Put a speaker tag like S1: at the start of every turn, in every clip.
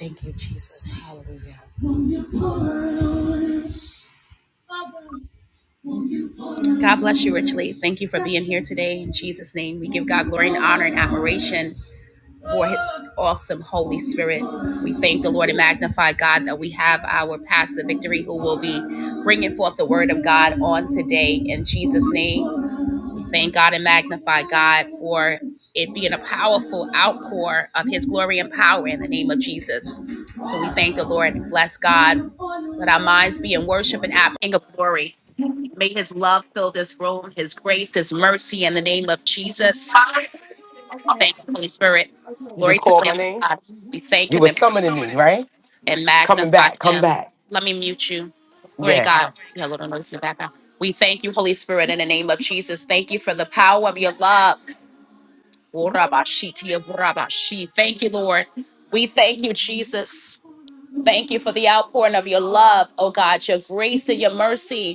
S1: Thank you, Jesus. Hallelujah. God bless you richly. Thank you for being here today. In Jesus' name, we give God glory and honor and admiration for His awesome Holy Spirit. We thank the Lord and magnify God that we have our pastor, Victory, who will be bringing forth the word of God on today. In Jesus' name, Thank God and magnify God for it being a powerful outpour of His glory and power in the name of Jesus. So we thank the Lord and bless God. Let our minds be in worship and act of glory. May His love fill this room, His grace, His mercy in the name of Jesus. Thank you, Holy Spirit.
S2: You
S1: Glory
S2: just
S1: to
S2: called
S1: the
S2: my
S1: Lamb of
S2: name?
S1: God. We thank
S2: You
S1: Him
S2: were
S1: and praise Him
S2: summoning me, right?
S1: and
S2: Coming
S1: magnify
S2: back, come
S1: him.
S2: back.
S1: Let me mute you. Glory to
S2: Yes.
S1: God. Yeah, a little noise in the background. We thank you, Holy Spirit, in the name of Jesus. Thank you for the power of your love. Urabashi, tia burabashi. Thank you, Lord. We thank you, Jesus. Thank you for the outpouring of your love, oh God, your grace and your mercy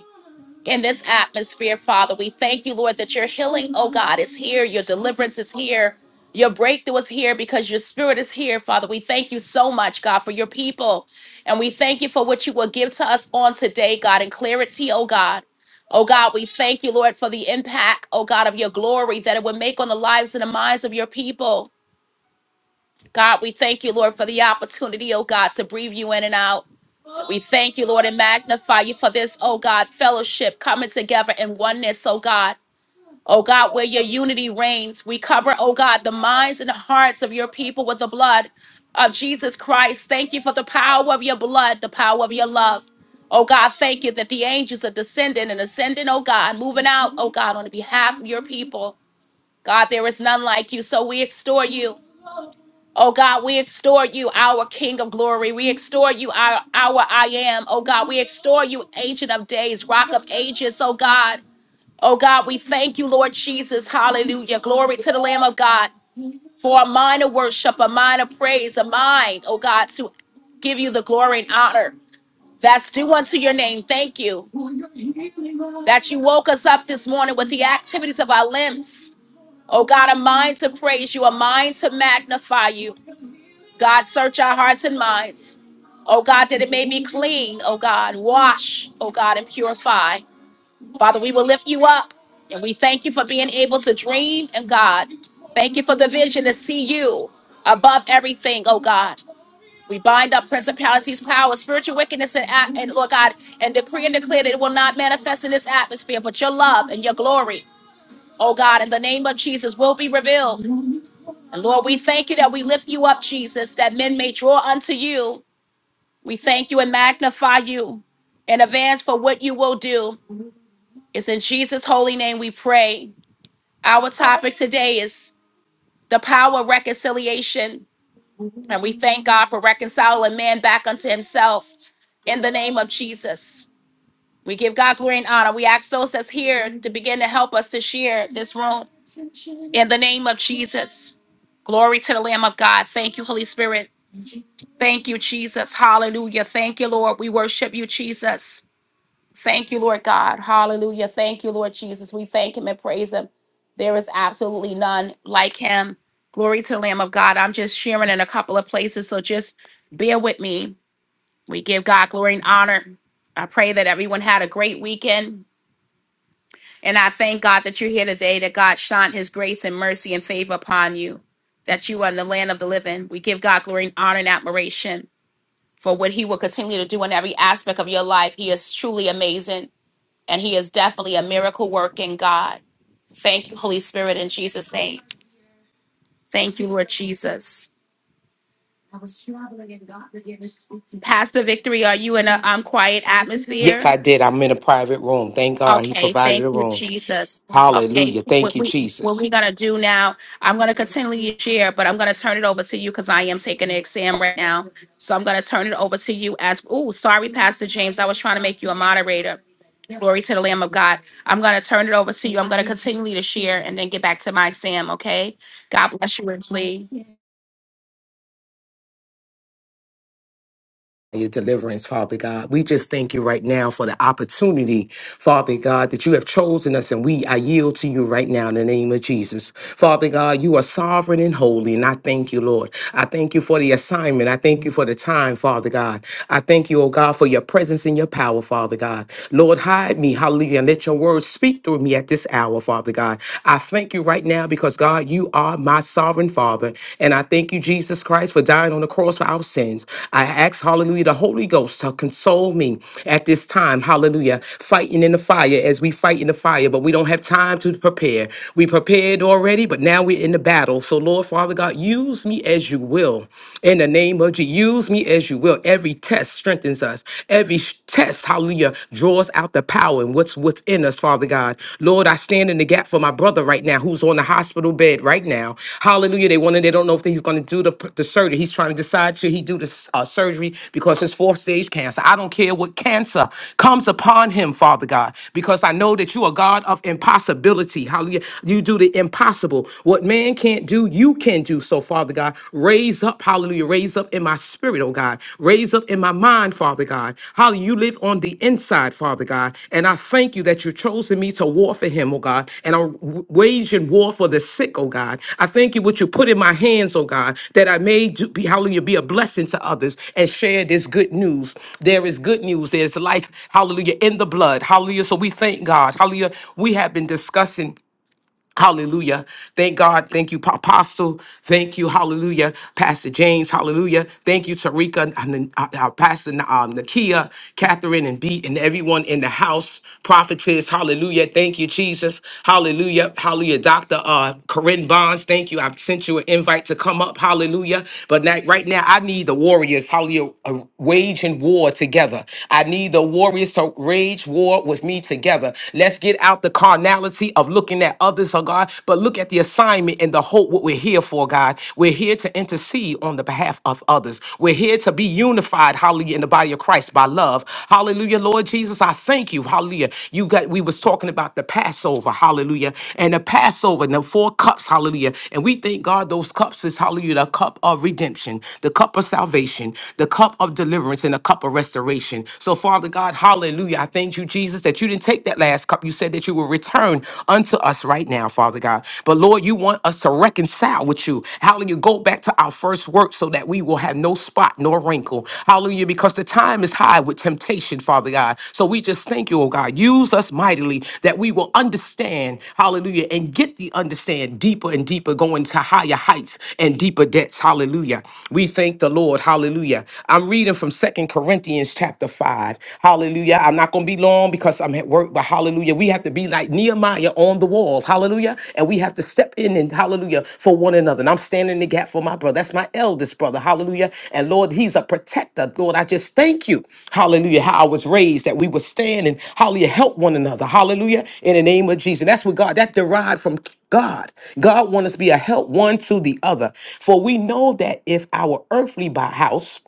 S1: in this atmosphere, Father. We thank you, Lord, that your healing, oh God, is here. Your deliverance is here. Your breakthrough is here because your spirit is here, Father. We thank you so much, God, for your people. And we thank you for what you will give to us on today, God, in clarity, oh God. Oh God, we thank you, Lord, for the impact, oh God, of your glory that it would make on the lives and the minds of your people. God, we thank you, Lord, for the opportunity, oh God, to breathe you in and out. We thank you, Lord, and magnify you for this, oh God, fellowship coming together in oneness, oh God. Oh God, where your unity reigns. We cover, oh God, the minds and the hearts of your people with the blood of Jesus Christ. Thank you for the power of your blood, the power of your love. Oh God, thank you that the angels are descending and ascending, oh God, moving out, oh God, on behalf of your people. God, there is none like you, so we extol you. Oh God, we extol you, our King of glory. We extol you, our, our I am. Oh God, we extol you, Ancient of Days, Rock of Ages. Oh God, oh God, we thank you, Lord Jesus. Hallelujah. Glory to the Lamb of God for a mind of worship, a mind of praise, a mind, oh God, to give you the glory and honor that's due unto your name. Thank you that you woke us up this morning with the activities of our limbs. Oh God, a mind to praise you, a mind to magnify you. God, search our hearts and minds. Oh God, that it may be clean. Oh God, wash. Oh God, and purify. Father, we will lift you up and we thank you for being able to dream. And God, thank you for the vision to see you above everything. Oh God. We bind up principalities, power, spiritual wickedness, and, at- and Lord God, and decree and declare that it will not manifest in this atmosphere, but your love and your glory, oh God, in the name of Jesus, will be revealed. And Lord, we thank you that we lift you up, Jesus, that men may draw unto you we thank you and magnify you in advance for what you will do. It's in Jesus' holy name we pray. Our topic today is the power of reconciliation. And we thank God for reconciling man back unto himself in the name of Jesus. We give God glory and honor. We ask those that's here to begin to help us to share this room in the name of Jesus. Glory to the Lamb of God. Thank you, Holy Spirit. Thank you, Jesus. Hallelujah. Thank you, Lord. We worship you, Jesus. Thank you, Lord God. Hallelujah. Thank you, Lord Jesus. We thank him and praise him. There is absolutely none like him. Glory to the Lamb of God. I'm just sharing in a couple of places, so just bear with me. We give God glory and honor. I pray that everyone had a great weekend. And I thank God that you're here today, that God shone his grace and mercy and favor upon you, that you are in the land of the living. We give God glory and honor and admiration for what he will continue to do in every aspect of your life. He is truly amazing. And he is definitely a miracle working God. Thank you, Holy Spirit, in Jesus' name. Thank you, Lord Jesus. Pastor Victory, are you in a um, quiet
S2: Yes,
S1: atmosphere?
S2: I did. I'm in a private room. Thank God he
S1: Okay,
S2: provided
S1: thank
S2: a
S1: you,
S2: room.
S1: Jesus. Okay,
S2: Hallelujah. Thank
S1: what
S2: you,
S1: we what
S2: Jesus.
S1: we're gonna do now? I'm gonna continually share, but I'm gonna turn it over to you because I am taking an exam right now. So I'm gonna turn it over to you as. Oh, sorry, Pastor James, I was trying to make you a moderator. Glory to the Lamb of God. I'm gonna turn it over to you. I'm gonna continually to share and then get back to my exam. Okay. God bless you richly.
S2: your deliverance, Father God. We just thank you right now for the opportunity, Father God, that you have chosen us and we I yield to you right now in the name of Jesus. Father God, you are sovereign and holy, and I thank you, Lord. I thank you for the assignment. I thank you for the time, Father God. I thank you, oh God, for your presence and your power, Father God. Lord, hide me, hallelujah, and let your words speak through me at this hour, Father God. I thank you right now because God, you you are my sovereign Father. And I thank you, Jesus Christ, for dying on the cross for our sins. I ask, hallelujah, the Holy Ghost to console me at this time, hallelujah, fighting in the fire as we fight in the fire, but we don't have time to prepare. We prepared already, but now we're in the battle. So, Lord, Father God, use me as you will. In the name of Jesus, use me as you will. Every test strengthens us. Every sh- test, hallelujah, draws out the power and what's within us, Father God. Lord, I stand in the gap for my brother right now who's on the hospital bed right now. Hallelujah. They want to, they don't know if he's going to do the, the surgery. He's trying to decide should he do the s- uh, surgery because it's fourth stage cancer. I don't care what cancer comes upon him, Father God, because I know that you are God of impossibility. Hallelujah. You do the impossible. What man can't do, you can do. So, Father God, raise up, hallelujah Hallelujah. Raise up in my spirit, oh God. Raise up in my mind, Father God. Hallelujah. You live on the inside, Father God. And I thank you that you've chosen me to war for him, oh God. And I'm w- waging war for the sick, oh God. I thank you what you put in my hands, oh God, that I may do, be, hallelujah, be a blessing to others and share this good news. There is good news. There's life, hallelujah, in the blood. Hallelujah. So we thank God. Hallelujah. We have been discussing. Hallelujah. Thank God. Thank you, Pa- Apostle. Thank you. Hallelujah. Pastor James. Hallelujah. Thank you, Tarika, and, uh, uh, Pastor um, Nakia, Catherine, and Beat, and everyone in the house. Prophetess. Hallelujah. Thank you, Jesus. Hallelujah. Hallelujah. Dr. Uh, Corinne Bonds. Thank you. I've sent you an invite to come up. Hallelujah. But now, right now, I need the warriors. Hallelujah. uh, Waging war together. I need the warriors to rage war with me together. Let's get out out the carnality of looking at others, oh God, but look at the assignment and the hope what we're here for, God. We're here to intercede on the behalf of others. We're here to be unified, hallelujah, in the body of Christ by love. Hallelujah, Lord Jesus, I thank you. Hallelujah. You got we was talking about the Passover, hallelujah, and the Passover and the four cups, hallelujah. And we thank God those cups is hallelujah, the cup of redemption, the cup of salvation, the cup of deliverance, and the cup of restoration. So, Father God, hallelujah. I thank thank you, Jesus, that you didn't take that last cup. You said that you will return unto us right now, Father God. But Lord, you want us to reconcile with you. Hallelujah. Go back to our first work so that we will have no spot nor wrinkle. Hallelujah. Because the time is high with temptation, Father God. So we just thank you, oh God. Use us mightily that we will understand, hallelujah, and get the understand deeper and deeper, going to higher heights and deeper depths. Hallelujah. We thank the Lord. Hallelujah. I'm reading from Second Corinthians. chapter chapter 5. Hallelujah. I'm not going to be long because I'm at work, but hallelujah. We have to be like Nehemiah on the wall. Hallelujah. And we have to step in and hallelujah for one another. And I'm standing in the gap for my brother. That's my eldest brother. Hallelujah. And Lord, he's a protector. Lord, I just thank you. Hallelujah. How I was raised that we would stand and hallelujah help one another. Hallelujah. In the name of Jesus. That's what God, that derived from God. God wants us to be a help one to the other. For we know that if our earthly bo- house,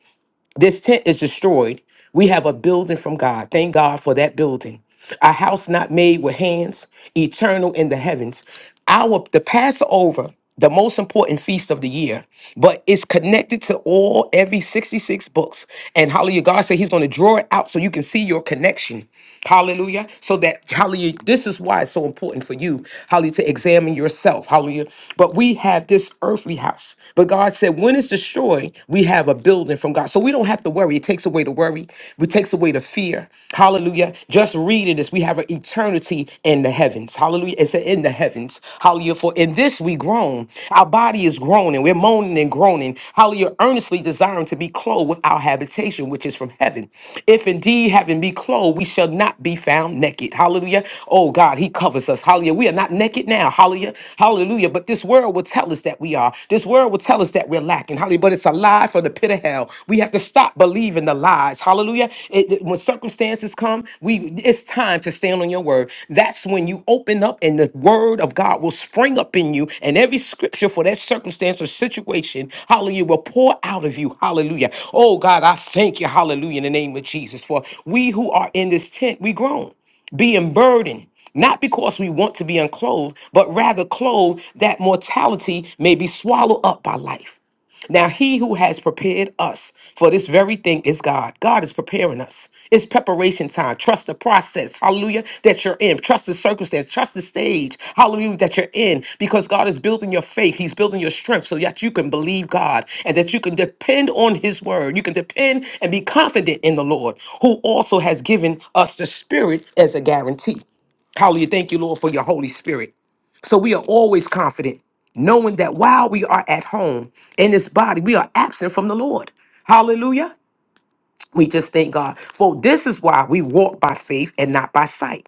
S2: this tent is destroyed. We have a building from God. Thank God for that building. A house not made with hands, eternal in the heavens. Our the Passover, the most important feast of the year, but it's connected to all every 66 books. And hallelujah, God said He's going to draw it out so you can see your connection. Hallelujah. So that hallelujah, this is why it's so important for you, hallelujah, to examine yourself. Hallelujah. But we have this earthly house. But God said, when it's destroyed, we have a building building from God. So we don't have to worry. It takes away the worry, it takes away the fear. Hallelujah. Just reading this, we have an eternity in the heavens. Hallelujah. It's in the heavens. Hallelujah. For in this we groan. Our body is groaning. We're moaning and groaning. Hallelujah. Earnestly desiring to be clothed with our habitation, which is from heaven. If indeed having be clothed, we shall not be found naked. Hallelujah. Oh God, He covers us. Hallelujah. We are not naked now. Hallelujah. Hallelujah. But this world will tell us that we are. This world will tell us that we're lacking. Hallelujah. But it's a it's a lie from the pit of hell. We have to stop believing the lies. Hallelujah. It- it- when circumstances come, we it's time to stand on your word. That's when you open up and the word of God will spring up in you, and every scripture for that circumstance or situation, hallelujah, will pour out of you. Hallelujah. Oh God, I thank you, hallelujah, in the name of Jesus. For we who are in this tent, we groan being burdened, not because we want to be unclothed, but rather clothed that mortality may be swallowed up by life. Now, he who has prepared us for this very thing is God. God is preparing us. It's preparation time. Trust the process, hallelujah, that you're in. Trust the circumstance. Trust the stage, hallelujah, that you're in. Because God is building your faith. He's building your strength so that you can believe God and that you can depend on His word. You can depend and be confident in the Lord, who also has given us the Spirit as a guarantee. Hallelujah. Thank you, Lord, for your Holy Spirit. So we are always confident, knowing that while we are at home in this body, we are absent from the Lord. Hallelujah. We just thank God. For this is why we walk by faith and not by sight.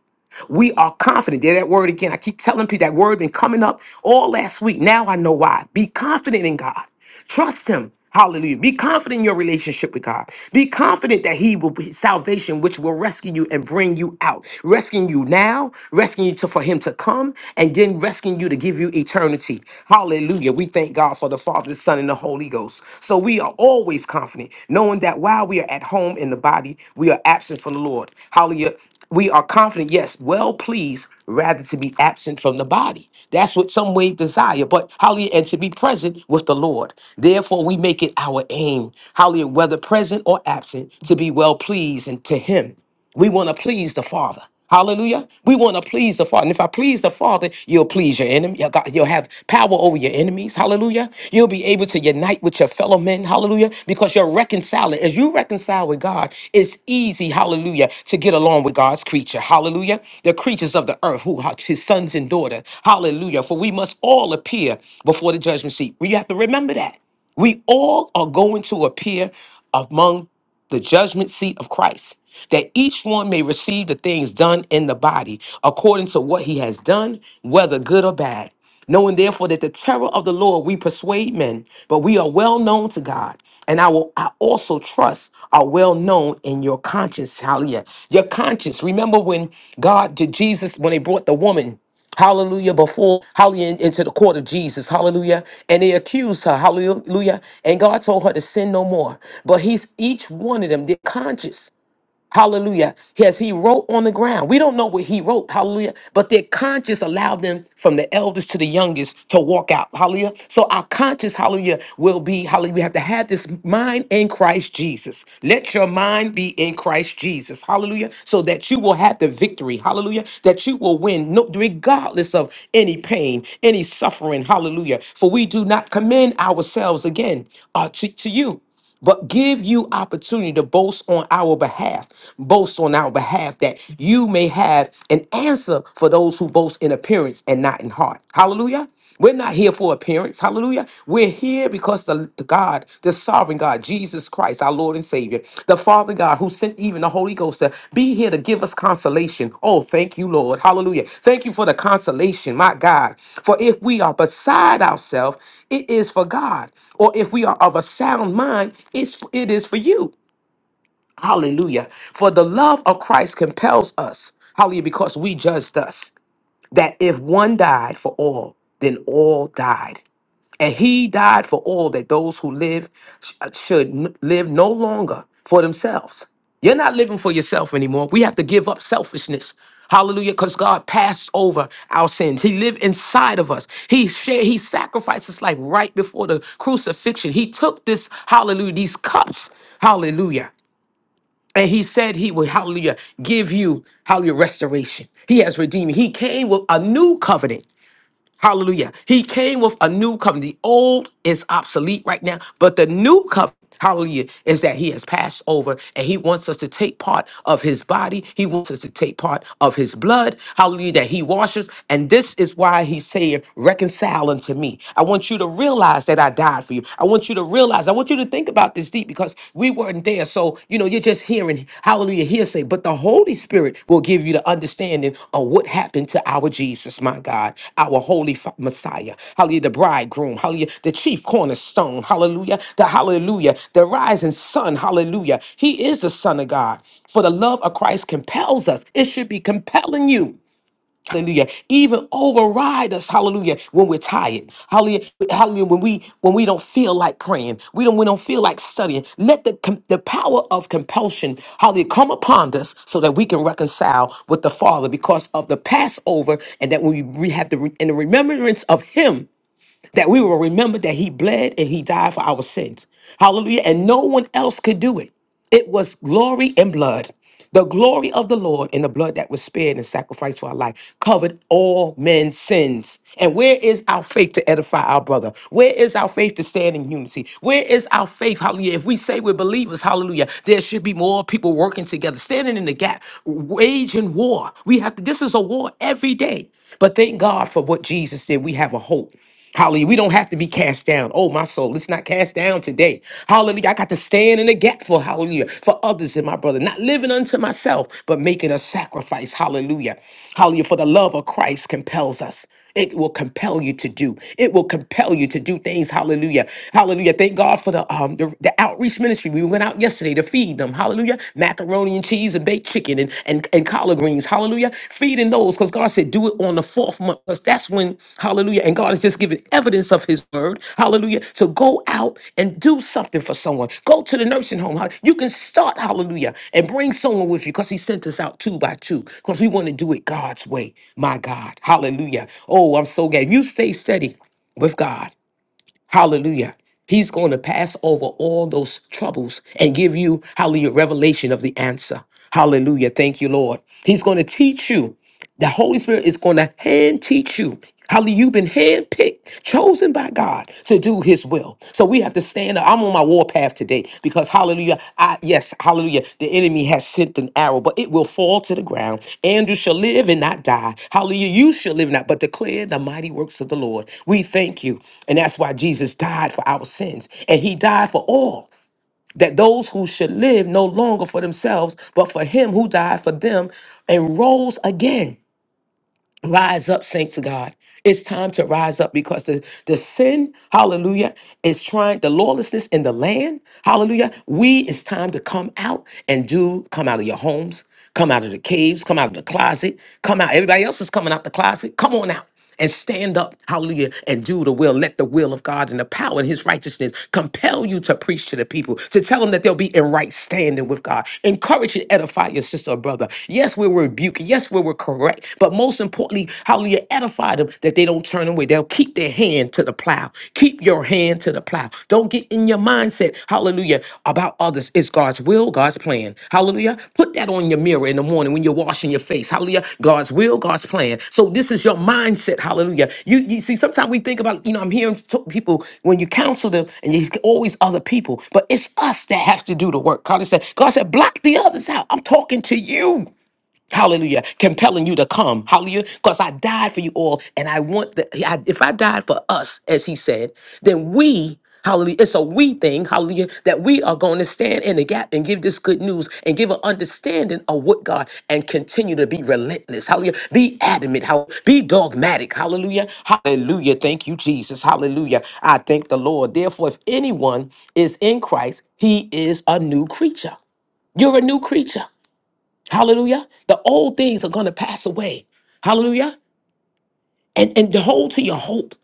S2: We are confident. There that word again. I keep telling people that word been coming up all last week. Now I know why. Be confident in God. Trust him. Hallelujah. Be confident in your relationship with God. Be confident that he will be salvation, which will rescue you and bring you out. Rescuing you now, rescuing you to, for him to come, and then rescuing you to give you eternity. Hallelujah. We thank God for the Father, the Son, and the Holy Ghost. So we are always confident, knowing that while we are at home in the body, we are absent from the Lord. Hallelujah we are confident, yes, well pleased, rather to be absent from the body. That's what some way desire, but hallelujah, and to be present with the Lord. Therefore, we make it our aim, hallelujah, whether present or absent, to be well pleased and to Him. We want to please the Father. Hallelujah. We want to please the Father. And if I please the Father, you'll please your enemy. You'll got- You'll have power over your enemies. Hallelujah. You'll be able to unite with your fellow men. Hallelujah. Because you're reconciling. As you reconcile with God, it's easy, hallelujah, to get along with God's creature. Hallelujah. The creatures of the earth, who are his sons and daughters. Hallelujah. For we must all appear before the judgment seat. We have to remember that. We all are going to appear among the judgment seat of Christ, that each one may receive the things done in the body according to what he has done, whether good or bad. Knowing therefore that the terror of the Lord we persuade men, but we are well known to God, and I will I also trust are well known in your conscience. Hallelujah. Your conscience. Remember when God to Jesus, when they brought the woman. Hallelujah. Before, hallelujah, into the court of Jesus. Hallelujah. And they accused her. Hallelujah. And God told her to sin no more. But he's each one of them, they're conscious. Hallelujah. Yes, he wrote on the ground. We don't know what he wrote. Hallelujah. But their conscience allowed them from the eldest to the youngest to walk out. Hallelujah. So our conscience, hallelujah, will be, hallelujah. We have to have this mind in Christ Jesus. Let your mind be in Christ Jesus. Hallelujah. So that you will have the victory. Hallelujah. That you will win no, regardless of any pain, any suffering. Hallelujah. For we do not commend ourselves again uh, to to you but give you opportunity to boast on our behalf boast on our behalf that you may have an answer for those who boast in appearance and not in heart hallelujah we're not here for appearance hallelujah we're here because the, the god the sovereign god jesus christ Christ, our Lord and Savior, the Father God who sent even the Holy Ghost to be here to give us consolation. Oh, thank you, Lord. Hallelujah. Thank you for the consolation, my God. For if we are beside ourselves, it is for God. Or if we are of a sound mind, it's it is for you. Hallelujah. For the love of Christ compels us. Hallelujah, because we judged us that if one died for all, then all died. And he died for all that those who live sh- uh, should n- live no longer for themselves. You're not living for yourself anymore. We have to give up selfishness. Hallelujah, because God passed over our sins. He lived inside of us. He shared, He sacrificed His life right before the crucifixion. He took this, hallelujah, these cups, hallelujah. And he said he would, hallelujah, give you, hallelujah, restoration. He has redeemed. you. He came with a new covenant Hallelujah. He came with a new covenant. The old is obsolete right now, but the new covenant, hallelujah, is that he has passed over and he wants us to take part of his body. He wants us to take part of his blood. Hallelujah, that he washes. And this is why he's saying, reconcile unto me. I want you to realize that I died for you. I want you to realize, I want you to think about this deep because because we weren't there. So, you know, you're just hearing hallelujah hearsay, but the Holy Spirit will give you the understanding of what happened to our Jesus, my God, our holy Fa- Messiah. Hallelujah, the bridegroom. Hallelujah, the chief cornerstone. Hallelujah, the hallelujah, the rising sun. Hallelujah. He is the Son of God. For the love of Christ compels us. It should be compelling you. Hallelujah. Even override us, hallelujah, when we're tired. Hallelujah. Hallelujah. When we when we don't feel like praying. We don't we don't feel like studying. Let the com- the power of compulsion, hallelujah, come upon us so that we can reconcile with the Father because of the Passover and that we, we have the re- in the remembrance of him that we will remember that he bled and he died for our sins. Hallelujah. And no one else could do it. It was glory and blood. The glory of the Lord and the blood that was spared and sacrificed for our life covered all men's sins. And where is our faith to edify our brother? Where is our faith to stand in unity? Where is our faith? Hallelujah. If we say we're believers, hallelujah, there should be more people working together, standing in the gap, waging war. We have to, this is a war every day. But thank God for what Jesus did. We have a hope. Hallelujah. We don't have to be cast down. Oh, my soul, let's not cast down today. Hallelujah. I got to stand in the gap for hallelujah, for others and my brother, not living unto myself, but making a sacrifice. Hallelujah. Hallelujah. For the love of Christ compels us. It will compel you to do. It will compel you to do things. Hallelujah. Hallelujah. Thank God for the um the, the outreach ministry. We went out yesterday to feed them. Hallelujah. Macaroni and cheese peas and baked chicken and, and, and collard greens. Hallelujah. Feeding those because God said, do it on the fourth month. 'cause that's when, hallelujah. And God is just giving evidence of his word. Hallelujah. So go out and do something for someone. Go to the nursing home. Hall- You can start, hallelujah, and bring someone with you because he sent us out two by two because we want to do it God's way. My God. Hallelujah. Oh, I'm so glad. You stay steady with God. Hallelujah. He's going to pass over all those troubles and give you, hallelujah, revelation of the answer. Hallelujah. Thank you, Lord. He's going to teach you. The Holy Spirit is going to hand teach you. Hallelujah. You've been handpicked, chosen by God to do his will. So we have to stand up. I'm on my warpath today because hallelujah. I yes, hallelujah. The enemy has sent an arrow, but it will fall to the ground. Andrew shall live and not die. Hallelujah. You shall live and not, but declare the mighty works of the Lord. We thank you. And that's why Jesus died for our sins. And he died for all. That those who should live no longer for themselves, but for him who died for them and rose again. Rise up, saints of God. It's time to rise up because the, the sin, hallelujah, is trying the lawlessness in the land, hallelujah. We, it's time to come out and do, come out of your homes, come out of the caves, come out of the closet, come out. Everybody else is coming out the closet. Come on out and stand up, hallelujah, and do the will. Let the will of God and the power and his righteousness compel you to preach to the people, to tell them that they'll be in right standing with God. Encourage and edify your sister or brother. Yes, we will rebuking. Yes, we will correct. But most importantly, hallelujah, edify them that they don't turn away. They'll keep their hand to the plow. Keep your hand to the plow. Don't get in your mind mindset, hallelujah, about others is God's will, God's plan. Hallelujah. Put that on your mirror in the morning when you're washing your face. Hallelujah. God's will, God's plan. So this is your mindset. Hallelujah. You, you see, sometimes we think about, you know, I'm hearing t- people when you counsel them and you always other people, but it's us that has to do the work. God said, God said, block the others out. I'm talking to you. Hallelujah. Compelling you to come. Hallelujah. Because I died for you all. And I want that. I, if I died for us, as he said, then we, hallelujah, it's a we thing, hallelujah, that we are going to stand in the gap and give this good news and give an understanding of what God and continue to be relentless. Hallelujah. Be adamant. How be dogmatic. Hallelujah. Hallelujah. Thank you, Jesus. Hallelujah. I thank the Lord. Therefore, if anyone is in Christ, he is a new creature. You're a new creature. Hallelujah. The old things are going to pass away. Hallelujah. And and hold to your hope.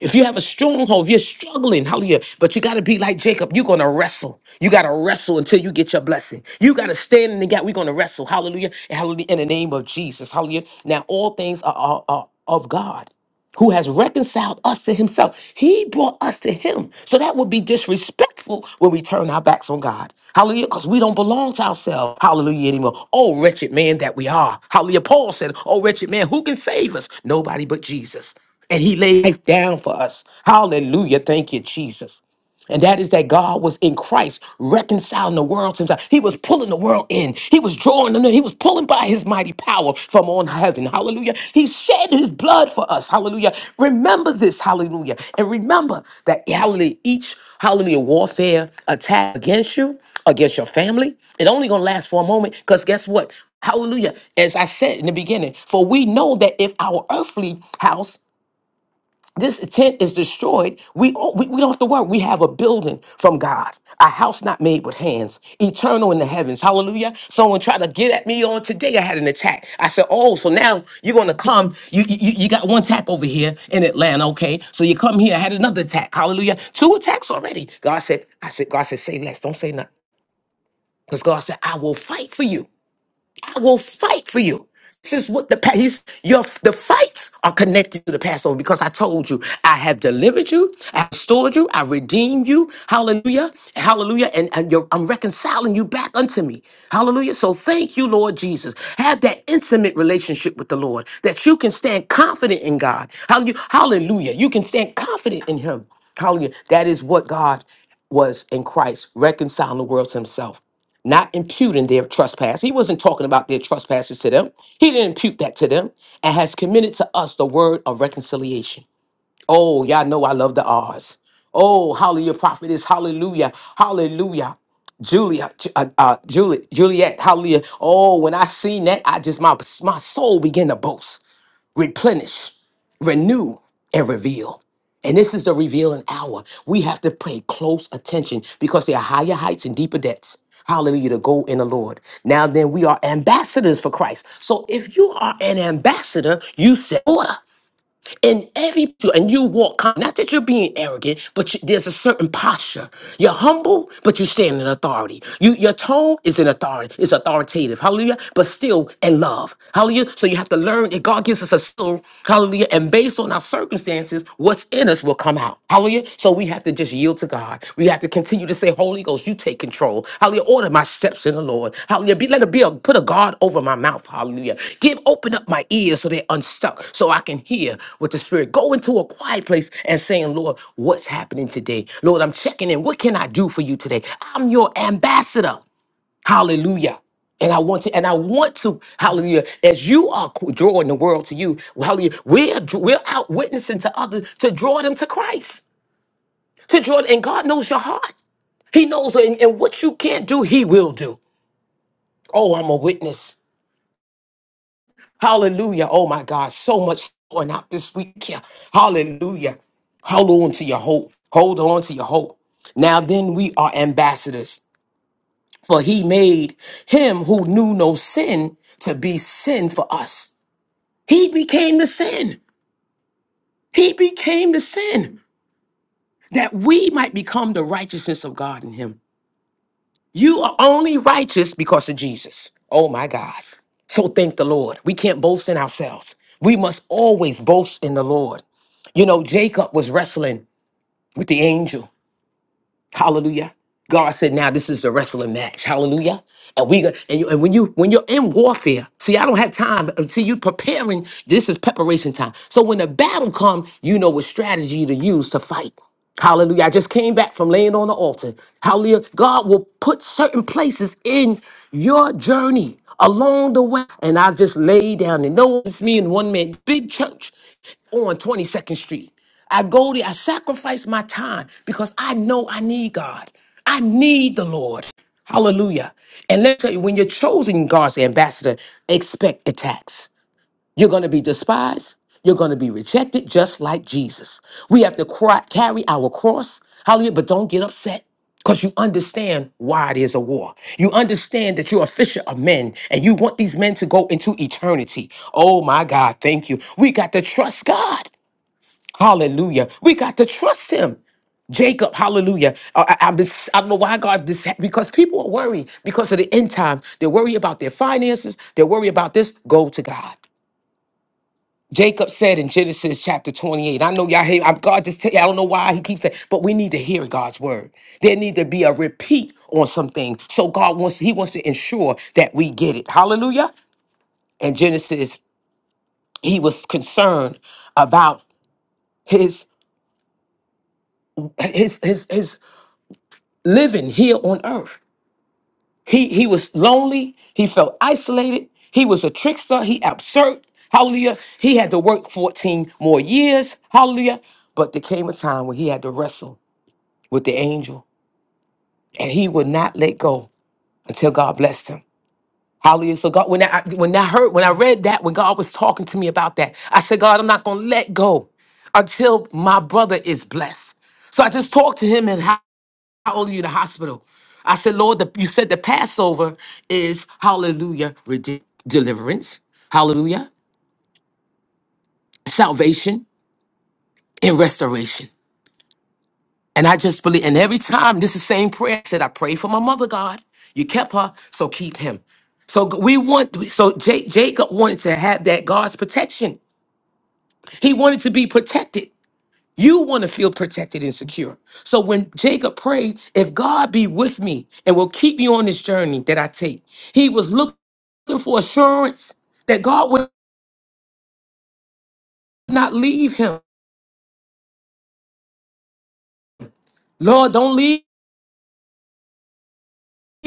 S2: If you have a stronghold, if you're struggling, hallelujah, but you got to be like Jacob. You're going to wrestle. You got to wrestle until you get your blessing. You got to stand in the gap. We're going to wrestle. Hallelujah. And hallelujah. In the name of Jesus. Hallelujah. Now, all things are, are, are of God who has reconciled us to himself. He brought us to him. So that would be disrespectful when we turn our backs on God. Hallelujah. Because we don't belong to ourselves. Hallelujah anymore. Oh, wretched man that we are. Hallelujah. Paul said, Oh, wretched man, who can save us? Nobody but Jesus. And he laid life down for us. Hallelujah. Thank you, Jesus. And that is that God was in Christ reconciling the world to himself. He was pulling the world in. He was drawing them in. He was pulling by his mighty power from on heaven. Hallelujah. He shed his blood for us. Hallelujah. Remember this. Hallelujah. And remember that hallelujah, each hallelujah warfare attack against you, against your family, it only gonna last for a moment. Because guess what? Hallelujah. As I said in the beginning, for we know that if our earthly house this tent is destroyed, we, we, we don't have to worry. We have a building from God, a house not made with hands, eternal in the heavens. Hallelujah. Someone tried to get at me on today. I had an attack. I said, Oh, so now you're going to come. you, you you got one attack over here in Atlanta, okay? So you come here. I had another attack. Hallelujah. Two attacks already. God said, I said, God said, say less. Don't say nothing. Because God said, I will fight for you. I will fight for you. This is what the pa- he's, your the fights are connected to the Passover because I told you I have delivered you, I have restored you, I redeemed you. Hallelujah, hallelujah, and, and you're, I'm reconciling you back unto me. Hallelujah. So thank you, Lord Jesus. Have that intimate relationship with the Lord that you can stand confident in God. Hallelujah, hallelujah. You can stand confident in Him. Hallelujah. That is what God was in Christ, reconciling the world to himself, not imputing their trespass. He wasn't talking about their trespasses to them. He didn't impute that to them and has committed to us the word of reconciliation. Oh, y'all know I love the R's. Oh, hallelujah, prophetess, hallelujah, hallelujah. Julia, Ju- uh, uh, Juliet, Juliet, hallelujah. Oh, when I seen that, I just, my, my soul began to boast replenish, renew, and reveal. And this is the revealing hour. We have to pay close attention because there are higher heights and deeper depths. Hallelujah to go in the Lord. Now then, we are ambassadors for Christ. So if you are an ambassador, you set order in every and you walk not that you're being arrogant but you, there's a certain posture you're humble but you stand in authority you your tone is in authority it's authoritative hallelujah but still in love hallelujah so you have to learn that god gives us a soul hallelujah and based on our circumstances what's in us will come out hallelujah so we have to just Yield to God. We have to continue to say, Holy Ghost, you take control. Hallelujah. Order my steps in the Lord. Hallelujah. Be, let it be a put a guard over my mouth. Hallelujah. Give open up my ears so they're unstuck, so I can hear what the Spirit. Go into a quiet place and saying, Lord, what's happening today? Lord, I'm checking in. What can I do for you today? I'm your ambassador. Hallelujah. And I want to, and I want to, hallelujah, as you are qu- drawing the world to you, hallelujah, we're, we're out witnessing to others to draw them to Christ to Jordan, and God knows your heart. He knows, and, and what you can't do, He will do. Oh, I'm a witness. Hallelujah. Oh, my God. So much going out this week. here. Hallelujah. Hold on to your hope. Hold on to your hope. Now then, we are ambassadors, for He made Him who knew no sin to be sin for us. He became the sin. He became the sin that we might become the righteousness of God in Him. You are only righteous because of Jesus. Oh my God. So thank the Lord. We can't boast in ourselves. We must always boast in the Lord. You know, Jacob was wrestling with the angel Hallelujah. God said, now this is the wrestling match. Hallelujah. And we gonna- and, you, and when you when you're in warfare, see, I don't have time. uh, See, you preparing. This is preparation time. So when the battle comes, you know what strategy to use to fight. Hallelujah. I just came back from laying on the altar. Hallelujah. God will put certain places in your journey along the way. And I just laid down and know it's me and one man, big church on 22nd Street. I go there, I sacrifice my time because I know I need God. I need the Lord. Hallelujah. And let me tell you, when you're chosen God's ambassador, expect attacks. You're going to be despised. You're going to be rejected, just like Jesus. We have to cry, carry our cross. Hallelujah. But don't get upset because you understand why it is a war. You understand that you're a fisher of men and you want these men to go into eternity. Oh my God. Thank you. We got to trust God. Hallelujah. We got to trust him. Jacob, hallelujah. Uh, I, I'm just, I don't know why God this because people are worried because of the end time. They worry about their finances. They worry about this. Go to God. Jacob said in Genesis chapter 28. I know y'all hear. I'm, God just tell you. I don't know why He keeps saying, but we need to hear God's word. There need to be a repeat on something. So God wants. He wants to ensure that we get it. Hallelujah. And Genesis, He was concerned about his his his his living here on earth. He he was lonely. He felt isolated. He was a trickster. He absurd. Hallelujah. He had to work 14 more years. Hallelujah. But there came a time when he had to wrestle with the angel, and he would not let go until God blessed him. Hallelujah. So God, when I when I heard, when I read that, when God was talking to me about that, I said, God, I'm not gonna let go until my brother is blessed. So I just talked to him and how old are you in the hospital? I said, Lord, the, you said the Passover is hallelujah, rede- deliverance, hallelujah, salvation, and restoration. And I just believe, and every time this is the same prayer. I said, I prayed for my mother, God. You kept her, so keep him. So g- we want, so Ja- Jacob wanted to have that God's protection. He wanted to be protected. You want to feel protected and secure. So when Jacob prayed, if God be with me and will keep me on this journey that I take, he was looking for assurance that God would not leave him. Lord, don't leave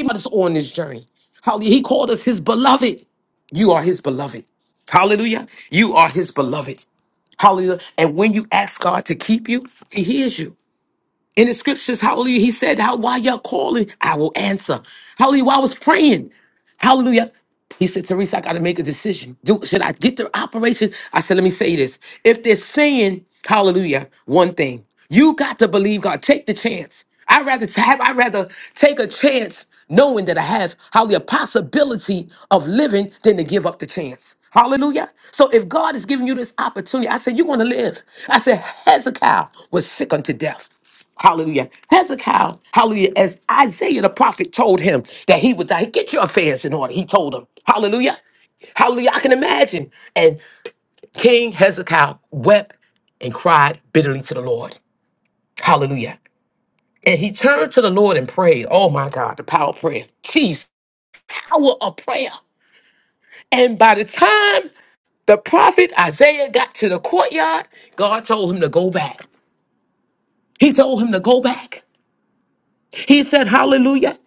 S2: us on this journey. How he called us his beloved. You are his beloved. Hallelujah. You are his beloved. Hallelujah. And when you ask God to keep you, he hears you. In the scriptures, hallelujah, he said, How why y'all calling? I will answer. Hallelujah, while I was praying. Hallelujah. He said, Teresa, I gotta make a decision. Do, should I get the operation? I said, let me say this. If they're saying, hallelujah, one thing, you got to believe God. Take the chance. I'd rather t- have, I'd rather take a chance knowing that I have hallelujah possibility of living than to give up the chance. Hallelujah. So if God is giving you this opportunity, I said, you're gonna live. I said, Hezekiah was sick unto death. Hallelujah. Hezekiah, hallelujah, as Isaiah the prophet told him that he would die, get your affairs in order. He told him, hallelujah, hallelujah. I can imagine. And King Hezekiah wept and cried bitterly to the Lord. Hallelujah. And he turned to the Lord and prayed. Oh my God, the power of prayer. Jeez, power of prayer. And by the time the prophet Isaiah got to the courtyard, God told him to go back. He told him to go back. He said, Hallelujah.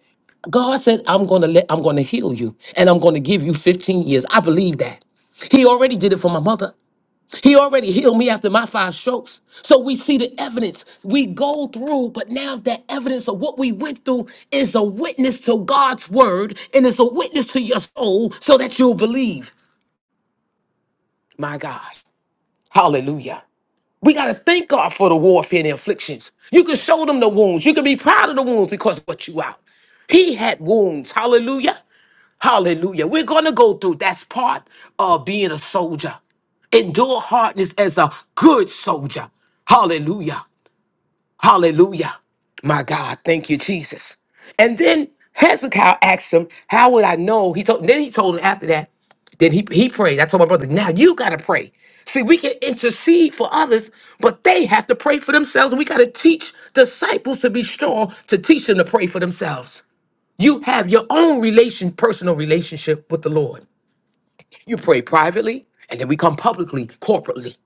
S2: God said, I'm gonna let I'm gonna heal you and I'm gonna give you 15 years. I believe that. He already did it for my mother. He already healed me after my five strokes. So we see the evidence we go through, but now that evidence of what we went through is a witness to God's word and it's a witness to your soul so that you'll believe. My God. Hallelujah. We got to thank God for the warfare and the afflictions. You can show them the wounds. You can be proud of the wounds because of what you out. He had wounds. Hallelujah. Hallelujah. We're going to go through. That's part of being a soldier. Endure hardness as a good soldier. Hallelujah. Hallelujah. My God, thank you, Jesus. And then Hezekiah asked him, How would I know? He told then he told him after that, then he he prayed. I told my brother, now you gotta pray. See, we can intercede for others, but they have to pray for themselves. We gotta teach disciples to be strong to teach them to pray for themselves. You have your own relation, personal relationship with the Lord. You pray privately, and then we come publicly, corporately,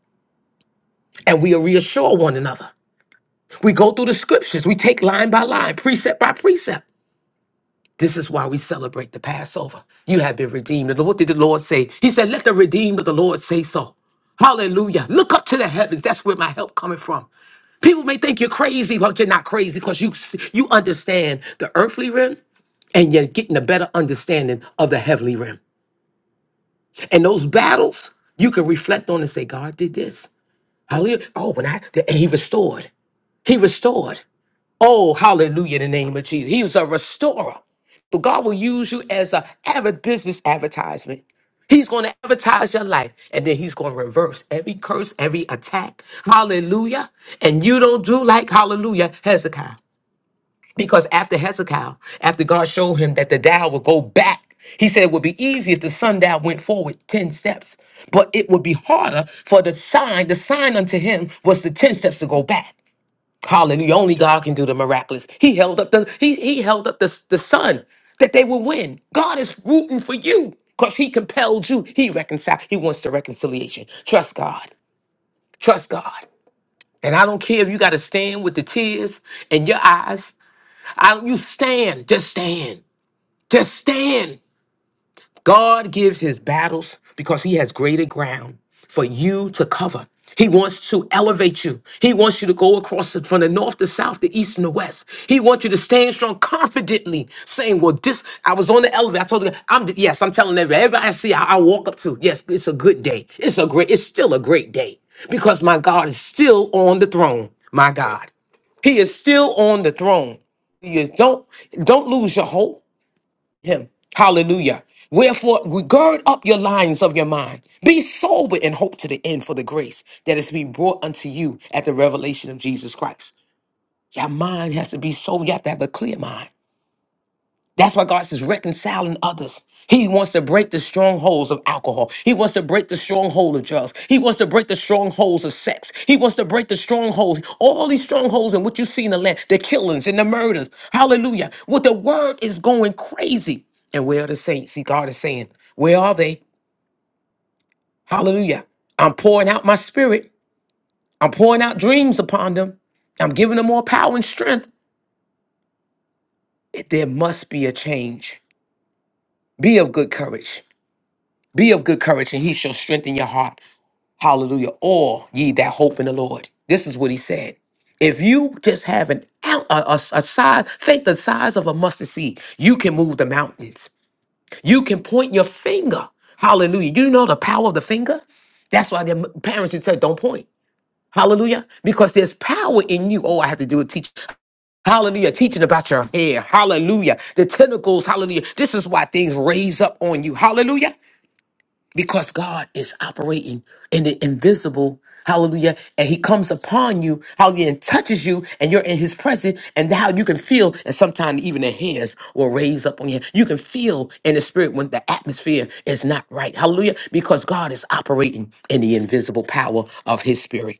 S2: and we reassure one another. We go through the scriptures. We take line by line, precept by precept. This is why we celebrate the Passover. You have been redeemed. And what did the Lord say? He said, Let the redeemed of the Lord say so. Hallelujah. Look up to the heavens. That's where my help coming from. People may think you're crazy, but you're not crazy because you, you understand the earthly realm and you're getting a better understanding of the heavenly realm. And those battles, you can reflect on and say, God did this. Hallelujah. Oh, when I, and he restored. He restored. Oh, hallelujah, in the name of Jesus. He was a restorer. But God will use you as a avid business advertisement. He's going to advertise your life and then he's going to reverse every curse, every attack. Hallelujah. And you don't do like, hallelujah, Hezekiah. Because after Hezekiah, after God showed him that the dial would go back, he said it would be easy if the sundial went forward 10 steps, but it would be harder for the sign. The sign unto him was the 10 steps to go back. Hallelujah. Only God can do the miraculous. He held up the he he held up the, the sun that they would win. God is rooting for you because he compelled you. He reconciled. He wants the reconciliation. Trust God. Trust God. And I don't care if you got to stand with the tears in your eyes. I don't you stand. Just stand. Just stand. God gives his battles because he has greater ground for you to cover. He wants to elevate you. He wants you to go across it from the north to south, the east and the west. He wants you to stand strong confidently, saying, Well, this, I was on the elevator. I told you, I'm, yes, I'm telling everybody, everybody I see, I, I walk up to, yes, it's a good day. It's a great, it's still a great day because my God is still on the throne. My God, He is still on the throne. You don't, don't lose your hope him. Hallelujah. Wherefore, gird up your loins of your mind. Be sober and hope to the end for the grace that is being brought unto you at the revelation of Jesus Christ. Your mind has to be sober. You have to have a clear mind. That's why God says reconciling others. He wants to break the strongholds of alcohol. He wants to break the stronghold of drugs. He wants to break the strongholds of sex. He wants to break the strongholds, all these strongholds and what you see in the land, the killings and the murders. Hallelujah. What the word is going crazy. And where are the saints? See, God is saying, where are they? Hallelujah. I'm pouring out my spirit. I'm pouring out dreams upon them. I'm giving them more power and strength. There must be a change. Be of good courage. Be of good courage, and he shall strengthen your heart. Hallelujah. All ye that hope in the Lord. This is what he said. If you just have an out, a, a, a size, faith the size of a mustard seed, you can move the mountains. You can point your finger. Hallelujah. You know the power of the finger? That's why their m- parents would say, don't point. Hallelujah. Because there's power in you. Oh, I have to do a teach. Hallelujah. Teaching about your hair. Hallelujah. The tentacles. Hallelujah. This is why things raise up on you. Hallelujah because God is operating in the invisible. Hallelujah. And he comes upon you, hallelujah, and touches you, and you're in his presence, and how you can feel, and sometimes even the hairs will raise up on you. You can feel in the spirit when the atmosphere is not right. Hallelujah. Because God is operating in the invisible power of his spirit.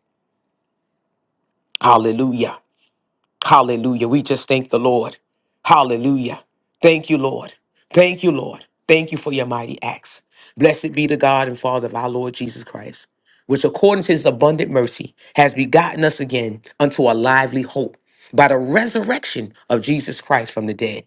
S2: Hallelujah. Hallelujah. We just thank the Lord. Hallelujah. Thank you, Lord. Thank you, Lord. Thank you for your mighty acts. Blessed be the God and Father of our Lord Jesus Christ, which according to his abundant mercy has begotten us again unto a lively hope by the resurrection of Jesus Christ from the dead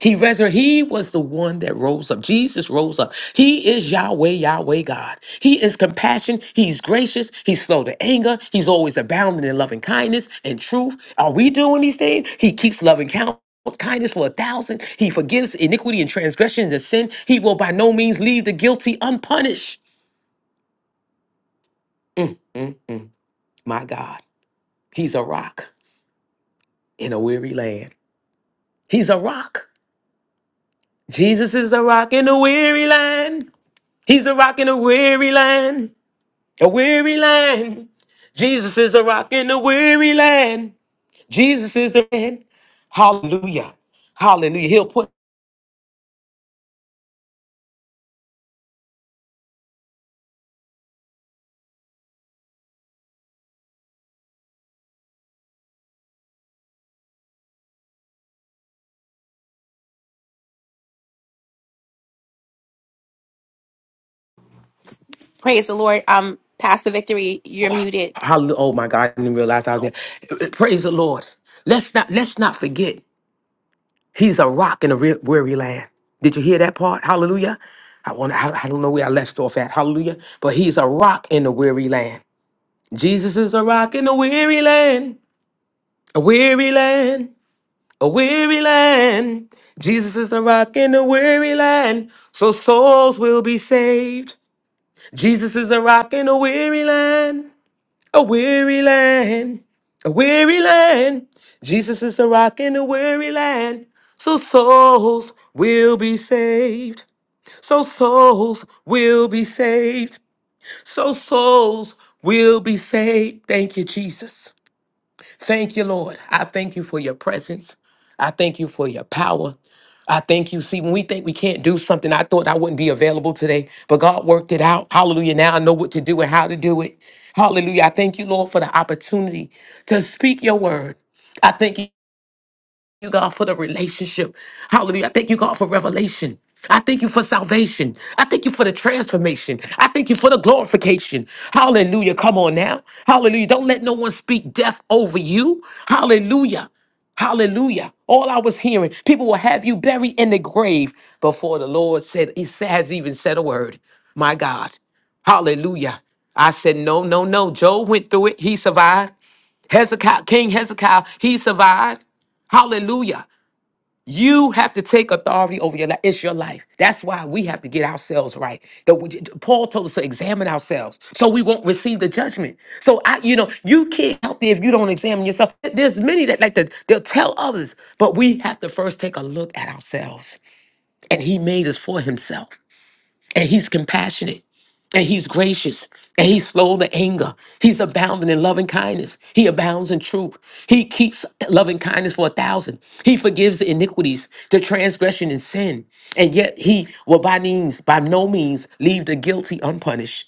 S2: he resurrected. He was the one that rose up. Jesus rose up. He is Yahweh, Yahweh God. He is compassion. He's gracious. He's slow to anger. He's always abounding in loving kindness and truth. Are we doing these things? He keeps loving count. Kindness for a thousand. He forgives iniquity and transgressions and sin. He will by no means leave the guilty unpunished. Mm-mm. My God, He's a rock in a weary land. He's a rock. Jesus is a rock in a weary land. He's a rock in a weary land. a weary land. Jesus is a rock in a weary land. Jesus is a man. Hallelujah. Hallelujah. He'll put
S1: Praise the Lord. Um, Pastor Victory, you're muted.
S2: hallelujah. Oh my God, I didn't realize I was there. Praise the Lord. Let's not let's not forget he's a rock in a re- weary land. Did you hear that part? Hallelujah. I want I, I don't know where I left off at. Hallelujah. But he's a rock in a weary land. Jesus is a rock in a weary land. A weary land. a weary land. Jesus is a rock in a weary land, so souls will be saved. Jesus is a rock in a weary land, a weary land, a weary land. Jesus is a rock in a weary land, so souls will be saved. So souls will be saved. So souls will be saved. Thank you, Jesus. Thank you, Lord. I thank you for your presence. I thank you for your power. I thank you. See, when we think we can't do something, I thought I wouldn't be available today, but God worked it out. Hallelujah. Now I know what to do and how to do it. Hallelujah. I thank you, Lord, for the opportunity to speak your word. I thank you you, God, for the relationship. Hallelujah. I thank you, God, for revelation. I thank you for salvation. I thank you for the transformation. I thank you for the glorification. Hallelujah. Come on now. Hallelujah. Don't let no one speak death over you. Hallelujah. Hallelujah. All I was hearing, people will have you buried in the grave before the Lord said, He sa- has even said a word. My God. Hallelujah. I said, no, no, no. Job went through it. He survived. Hezekiah, King Hezekiah, he survived. Hallelujah. You have to take authority over your life. It's your life. That's why we have to get ourselves right. That we, Paul told us to examine ourselves so we won't receive the judgment. So I, you know, you can't help there if you don't examine yourself. There's many that like to they'll tell others, but we have to first take a look at ourselves. And he made us for himself. And he's compassionate and he's gracious and he's slow to anger he's abounding in loving kindness he abounds in truth he keeps loving kindness for a thousand he forgives the iniquities the transgression and sin and yet he will by means by no means leave the guilty unpunished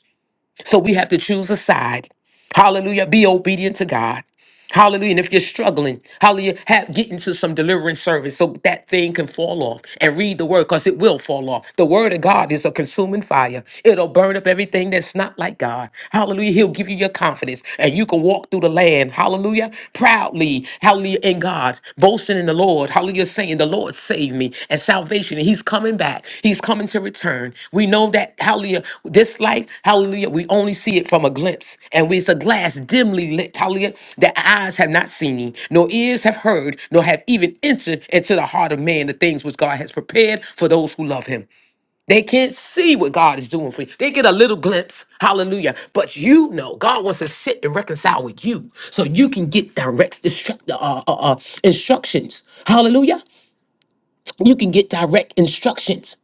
S2: so we have to choose a side. Hallelujah. Be obedient to God. Hallelujah. And if you're struggling, hallelujah, have, get into some deliverance service so that thing can fall off and read the word because it will fall off. The word of God is a consuming fire, it'll burn up everything that's not like God. Hallelujah. He'll give you your confidence and you can walk through the land. Hallelujah. Proudly. Hallelujah. In God, boasting in the Lord. Hallelujah. You're saying the Lord saved me and salvation, and He's coming back. He's coming to return. We know that, hallelujah, this life, hallelujah, we only see it from a glimpse. And we- it's a glass dimly lit, hallelujah, that eyes have not seen, nor ears have heard, nor have even entered into the heart of man the things which God has prepared for those who love Him. They can't see what God is doing for you. They get a little glimpse, hallelujah. But you know, God wants to sit and reconcile with you so you can get direct destruct, uh, uh, uh, instructions, hallelujah you can get direct instructions.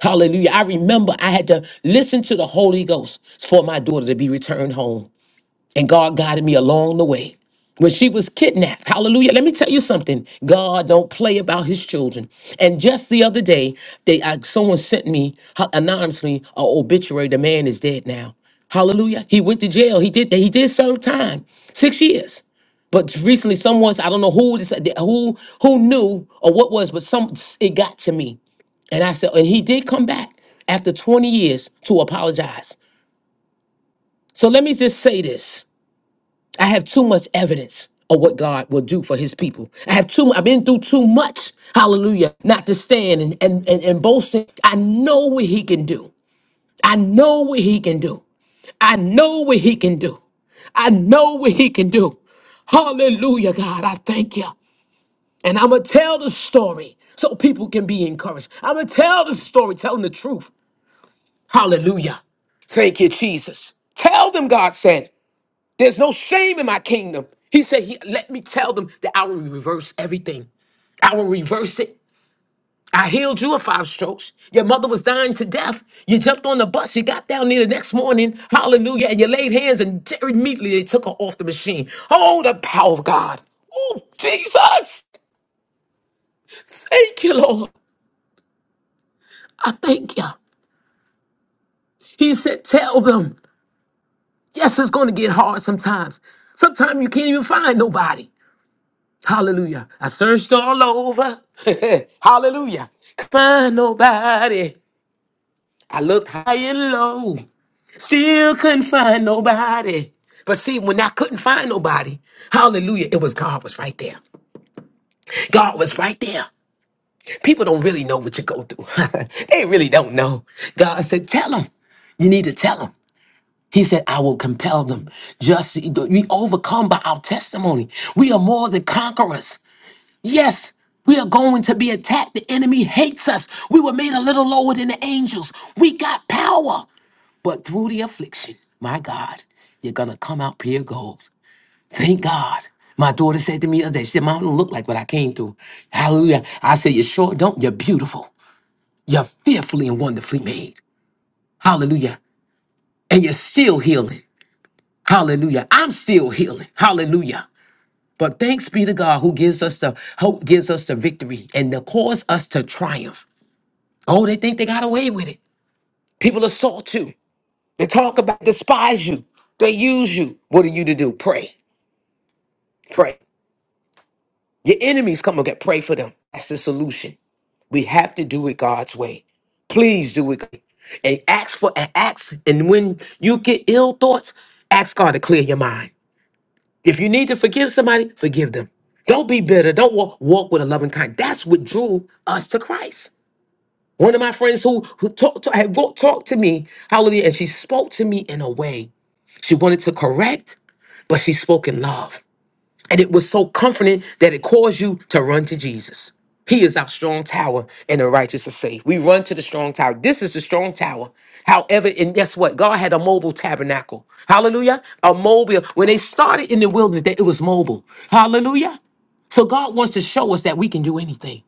S2: Hallelujah. I remember I had to listen to the Holy Ghost for my daughter to be returned home and God guided me along the way. When she was kidnapped, hallelujah. Let me tell you something. God don't play about his children. And just the other day, they I, someone sent me ho- anonymously an obituary. The man is dead now. Hallelujah. He went to jail. He did he did serve time. Six years. But recently, someone I don't know who this, who who knew or what was, but some it got to me. And I said, and he did come back after 20 years to apologize. So let me just say this. I have too much evidence of what God will do for his people. I have too I've been through too much, hallelujah, not to stand and and, and, and boasting. I know what he can do. I know what he can do. I know what he can do. I know what he can do. Hallelujah, God. I thank you. And I'm going to tell the story so people can be encouraged. I'm going to tell the story, telling the truth. Hallelujah. Thank you, Jesus. Tell them, God said. There's no shame in my kingdom. He said, he, Let me tell them that I will reverse everything. I will reverse it. I healed you of five strokes. Your mother was dying to death. You jumped on the bus. You got down there the next morning. Hallelujah. And you laid hands, and Jerry immediately they took her off the machine. Oh, the power of God. Oh, Jesus. Thank you, Lord. I thank you. He said, Tell them. Yes, it's going to get hard sometimes. Sometimes you can't even find nobody. Hallelujah. I searched all over. Hallelujah. Couldn't Find nobody. I looked high and low. Still couldn't find nobody. But see, when I couldn't find nobody, hallelujah, it was God was right there. God was right there. People don't really know what you go through. they really don't know. God said, tell them. You need to tell them. He said, I will compel them. Just we overcome by our testimony. We are more than conquerors. Yes, we are going to be attacked. The enemy hates us. We were made a little lower than the angels. We got power. But through the affliction, my God, you're going to come out pure gold. Thank God. My daughter said to me the other day, she said, Mom, I don't look like what I came through. Hallelujah. I said, You sure don't. You're beautiful. You're fearfully and wonderfully made. Hallelujah. And you're still healing. Hallelujah. I'm still healing. Hallelujah. But thanks be to God who gives us the hope, gives us the victory, and to cause us to triumph. Oh, they think they got away with it. People assault you. They talk about despise you. They use you. What are you to do? Pray. Pray. Your enemies come and get pray for them. That's the solution. We have to do it God's way. Please do it. And ask for an ask. And when you get ill thoughts, ask God to clear your mind. If you need to forgive somebody, forgive them. Don't be bitter. Don't walk, walk with a loving kind. That's what drew us to Christ. One of my friends who who talked to, had wrote- talked to me, hallelujah, and she spoke to me in a way she wanted to correct, but she spoke in love. And it was so comforting that it caused you to run to Jesus. He is our strong tower and the righteous are safe. We run to the strong tower. This is the strong tower. However, and guess what? God had a mobile tabernacle. Hallelujah. A mobile. When they started in the wilderness, that it was mobile. Hallelujah. So God wants to show us that we can do anything,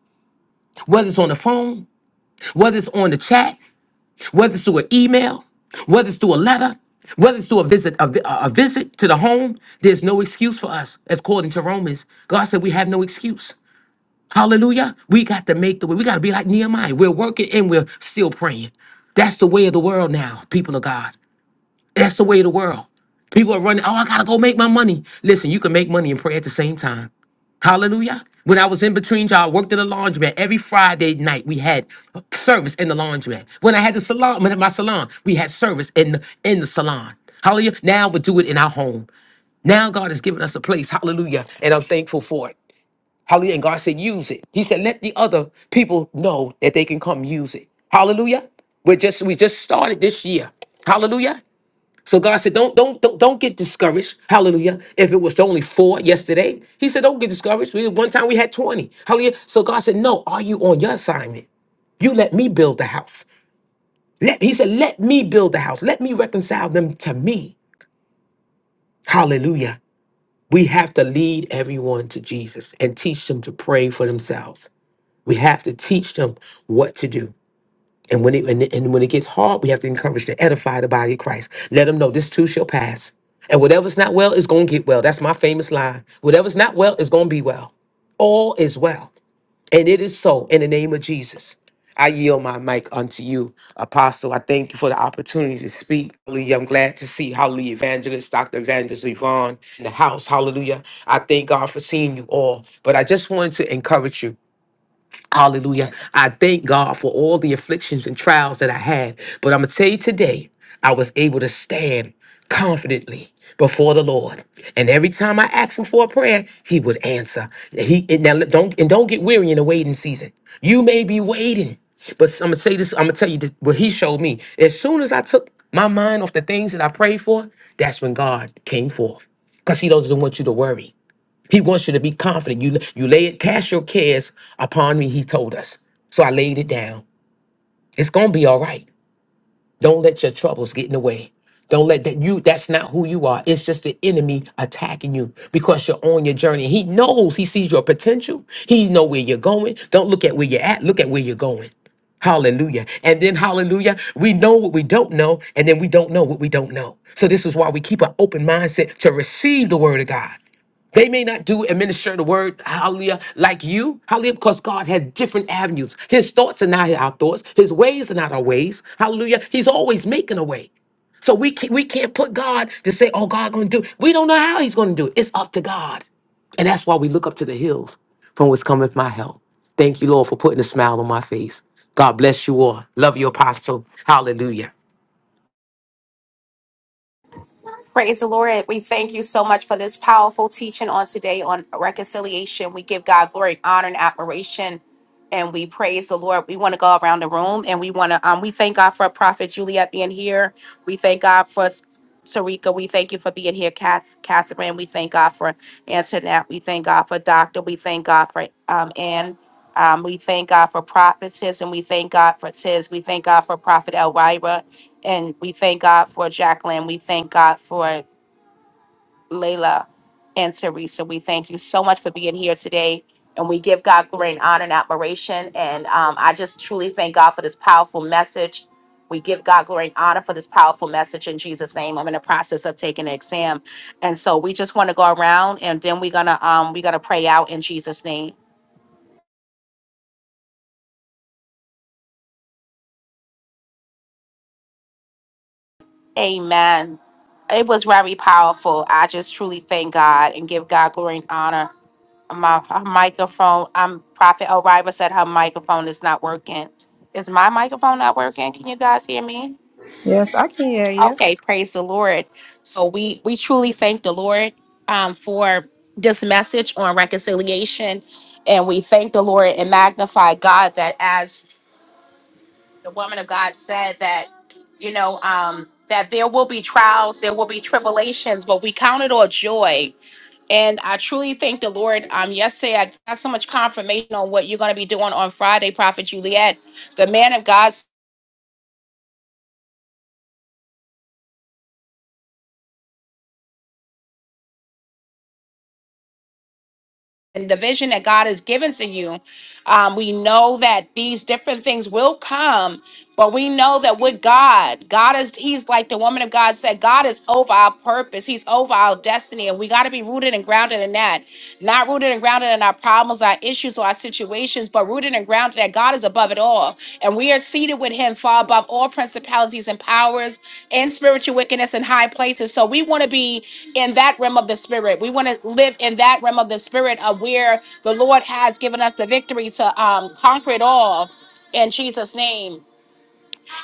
S2: whether it's on the phone, whether it's on the chat, whether it's through an email, whether it's through a letter, whether it's through a visit, a, vi- a visit to the home, there's no excuse for us. As according to Romans, God said we have no excuse. Hallelujah. We got to make the way. We got to be like Nehemiah. We're working and we're still praying. That's the way of the world now, people of God. That's the way of the world. People are running, oh, I gotta go make my money. Listen, you can make money and pray at the same time. Hallelujah. When I was in between y'all, I worked at a laundromat. Every Friday night, we had service in the laundromat. When I had the salon, when I had my salon, we had service in the, in the salon. Hallelujah. Now we do it in our home. Now God has given us a place. Hallelujah. And I'm thankful for it. Hallelujah. And God said, use it. He said, let the other people know that they can come use it. Hallelujah. We're just we just started this year. Hallelujah. So God said, don't, don't, don't, don't get discouraged. Hallelujah. If it was only four yesterday, He said, don't get discouraged. We, one time we had 20. Hallelujah. So God said, no, are you on your assignment? You let me build the house. Let, he said, let me build the house. Let me reconcile them to me. Hallelujah. We have to lead everyone to Jesus and teach them to pray for themselves. We have to teach them what to do. And when it and, and when it gets hard, we have to encourage to edify the body of Christ. Let them know this too shall pass. And whatever's not well is gonna get well. That's my famous line. Whatever's not well is gonna be well. All is well. And it is so in the name of Jesus. I yield my mic unto you, Apostle. I thank you for the opportunity to speak. Hallelujah. I'm glad to see, hallelujah, evangelist, Dr. Evangelist Yvonne in the house. Hallelujah. I thank God for seeing you all. But I just wanted to encourage you. Hallelujah. I thank God for all the afflictions and trials that I had. But I'm going to tell you today, I was able to stand confidently before the Lord. And every time I asked him for a prayer, he would answer. He and now don't and don't get weary in the waiting season. You may be waiting. But I'm gonna say this, I'm gonna tell you this, what he showed me. As soon as I took my mind off the things that I prayed for, that's when God came forth. Because he doesn't want you to worry. He wants you to be confident. You you lay it, cast your cares upon me, he told us. So I laid it down. It's gonna be all right. Don't let your troubles get in the way. Don't let that you that's not who you are. It's just the enemy attacking you because you're on your journey. He knows he sees your potential. He know where you're going. Don't look at where you're at, look at where you're going. Hallelujah. And then, hallelujah, we know what we don't know, and then we don't know what we don't know. So, this is why we keep an open mindset to receive the word of God. They may not do and minister the word, hallelujah, like you, hallelujah, because God had different avenues. His thoughts are not our thoughts, His ways are not our ways, hallelujah. He's always making a way. So we can't, we can't put God to say, oh, God going to do. We don't know how He's going to do it. It's up to God. And that's why we look up to the hills from whence cometh my help. Thank you, Lord, for putting a smile on my face. God bless you all. Love you, Apostle. Hallelujah.
S1: Praise the Lord. We thank you so much for this powerful teaching on today on reconciliation. We give God glory, and honor, and admiration, and we praise the Lord. We want to go around the room and we want to um we thank God for Prophet Juliet being here. We thank God for Sarika. We thank you for being here, Kath, Catherine. We thank God for Antoinette. We thank God for Doctor. We thank God for um Ann. Um, we thank God for prophetess and we thank God for Tiz. We thank God for Prophet Elvira. And we thank God for Jacqueline. We thank God for Layla and Teresa. We thank you so much for being here today. And we give God great honor and admiration. And um, I just truly thank God for this powerful message. We give God glory and honor for this powerful message in Jesus' name. I'm in the process of taking an exam. And so we just want to go around and then we're gonna um we're gonna pray out in Jesus' name. Amen. It was very powerful. I just truly thank God and give God glory and honor my her microphone. I'm Prophet O'Riva said her microphone is not working. Is my microphone not working? Can you guys hear me?
S3: Yes, I can hear you.
S1: Okay, praise the Lord. So we we truly thank the Lord um, for this message on reconciliation, and we thank the Lord and magnify God that as the woman of God said that you know um, that there will be trials, there will be tribulations, but we count it all joy and I truly thank the Lord. Um, yesterday I got so much confirmation on what you're going to be doing on Friday, Prophet Juliet, the man of God and the vision that God has given to you. Um, we know that these different things will come But we know that with God, God is, He's like the woman of God said, God is over our purpose. He's over our destiny. And we got to be rooted and grounded in that. Not rooted and grounded in our problems, our issues, or our situations, but rooted and grounded that God is above it all. And we are seated with Him far above all principalities and powers and spiritual wickedness in high places. So we want to be in that realm of the spirit. We want to live in that realm of the spirit of where the Lord has given us the victory to um, conquer it all in Jesus' name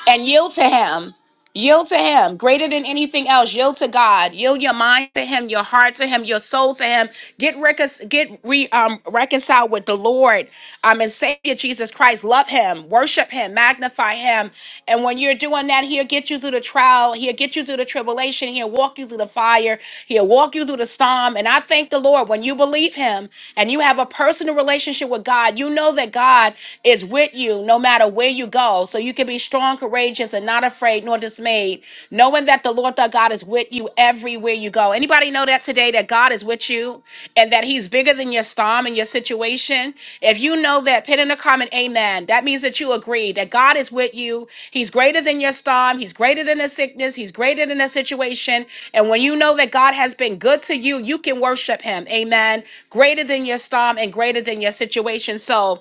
S1: and yield to him yield to him greater than anything else yield to god yield your mind to him your heart to him your soul to him get recon- get re um reconciled with the lord um and savior jesus christ love him worship him magnify him and when you're doing that he'll get you through the trial he'll get you through the tribulation he'll walk you through the fire he'll walk you through the storm and i thank the lord when you believe him and you have a personal relationship with god you know that god is with you no matter where you go all, so you can be strong, courageous, and not afraid nor dismayed, knowing that the Lord thy God is with you everywhere you go. Anybody know that today that God is with you and that He's bigger than your storm and your situation? If you know that, put in a comment, Amen. That means that you agree that God is with you. He's greater than your storm. He's greater than the sickness. He's greater than the situation. And when you know that God has been good to you, you can worship Him. Amen. Greater than your storm and greater than your situation. So.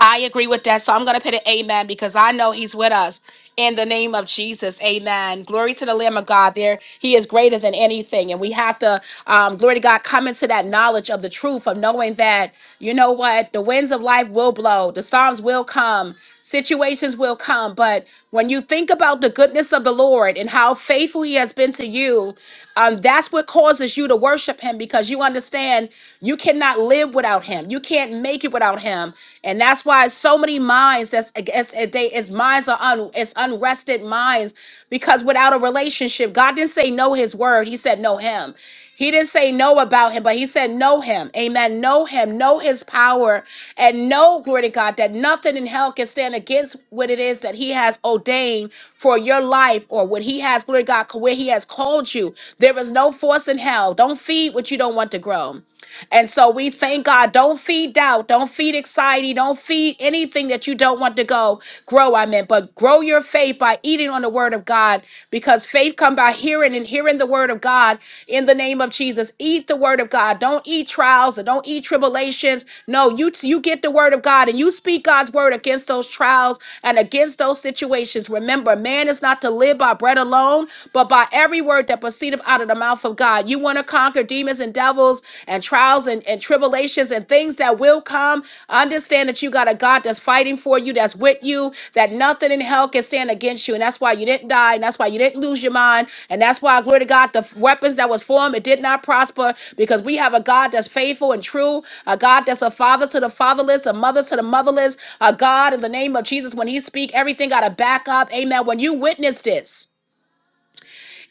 S1: I agree with that. So I'm going to put an amen because I know he's with us. In the name of Jesus, amen. Glory to the Lamb of God. There, he is greater than anything. And we have to, um, glory to God, come into that knowledge of the truth of knowing that, you know what, the winds of life will blow, the storms will come, situations will come. But when you think about the goodness of the Lord and how faithful he has been to you, um, that's what causes you to worship him because you understand you cannot live without him. You can't make it without him. And that's why so many minds that's it's, it- they it's minds are un it's unrested minds because without a relationship, God didn't say know his word, he said know him. He didn't say no about him, but he said know him. Amen. Know him, know his power, and know, glory to God, that nothing in hell can stand against what it is that he has ordained for your life or what he has, glory to God, where he has called you. There is no force in hell. Don't feed what you don't want to grow. And so we thank God. Don't feed doubt. Don't feed anxiety. Don't feed anything that you don't want to go grow. I meant, but grow your faith by eating on the word of God because faith come by hearing and hearing the word of God in the name of Jesus. Eat the word of God. Don't eat trials and don't eat tribulations. No, you you get the word of God and you speak God's word against those trials and against those situations. Remember, man is not to live by bread alone, but by every word that proceedeth out of the mouth of God. You want to conquer demons and devils and trials and, and tribulations and things that will come. Understand that you got a God that's fighting for you, that's with you, that nothing in hell can stand against you. And that's why you didn't die. And that's why you didn't lose your mind. And that's why, glory to God, the weapons that was formed, it did not prosper because we have a God that's faithful and true, a God that's a father to the fatherless, a mother to the motherless, a God in the name of Jesus. When he speak, everything got to back up. Amen. When you witness this,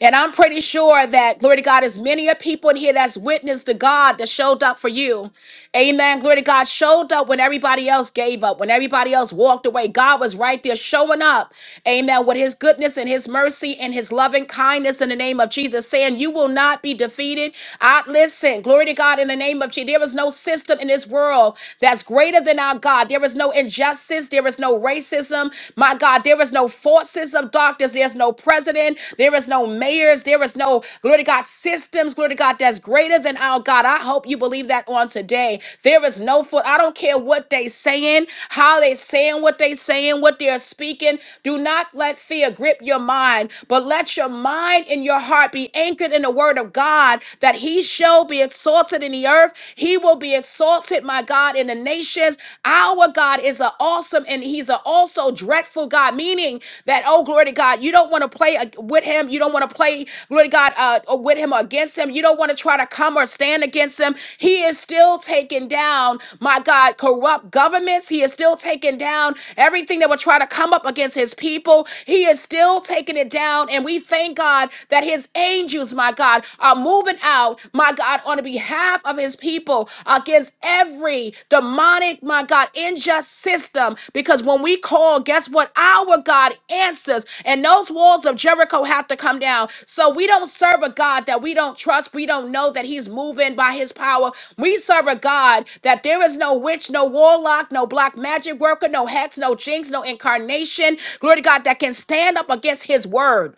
S1: and I'm pretty sure that, glory to God, as many a people in here that's witness to God that showed up for you. Amen. Glory to God showed up when everybody else gave up, when everybody else walked away. God was right there showing up. Amen. With his goodness and his mercy and his loving kindness in the name of Jesus, saying, You will not be defeated. I listen, glory to God in the name of Jesus. There is no system in this world that's greater than our God. There is no injustice. There is no racism. My God, there is no forces of darkness. There's no president. There is no mayors. There is no, glory to God, systems, glory to God, that's greater than our God. I hope you believe that on today. There is no foot. I don't care what they saying, how they saying what they saying, what they're speaking. Do not let fear grip your mind, but let your mind and your heart be anchored in the word of God that he shall be exalted in the earth. He will be exalted, my God, in the the nations. Our God is an awesome and he's an also dreadful God, meaning that, oh, glory to God, you don't want to play uh, with him. You don't want to play, glory to God, uh, uh, with him or against him. You don't want to try to come or stand against him. He is still taking down, my God, corrupt governments. He is still taking down everything that would try to come up against his people. He is still taking it down. And we thank God that his angels, my God, are moving out my God, on behalf of his people against every demonic, my God, unjust system. Because when we call, guess what? Our God answers, and those walls of Jericho have to come down. So we don't serve a God that we don't trust. We don't know that he's moving by his power. We serve a God that there is no witch, no warlock, no black magic worker, no hex, no jinx, no incarnation. Glory to God that can stand up against his word.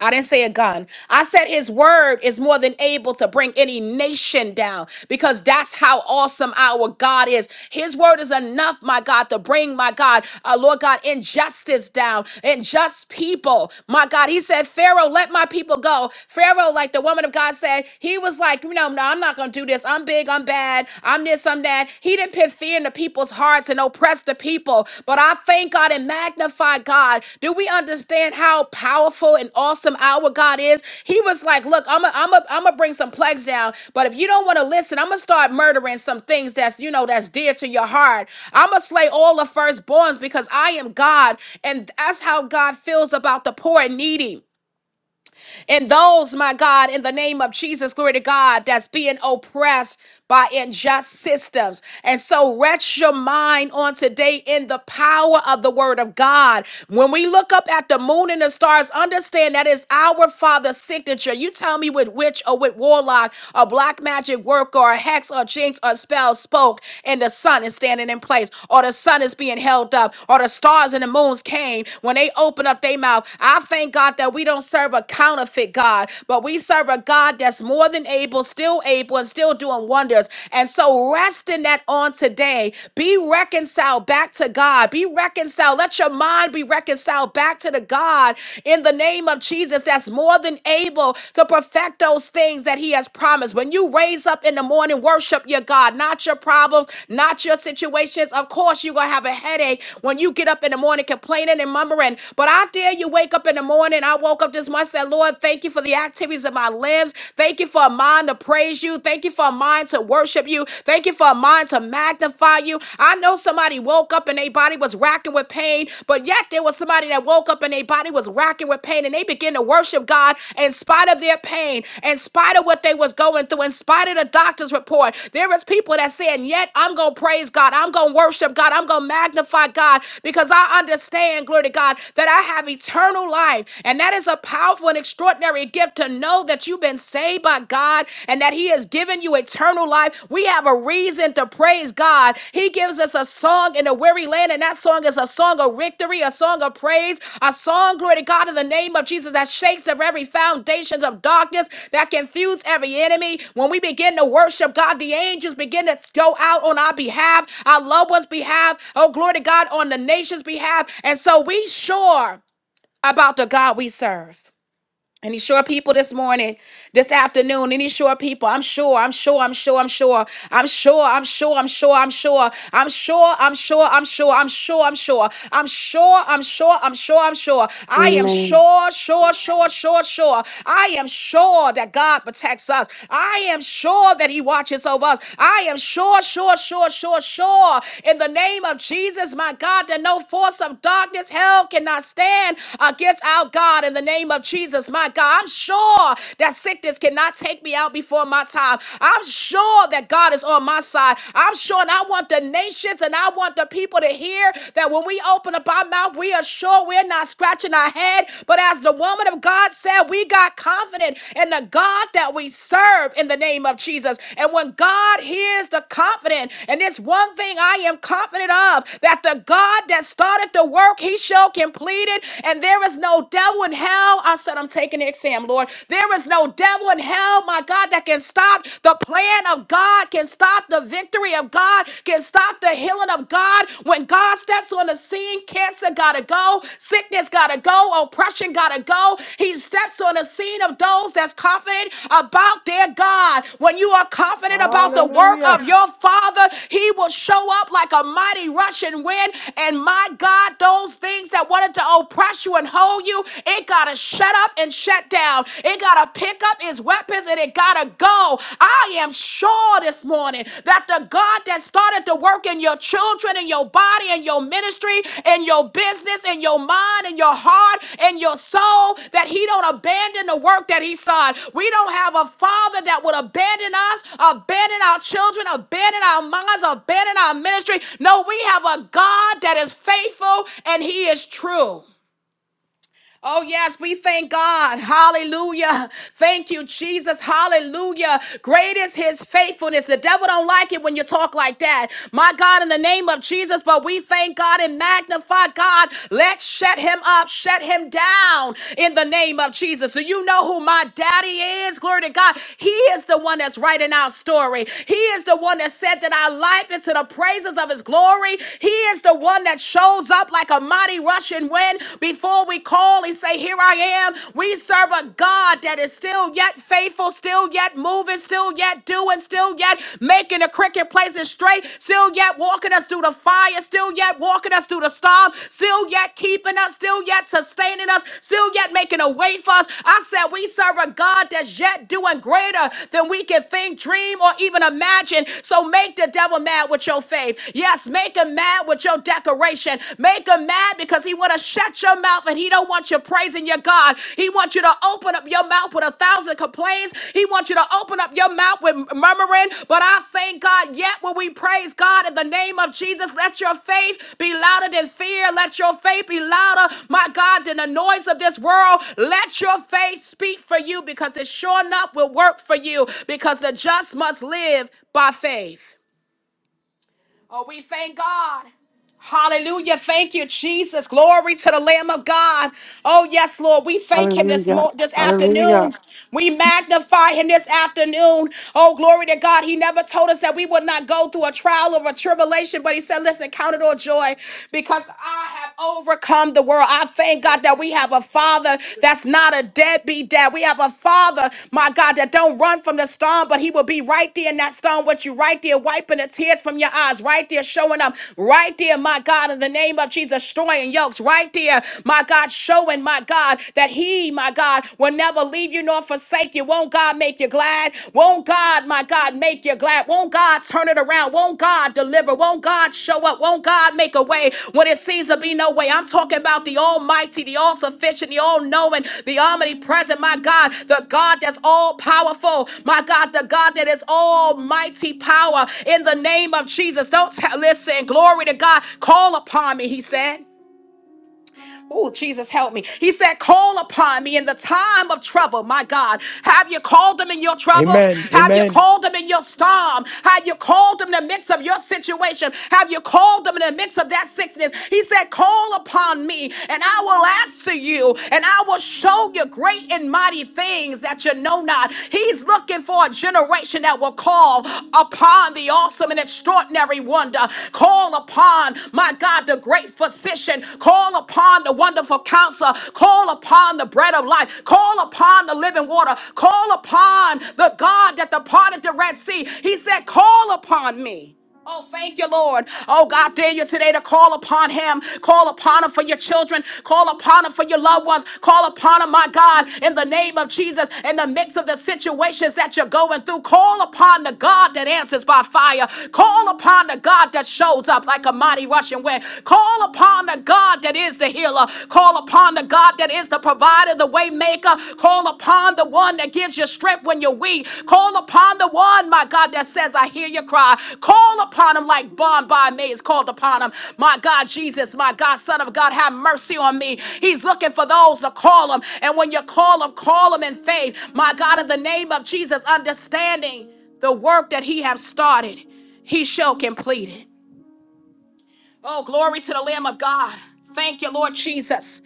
S1: I didn't say a gun. I said his word is more than able to bring any nation down because that's how awesome our God is. His word is enough, my God, to bring, my God, uh, Lord God, injustice down, unjust people. My God, he said, Pharaoh, let my people go. Pharaoh, like the woman of God said, he was like, you know, no, I'm not going to do this. I'm big, I'm bad, I'm this, I'm that. He didn't put fear into people's hearts and oppress the people. But I thank God and magnify God. Do we understand how powerful and awesome our God is? He was like, Look, I'm gonna I'm to I'm gonna bring some plagues down, but if you don't want to listen, I'm gonna start murdering some things that's you know that's dear to your heart. I'm gonna slay all the firstborns because I am God, and that's how God feels about the poor and needy. And those, my God, in the name of Jesus, glory to God, that's being oppressed by unjust systems. And so rest your mind on today in the power of the word of God. When we look up at the moon and the stars, understand that is our Father's signature. You tell me with witch or with warlock or black magic work or a hex or jinx or spell spoke and the sun is standing in place or the sun is being held up or the stars and the moons came when they open up their mouth. I thank God that we don't serve serve a counterfeit God, but we serve a God that's more than able, still able, and still doing wonders. And so rest in that on today. Be reconciled back to God. Be reconciled. Let your mind be reconciled back to the God in the name of Jesus that's more than able to perfect those things that He has promised. When you raise up in the morning, worship your God, not your problems, not your situations. Of course, you're going to have a headache when you get up in the morning complaining and mumbling. But I dare you wake up in the morning morning. I woke up this morning said, Lord, thank you for the activities of my limbs. Thank you for a mind to praise you. Thank you for a mind to worship you. Thank you for a mind to magnify you. I know somebody woke up and their body was racking with pain, but yet there was somebody that woke up and their body was racking with pain and they began to worship God in spite of their pain, in spite of what they was going through, in spite of the doctor's report. There is people that saying, yet I'm going to praise God. I'm going to worship God. I'm going to magnify God because I understand, glory to God, that I have eternal eternal life. And that is a powerful and extraordinary gift to know that you've been saved by God and that He has given you eternal life. We have a reason to praise God. He gives us a song in a weary land, and that song is a song of victory, a song of praise, a song, glory to God, in the name of Jesus that shakes the very foundations of darkness, that confuse every enemy. When we begin to worship God, the angels begin to go out on our behalf, our loved ones' behalf, oh, glory to God, on the nation's behalf. And so we sure about the God we serve and he's sure people this morning, this afternoon, and he's sure people. I'm sure, I'm sure, I'm sure, I'm sure, I'm sure, I'm sure, I'm sure, I'm sure, I'm sure, I'm sure, I'm sure, I'm sure, I'm sure, I'm sure, I'm sure, I'm sure, I'm sure. I am
S4: Amen.
S1: sure, sure, sure, sure, sure. I am sure that God protects us. I am sure that he watches over us. I am sure, sure, sure, sure, sure. In the name of Jesus, my God, that no force of darkness, hell cannot stand against our God. In the name of name of Jesus, my God. I'm sure that sickness cannot take me out before my time. I'm sure that God is on my side. I'm sure, and I want the nations and I want the people to hear that when we open up our mouth, we are sure we're not scratching our head. But as the woman of God said, we got confident in the God that we serve in the name of Jesus. And when God hears the confident, and it's one thing I am confident of that the God that started the work, he shall complete it. And there is no devil devil in hell. I said, I'm taking the exam, Lord. There is no devil in hell, my God, that can stop the plan of God, can stop the victory of God, can stop the healing of God. When God steps on the scene, cancer gotta go, sickness gotta go, oppression gotta go. He steps on the scene of those that's confident about their God. When you are confident about the work
S3: Hallelujah.
S1: of your Father, He will show up like a mighty rushing wind. And and. my God, those things that wanted to oppress you and hold you, it gotta shut up and shut down. It gotta pick up its weapons and it gotta go. I am sure this morning that the God that started to work in your children in your body in your ministry in your business in your mind in your heart in your soul, that He don't abandon the work that He started. We don't have a Father that would abandon us, abandon our children, abandon our minds, abandon our ministry. No, we have a God that is faithful and He is true. Oh, yes, we thank God. Hallelujah. Thank you, Jesus. Hallelujah. Great is his faithfulness. The devil don't like it when you talk like that. My God, in the name of Jesus, but we thank God and magnify God. Let's shut him up, shut him down in the name of Jesus. So you know who my daddy is. Glory to God. He is the one that's writing our story. He is the one that said that our life is to the praises of his glory. He is the one that shows up like a mighty rushing wind. Before we call and say, Here I am, we serve a God that is still yet faithful, still yet moving, still yet doing, still yet making the cricket places straight, still yet walking us through the fire, still yet walking us through the storm, still yet keeping us, still yet sustaining us, still yet making a way for us. I said, We serve a God that's yet doing greater than we can think, dream, or even imagine. So make the devil mad with your faith. Yes, make him mad with your decoration. Make him mad because he want to shut your mouth and he don't want you praising your God. He wants you to open up your mouth with a thousand complaints. He wants you to open up your mouth with murmuring. But I thank God yet when we praise God in the name of Jesus, let your faith be louder than fear. Let your faith be louder, my God, than the noise of this world. Let your faith speak for you because it sure enough will work for you because the just must live by faith. Oh, we thank God. Hallelujah. Thank you, Jesus. Glory to the Lamb of God. Oh, yes, Lord. We thank him this
S4: Hallelujah.
S1: mo- this
S4: Hallelujah.
S1: afternoon. We magnify him this afternoon. Oh, glory to God. He never told us that we would not go through a trial or a tribulation, but he said, listen, count it all joy because I have overcome the world. I thank God that we have a father that's not a let a deadbeat dad. We have a father, my God, that don't run from the storm, but he will be right there in that storm with you, right there, wiping the tears from your eyes, right there, showing up, right there, my God, in the name of Jesus, destroying yokes, right there, my God, showing, my God, that he, my God, will never leave you nor forsake you. Won't God make you glad? Won't God, my God, make you glad? that? Won't God turn it around? Won't God deliver? Won't God show up? Won't God make a way when it seems to be no way? I'm talking about the Almighty, the All Sufficient, the All Knowing, the Omnipresent, my God, the God that's all powerful, my God, the God that is almighty power in the name of Jesus. Don't tell, listen, glory to God. Call upon me, he said. Oh, Jesus, help me. He said, Call upon me in the time of trouble. My God, have you called him in your trouble? Have you called him in your storm? Have you called him in the midst of your situation? Have you called him in the midst of that sickness? He said, Call upon me and I will answer you and I will show you great and mighty things that you know not." know not. He's looking for a generation that will call upon the awesome and extraordinary wonder. Call upon, my God, the great physician. Call upon the wonderful counselor. Call upon the bread of life. Call upon the living water. Call upon the God that departed the Red Sea. He said, Call upon me. Oh, thank you, Lord. Oh, God, dare you today to call upon him. Call upon him for your children. Call upon him for your loved ones. Call upon him, my God, in the name of Jesus, in the mix of the situations that you're going through. Call upon the God that answers by fire. Call upon the God that shows up like a mighty rushing wind. Call upon the God that is the healer. Call upon the God that is the provider, the waymaker, maker. Call upon the one that gives you strength when you're weak. Call upon the one, my God, that says, I hear your cry. Call upon him like Bonbai May is called upon him. My God, Jesus, my God, Son of God, have mercy on me. He's looking for those to call him. And when you call him, call him in faith. My God, in the name of Jesus, understanding the work that he has started, he shall complete it. Oh, glory to the Lamb of God. Thank you, Lord Jesus.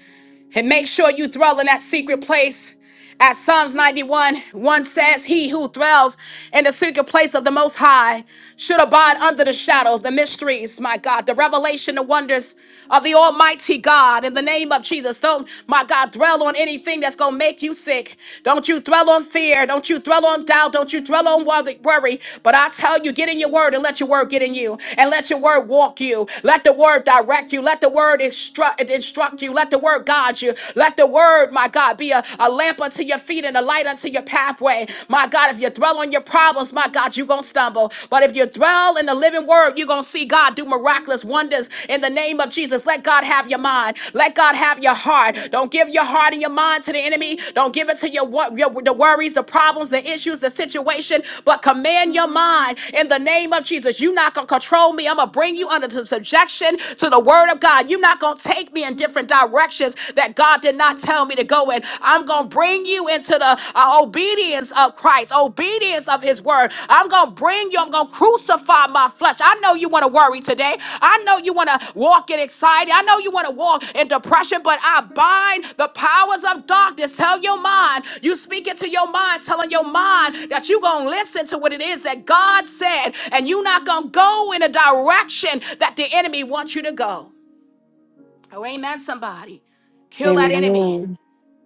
S1: And make sure you dwell in that secret place. As Psalms 91 1 says, He who dwells in the secret place of the Most High should abide under the shadow, the mysteries, my God, the revelation, the wonders of the Almighty God. In the name of Jesus, don't, my God, dwell on anything that's going to make you sick. Don't you dwell on fear. Don't you dwell on doubt. Don't you dwell on worthy- worry. But I tell you, get in your word and let your word get in you. And let your word walk you. Let the word direct you. Let the word instruct, instruct you. Let the word guide you. Let the word word, my God, be a, a lamp unto your feet and a light unto your pathway. My God, if you dwell on your problems, my God, you're going to stumble. But if you dwell in the living word, you're going to see God do miraculous wonders in the name of Jesus. Let God have your mind. Let God have your heart. Don't give your heart and your mind to the enemy. Don't give it to your, your the worries, the problems, the issues, the situation, but command your mind in the name of Jesus. You're not going to control me. I'm going to bring you under the subjection to the word of God. You're not going to take me in different different directions that God did not tell me to go in. I'm going to bring you into the uh, obedience of Christ, obedience of his word. I'm going to bring you, I'm going to crucify my flesh. I know you want to worry today. I know you want to walk in anxiety. I know you want to walk in depression, but I bind the powers of darkness. Tell your mind, you speak it to your mind, telling your mind that you're going to listen to what it is that God said, and you're not going to go in a direction that the enemy wants you to go. Oh, amen, somebody. Kill that enemy.
S4: Amen.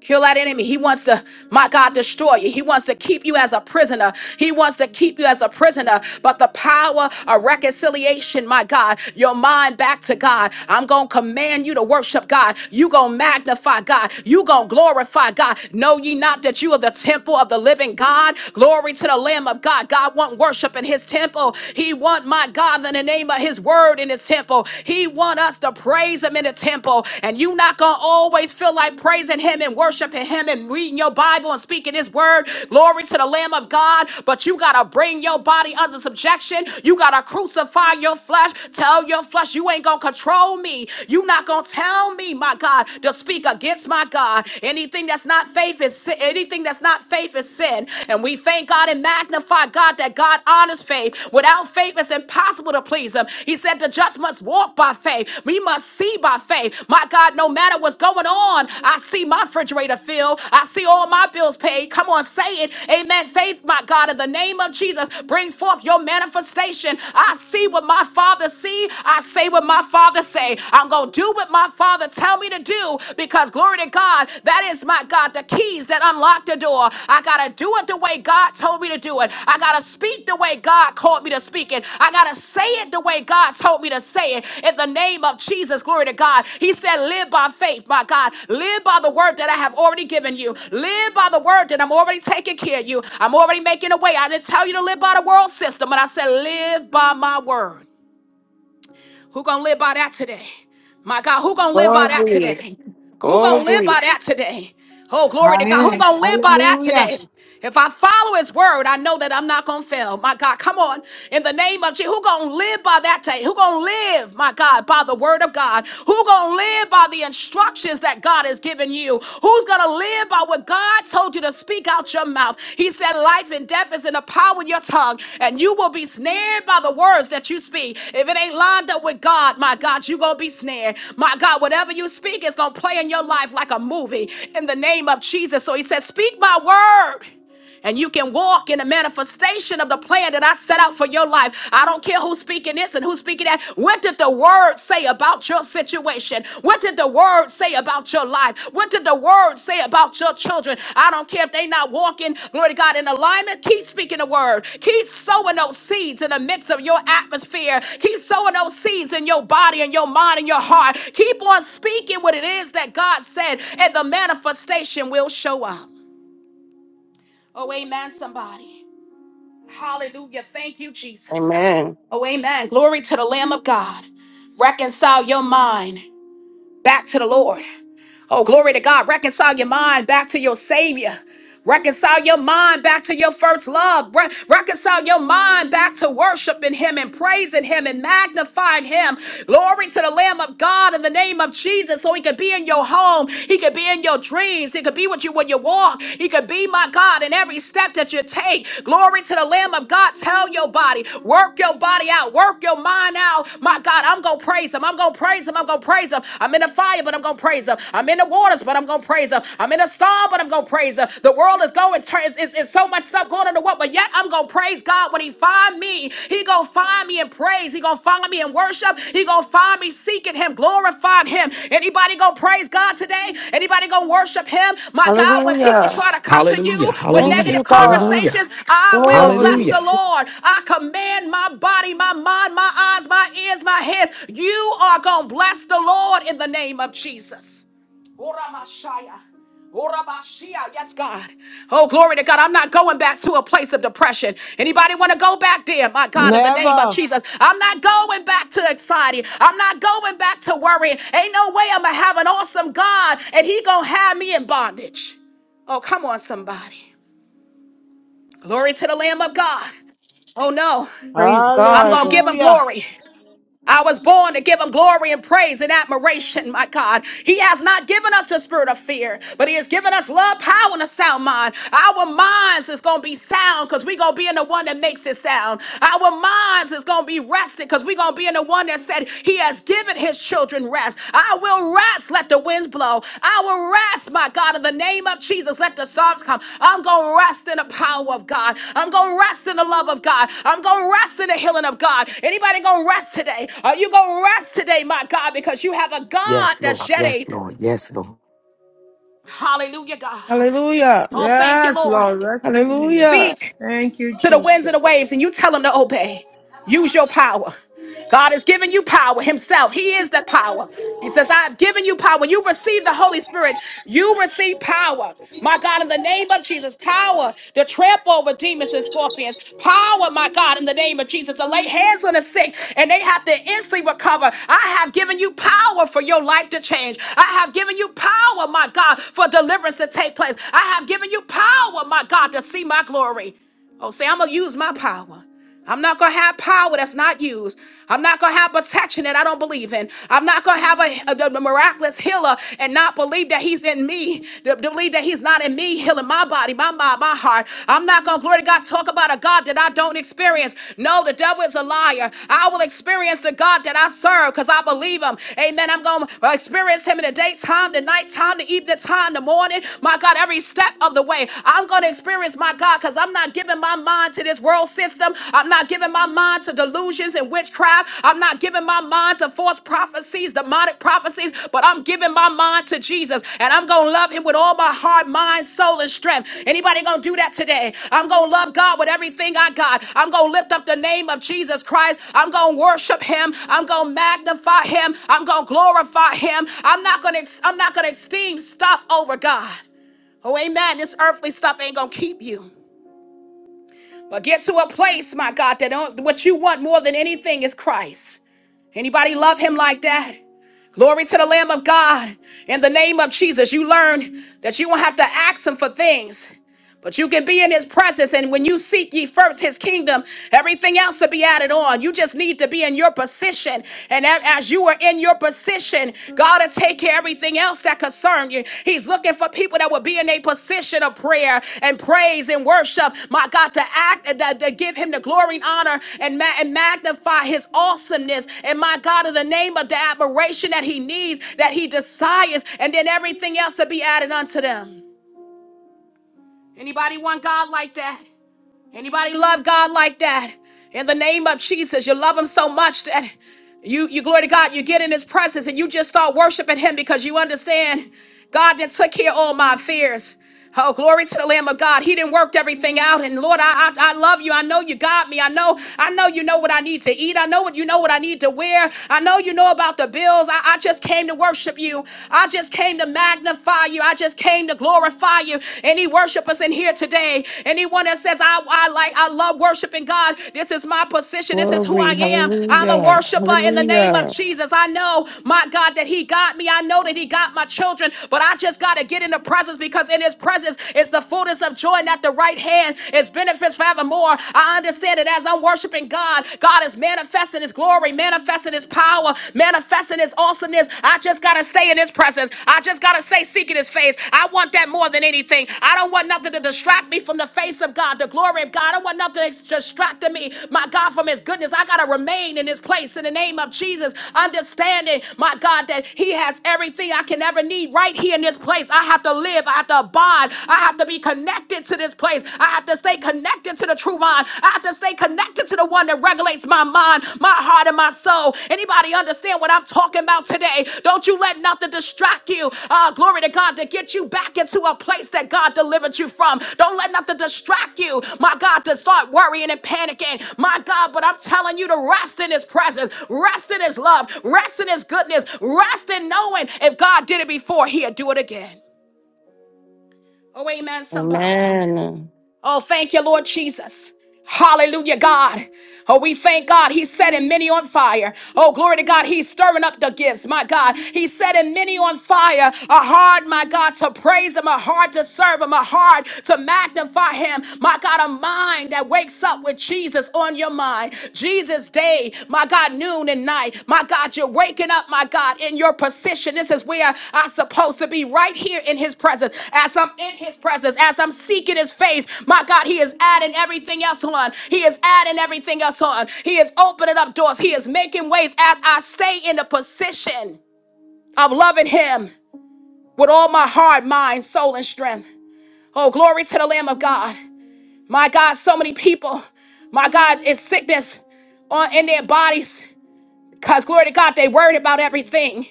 S1: Kill that enemy. He wants to, my God, destroy you. He wants to keep you as a prisoner. He wants to keep you as a prisoner. But the power of reconciliation, my God, your mind back to God. I'm going to command you to worship God. You going to magnify God. You going to glorify God. Know ye not that you are the temple of the living God? Glory to the Lamb of God. God want worship in his temple. He want, my God, in the name of his word in his temple temple. He wants us to praise him in the temple. And you not gonna always feel like praising him and worshiping him and reading your Bible and speaking his word. Glory to the Lamb of God. But you gotta bring your body under subjection. You gotta crucify your flesh. Tell your flesh you ain't gonna control me. You not gonna tell me, my God, to speak against my God. Anything that's not faith is sin. Anything that's not faith is sin. And we thank God in God and magnify God that God honors faith. Without faith, it's impossible to please Him. He said the just must walk by faith. We must see by faith. My God, no matter what's going on, I see my refrigerator filled. I see all my bills paid. Come on, say it. Amen. Faith, my God, in the name of Jesus, brings forth your manifestation. I see what my Father see. I say what my Father say. I'm going to do what my Father tell me to do because because glory to God, that is my God, the keys that unlock the door. I gotta do it the way God told me to do it. I gotta speak the way God called me to speak it. I gotta say it the way God told me to say it. In the name of Jesus, glory to God. He said, Live by faith, my God. Live by the word that I have already given you. Live by the word that I'm already taking care of you. I'm already making a way. I didn't tell you to live by the world system, but I said, Live by my word. Who gonna live by that today? My God, who gonna live by that
S4: Glory.
S1: today? Who gonna live
S4: Glory.
S1: by that today? Oh, glory to
S3: I
S1: God. Who
S3: am.
S1: gonna live by that
S3: Hallelujah.
S1: today? If I follow his word, I know that I'm not gonna fail. My God, come on. In the name of Jesus, who gonna live by that day? Who gonna live, my God, by the word of God? Who gonna live by the instructions that God has given you? Who's gonna live? about what God told you to speak out your mouth. He said, Life and death is in the power of your tongue, and you will be snared by the words that you speak. If it ain't lined up with God, my God, you're going to be snared. My God, whatever you speak is going to play in your life like a movie in the name of Jesus. So he said, Speak my word. And you can walk in the manifestation of the plan that I set out for your life. I don't care who's speaking this and who's speaking that. What did the word say about your situation? What did the word say about your life? What did the word say about your children? I don't care if they not walking, glory to God, in alignment. Keep speaking the word. Keep sowing those seeds in the midst of your atmosphere. Keep sowing those seeds in your body and your mind and your heart. Keep on speaking what it is that God said, and the manifestation will show up. Oh, amen, somebody. Hallelujah. Thank you, Jesus.
S4: Amen.
S1: Oh, amen. Glory to the Lamb of God. Reconcile your mind back to the Lord. Oh, glory to God. Reconcile your mind back to your Savior. Reconcile your mind back to your first love. Re- reconcile your mind back to worshiping Him and praising Him and magnifying Him. Glory to the Lamb of God in the name of Jesus. So He could be in your home. He could be in your dreams. He could be with you when you walk. He could be, my God, in every step that you take. Glory to the Lamb of God. Tell your body, work your body out, work your mind out. My God, I'm going to praise Him. I'm going to praise Him. I'm going to praise Him. I'm in the fire, but I'm going to praise Him. I'm in the waters, but I'm gonna praise him. I'm in a storm, but I'm gonna praise him. The world is going, it's, it's, it's so much stuff going on in the world, but yet I'm gonna praise God when he find me. He gonna find me in praise. He gonna find me in worship. He gonna find me seeking him, glorifying him. Anybody gonna praise God today? Anybody gonna worship him? My God, when people
S4: Hallelujah.
S1: try to come to
S2: Hallelujah.
S1: you with
S4: Thank you,
S2: Hallelujah.
S1: negative
S4: God.
S2: Hallelujah.
S1: conversations, I will bless
S4: Glory.
S1: the
S2: Hallelujah.
S1: Lord. I command my body, my mind, my eyes, my ears, my hands. You are gonna bless the Lord in the name of Jesus. Ora Orabashia. Yes, God. Oh, glory to God. I'm not going back to a place of depression. Anybody want to go back there? My God, in the name of
S3: Never.
S1: Jesus. I'm not going back to anxiety. I'm not going back to worrying. Ain't no way I'm going to have an awesome God and he going to have me in bondage. Oh, come on, somebody. Glory to the Lamb of God. Oh, no.
S4: Praise
S1: I'm
S4: God.
S1: going to give him
S3: Hallelujah.
S1: glory. I was born to give him glory and praise and admiration, my God. He has not given us the spirit of fear, but he has given us love, power, and a sound mind. Our minds is going to be sound because we're going to be in the one that makes it sound. Our minds is going to be rested because we're going to be in the one that said he has given his children rest. I will rest. Let the winds blow. I will rest, my God, in the name of Jesus. Let the storms come. I'm going to rest in the power of God. I'm going to rest in the love of God. I'm going to rest in the healing of God. Anybody going to rest today? Are you going to rest today, my God, because you have a God
S2: Yes, Lord.
S1: that's yet
S2: Yes,
S1: able.
S2: Lord. Yes, Lord.
S1: Hallelujah, God.
S4: Hallelujah.
S1: Oh, thank you,
S3: Yes,
S1: Lord.
S3: Lord, rest in you.
S4: Hallelujah.
S1: Speak
S3: Thank you,
S1: to the winds and
S3: Jesus.
S1: the waves, and you tell them to obey. Use your power. God has given you power Himself. He is the power. He says, I have given you power. When you receive the Holy Spirit, you receive power. My God, in the name of Jesus, power to trample over demons and scorpions. Power, my God, in the name of Jesus, to lay hands on the sick and they have to instantly recover. I have given you power for your life to change. I have given you power, my God, for deliverance to take place. I have given you power, my God, to see my glory. Oh, say, I'm going to use my power. I'm not going to have power that's not used. I'm not going to have protection that I don't believe in. I'm not going to have a, a- a miraculous healer and not believe that he's in me, to to believe that he's not in me, healing my body, my mind, my heart. I'm not going to, glory to God, talk about a God that I don't experience. No, the devil is a liar. I will experience the God that I serve because I believe him. Amen. I'm going to experience him in the daytime, the nighttime, the evening time, the morning. My God, every step of the way. I'm going to experience my God, because I'm not giving my mind to this world system. I'm not giving my mind to delusions and witchcraft. I'm not giving my mind to false prophecies, demonic prophecies, but I'm giving my mind to Jesus. And I'm going to love him with all my heart, mind, soul, and strength. Anybody going to do that today? I'm going to love God with everything I got. I'm going to lift up the name of Jesus Christ. I'm going to worship him. I'm going to magnify him. I'm going to glorify him. I'm not going to, I'm not going to esteem stuff over God. Oh, amen. This earthly stuff ain't going to keep you. But get to a place, my God, that don't, what you want more than anything is Christ. Anybody love him like that? Glory to the Lamb of God. In the name of Jesus, you learn that you will not have to ask him for things. But you can be in his presence, and when you seek ye first his kingdom, everything else will be added on. You just need to be in your position. And a- as you are in your position, God will take care of everything else that concern you. He's looking for people that will be in a position of prayer and praise and worship. My God, to act, and to, to give him the glory and honor and, ma- and magnify his awesomeness. And my God, in the name of the admiration that he needs, that he desires, and then everything else will be added unto them. Anybody want God like that? Anybody love God like that? In the name of Jesus, you love him so much that you, you glory to God, you get in his presence and you just start worshiping him because you understand God that took care of all my fears. Oh, glory to the Lamb of God. He didn't work everything out. And Lord, I, I I love you. I know you got me. I know, I know you know what I need to eat. I know what you know what I need to wear. I know you know about the bills. I, I just came to worship you. I just came to magnify you. I just came to glorify you. Any worshipers in here today, anyone that says, I, I like, I love worshiping God, this is my position. This is who I
S4: Glory.
S1: am. I'm a
S4: Hallelujah.
S1: worshiper in the name of
S4: Hallelujah.
S1: Jesus. I know, my God, that He got me. I know that He got my children, but I just got to get in the presence because in His presence is the fullness of joy, not the right hand. It's benefits forevermore. I understand that as I'm worshiping God, God is manifesting His glory, manifesting His his power, manifesting his awesomeness. I just gotta stay in his presence. I just gotta stay seeking his face. I want that more than anything. I don't want nothing to distract me from the face of God, the glory of God. I don't want nothing to distract me, my God, from his goodness. I gotta remain in his place in the name of Jesus, understanding, my God, that he has everything I can ever need right here in this place. I have to live, I have to abide, I have to be connected to this place. I have to stay connected to to the true vine. I have to stay connected to the one that regulates my mind, my heart, and my soul. Anybody understand what I'm talking about today? Don't you let nothing distract you. Uh, glory to God to get you back into a place that God delivered you from. Don't let nothing distract you, my God, to start worrying and panicking. My God, but I'm telling you to rest in His presence, rest in His love, rest in His goodness, rest in knowing if God did it before, He'll do it again. Oh, amen, somebody.
S4: Amen.
S1: Oh, thank you, Lord Jesus. Hallelujah, God. Oh, we thank God. He's setting many on fire. Oh, glory to God. He's stirring up the gifts, my God. He's setting many on fire. A heart, my God, to praise Him, a heart to serve Him, a heart to magnify Him. My God, a mind that wakes up with Jesus on your mind. Jesus day, my God, noon and night. My God, you're waking up, my God, in your position. This is where I'm supposed to be, right here in his presence. As I'm in his presence, as I'm seeking his face, my God, he is adding everything else on. He is adding everything else on. He is opening up doors. He is making ways as I stay in the position of loving him with all my heart, mind, soul, and strength. Oh, glory to the Lamb of God. My God, so many people, my God, is sickness on in their bodies. Because, glory to God, they worried about everything.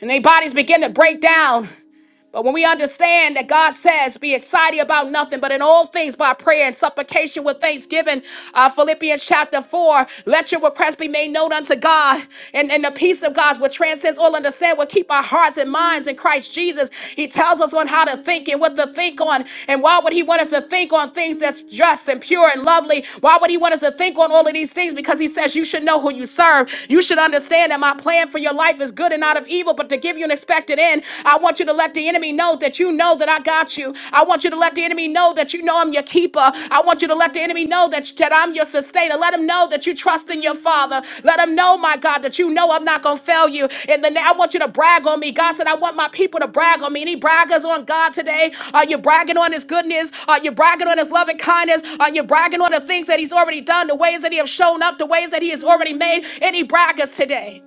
S1: And their bodies begin to break down. But when we understand that God says, be excited about nothing, but in all things by prayer and supplication with thanksgiving, uh, Philippians chapter 4, let your requests be made known unto God, and, and the peace of God, which transcends all understanding, will keep our hearts and minds in Christ Jesus. He tells us on how to think and what to think on. And why would He want us to think on things that's just and pure and lovely? Why would He want us to think on all of these things? Because He says, you should know who you serve. You should understand that my plan for your life is good and not of evil, but to give you an expected end. I want you to let the enemy know that you know that I got you. I want you to let the enemy know that you know I'm your keeper. I want you to let the enemy know that, that I'm your sustainer. Let him know that you trust in your father. Let him know, my God, that you know I'm not gonna fail you. And then I want you to brag on me. God said, I want my people to brag on me. Any braggers on God today? Are you bragging on his goodness? Are you bragging on his loving kindness? Are you bragging on the things that he's already done, the ways that he has shown up, the ways that he has already made? Any braggers today?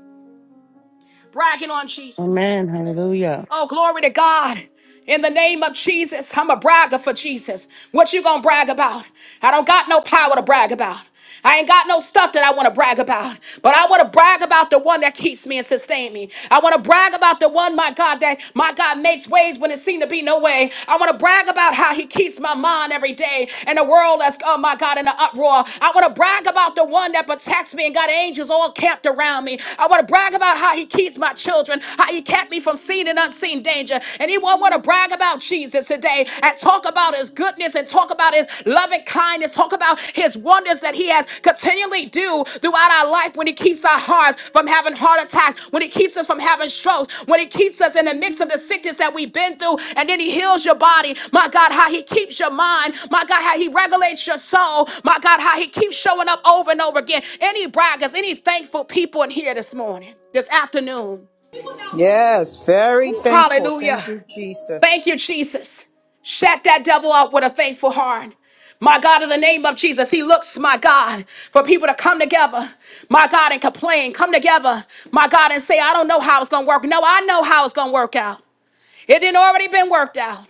S1: Bragging on Jesus.
S4: Amen. Hallelujah.
S1: Oh, glory to God. In the name of Jesus, I'm a bragger for Jesus. What you gonna brag about? I don't got no power to brag about. I ain't got no stuff that I want to brag about, but I want to brag about the one that keeps me and sustains me. I want to brag about the one, my God, that my God makes ways when it seemed to be no way. I want to brag about how He keeps my mind every day in a world that's, oh my God, in an uproar. I want to brag about the one that protects me and got angels all camped around me. I want to brag about how He keeps my children, how He kept kept me from seen and unseen danger. Anyone want to brag about Jesus today and talk about his goodness and talk about his loving kindness, talk about his wonders that he has continually do throughout our life when he keeps our hearts from having heart attacks, when he keeps us from having strokes, when he keeps us in the mix of the sickness that we've been through, and then he heals your body. My God, how he keeps your mind. My God, how he regulates your soul. My God, how he keeps showing up over and over again. Any braggers, any thankful people in here this morning, this afternoon.
S3: Yes, very thankful. Thank
S1: Hallelujah.
S3: you, Jesus.
S1: Thank you, Jesus. Shut that devil out with a thankful heart. My God, in the name of Jesus, He looks, my God, for people to come together, my God, and complain. Come together, my God, and say, I don't know how it's going to work. No, I know how it's going to work out. It didn't already been worked out.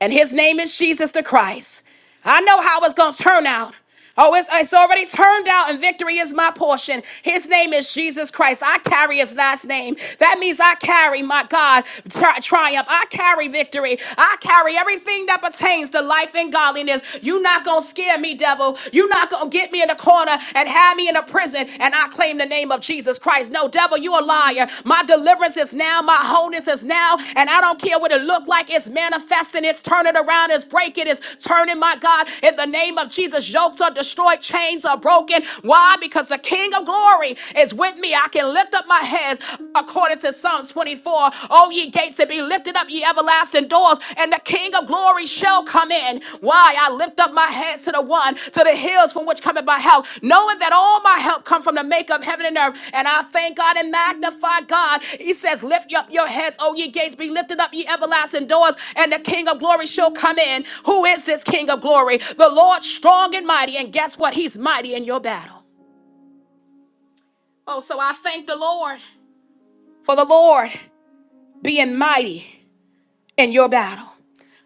S1: And his name is Jesus the Christ. I know how it's going to turn out. Oh, it's, it's already turned out, and victory is my portion. His name is Jesus Christ. I carry his last name. That means I carry my God tri- triumph. I carry victory. I carry everything that pertains to life and godliness. you not going to scare me, devil. you not going to get me in a corner and have me in a prison. And I claim the name of Jesus Christ. Christ. No, devil, you a liar. My deliverance is now, my wholeness is now, and I don't care what it look like. It's manifesting, it's turning around, it's breaking, it's turning, my God. In the name of Jesus, yokes are destroyed, chains are broken. Why? Because the King of glory is with me. I can lift up my heads according to Psalms 24. Oh, ye gates, and be lifted up, ye everlasting doors, and the King of glory shall come in. Why? I lift up my hands to the one, to the hills from which cometh my help, knowing that all my help come from the maker of heaven and earth. And I thank God and magnify God. He says, Lift up your heads, O ye gates, be lifted up, ye everlasting doors, and the King of glory shall come in. Who is this King of glory? The Lord strong and mighty. And guess what? He's mighty in your battle. Oh, so I thank the Lord for the Lord being mighty in your battle.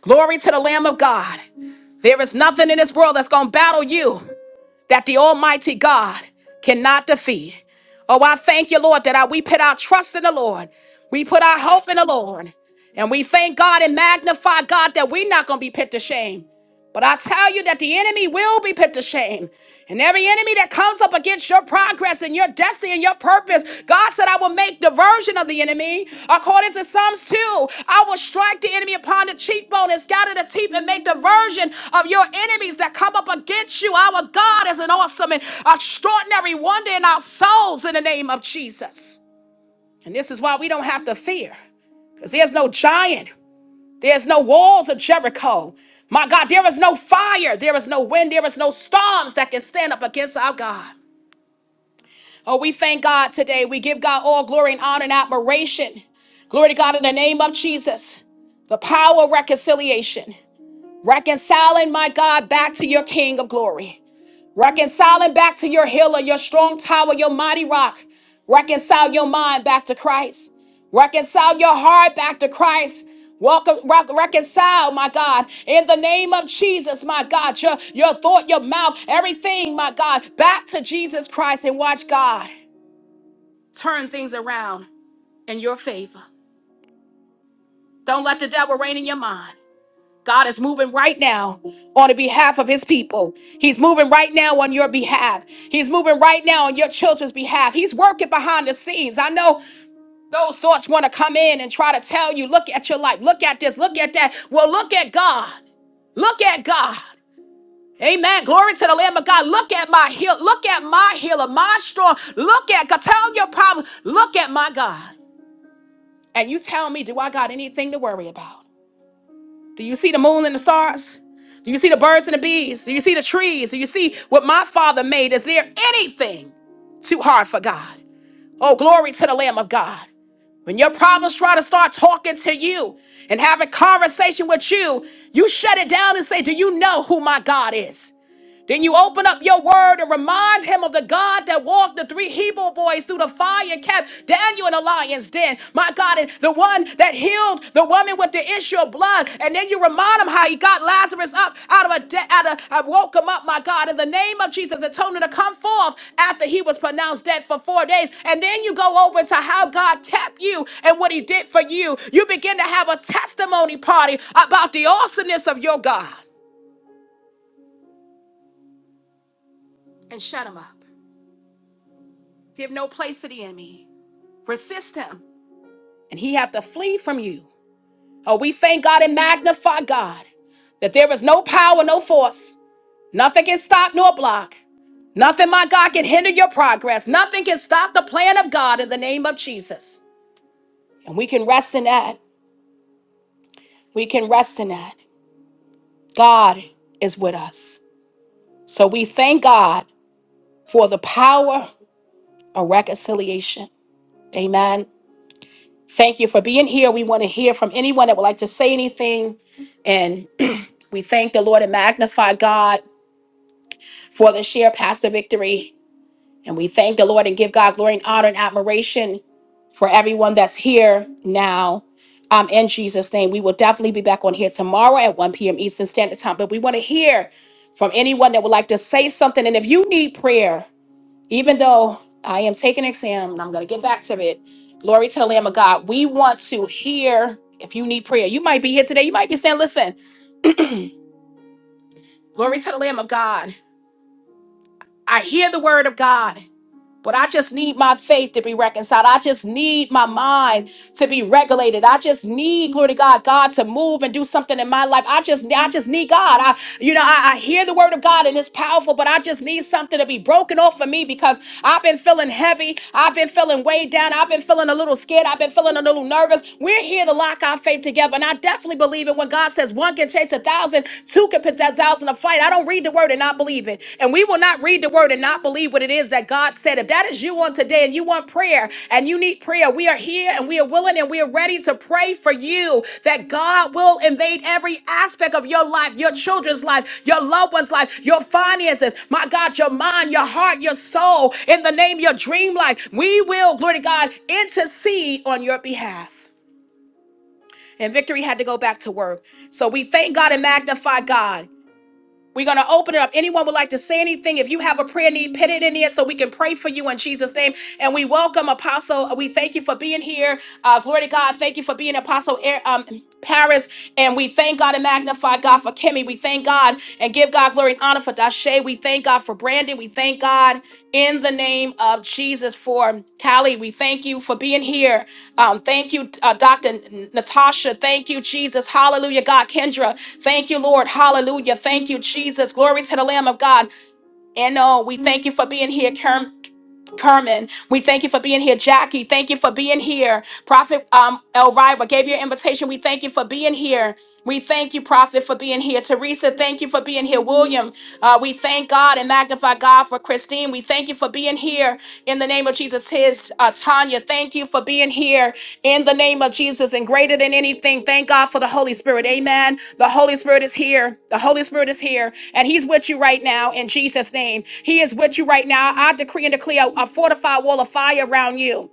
S1: Glory to the Lamb of God. There is nothing in this world that's going to battle you that the Almighty God cannot defeat. Oh, I thank you, Lord, that I, we put our trust in the Lord. We put our hope in the Lord. And we thank God and magnify God that we're not going to be put to shame. But I tell you that the enemy will be put to shame. And every enemy that comes up against your progress and your destiny and your purpose, God said, I will make diversion of the enemy. According to Psalms 2, I will strike the enemy upon the cheekbone and scatter the teeth and make diversion of your enemies that come up against you. Our God is an awesome and extraordinary wonder in our souls in the name of Jesus. And this is why we don't have to fear, because there's no giant. There's no walls of Jericho. My God, there is no fire. There is no wind. There is no storms that can stand up against our God. Oh, we thank God today. We give God all glory and honor and admiration. Glory to God in the name of Jesus. The power of reconciliation. Reconciling my God back to your King of glory. Reconciling back to your healer, your strong tower, your mighty rock. Reconcile your mind back to Christ. Reconcile your heart back to Christ. Welcome, rec- reconcile, my God, in the name of Jesus, my God, your, your thought, your mouth, everything, my God, back to Jesus Christ and watch God turn things around in your favor. Don't let the devil reign in your mind. God is moving right now on the behalf of his people. He's moving right now on your behalf. He's moving right now on your children's behalf. He's working behind the scenes. I know those thoughts want to come in and try to tell you, look at your life, look at this, look at that. Well, look at God. Look at God. Amen. Glory to the Lamb of God. Look at my heal. Look at my healer, my strong. Look at God. Tell your problem. Look at my God. And you tell me, do I got anything to worry about? Do you see the moon and the stars? Do you see the birds and the bees? Do you see the trees? Do you see what my father made? Is there anything too hard for God? Oh, glory to the Lamb of God. When your problems try to start talking to you and having conversation with you, you shut it down and say, Do you know who my God is? Then you open up your word and remind him of the God that walked the three Hebrew boys through the fire and kept Daniel in the lion's den. My God, and the one that healed the woman with the issue of blood. And then you remind him how he got Lazarus up out of a de- out of I woke him up, my God, in the name of Jesus and told him to come forth after he was pronounced dead for four days. And then you go over to how God kept you and what he did for you. You begin to have a testimony party about the awesomeness of your God. And shut him up. Give no place to the enemy. Resist him, and he have to flee from you. Oh, we thank God and magnify God that there is no power, no force. Nothing can stop nor block. Nothing, my God, can hinder your progress. Nothing can stop the plan of God in the name of Jesus. And we can rest in that. We can rest in that. God is with us. So we thank God for the power of reconciliation. Amen. Thank you for being here. We want to hear from anyone that would like to say anything. And we thank the Lord and magnify God for the share past the victory. And we thank the Lord and give God glory and honor and admiration for everyone that's here now. Um, in Jesus' name, we will definitely be back on here tomorrow at 1 p.m. Eastern Standard Time. But we want to hear from anyone that would like to say something. And if you need prayer, even though I am taking an exam and I'm going to get back to it, glory to the Lamb of God. We want to hear if you need prayer. You might be here today. You might be saying, listen, glory to the Lamb of God. I hear the word of God. But I just need my faith to be reconciled. I just need my mind to be regulated. I just need, glory to God, God to move and do something in my life. I just, I just need God. I, you know, I, I hear the word of God and it's powerful, but I just need something to be broken off of me because I've been feeling heavy. I've been feeling weighed down. I've been feeling a little scared. I've been feeling a little nervous. We're here to lock our faith together. And I definitely believe it when God says one can chase a thousand, two can put that thousand to flight. I don't read the word and not believe it. And we will not read the word and not believe what it is that God said. If that is you on today and you want prayer and you need prayer, we are here and we are willing and we are ready to pray for you that God will invade every aspect of your life, your children's life, your loved one's life, your finances, my God, your mind, your heart, your soul, in the name your dream life. We will, glory to God, intercede on your behalf and Victory had to go back to work. So we thank God and magnify God. We're going to open it up. Anyone would like to say anything? If you have a prayer need, put it in there so we can pray for you in Jesus' name. And we welcome Apostle. We thank you for being here. Uh, glory to God. Thank you for being Apostle Air, um, Paris. And we thank God and magnify God for Kimmy. We thank God and give God glory and honor for Dashe. We thank God for Brandon. We thank God in the name of Jesus for Callie. We thank you for being here. Um, thank you, uh, Dr. N- Natasha. Thank you, Jesus. Hallelujah, God. Kendra, thank you, Lord. Hallelujah. Thank you, Jesus. Glory to the Lamb of God. And oh, we thank you for being here, Kerm. Carmen, we thank you for being here. Jackie, thank you for being here. Prophet um, Elvira gave you an invitation. We thank you for being here. We thank you, Prophet, for being here. Teresa, thank you for being here. William, uh, we thank God and magnify God for Christine. We thank you for being here in the name of Jesus it's Uh, Tanya, thank you for being here in the name of Jesus and greater than anything. Thank God for the Holy Spirit. Amen. The Holy Spirit is here. The Holy Spirit is here and he's with you right now in Jesus' name. He is with you right now. I decree and declare a fortified wall of fire around you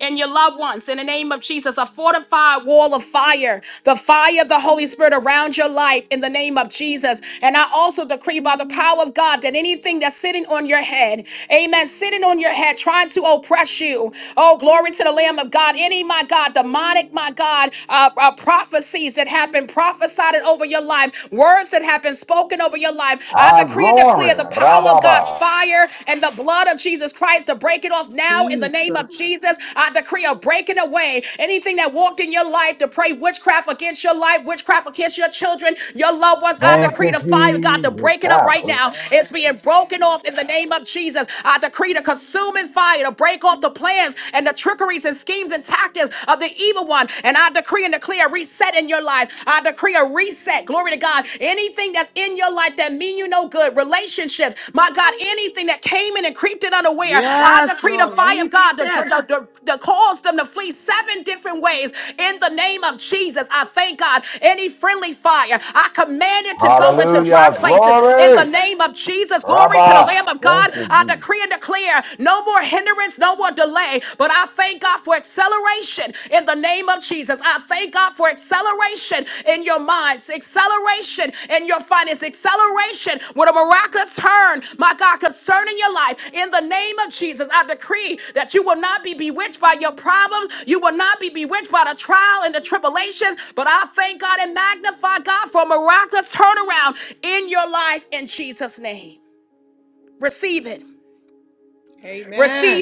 S1: and your loved ones in the name of Jesus. A fortified wall of fire, the fire of the Holy Spirit around your life in the name of Jesus. And I also decree by the power of God that anything that's sitting on your head, amen, sitting on your head, trying to oppress you. Oh, glory to the Lamb of God. Any, my God, demonic, my God, uh, uh, prophecies that have been prophesied over your life, words that have been spoken over your life. I
S5: Our
S1: decree and declare
S5: glory.
S1: the power power of God's
S5: Rababa.
S1: fire and the blood of Jesus Christ to break it off now in the name of
S3: Jesus.
S1: Jesus. I decree a breaking away. Anything that walked in your life to pray witchcraft against your life, witchcraft against your children, your loved ones, I
S5: Thank
S1: decree
S5: you,
S1: the fire of God to
S5: Jesus.
S1: break it up right now. It's being broken off in the name of Jesus. I decree the consuming fire to break off the plans and the trickeries and schemes and tactics of the evil one. And I decree and declare reset in your life. I. I decree a reset. Glory to God. Anything that's in your life that mean you no good, relationships, my God, anything that came in and creeped in unaware, I
S3: Yes,
S1: decree the
S3: Lord,
S1: fire of God to,
S3: reset.
S1: to, to, to cause them to flee seven different ways in the name of Jesus. I thank God. Any friendly fire, I command it to go into dry
S5: Hallelujah.
S1: places in the
S5: Glory.
S1: name of Jesus. Glory to the
S5: Rabba.
S1: Lamb of
S5: Thank
S1: God.
S5: you,
S1: I
S5: Jesus.
S1: decree and declare no more hindrance, no more delay, but I I thank God for acceleration in the name of Jesus. I thank God for acceleration in your minds, acceleration in your finances, acceleration with a miraculous turn, my God, concerning your life. In the name of Jesus, I decree that you will not be bewitched by your problems. You will not be bewitched by the trial and the tribulations. But I thank God and magnify God for a miraculous turnaround in your life in Jesus' name. Receive it.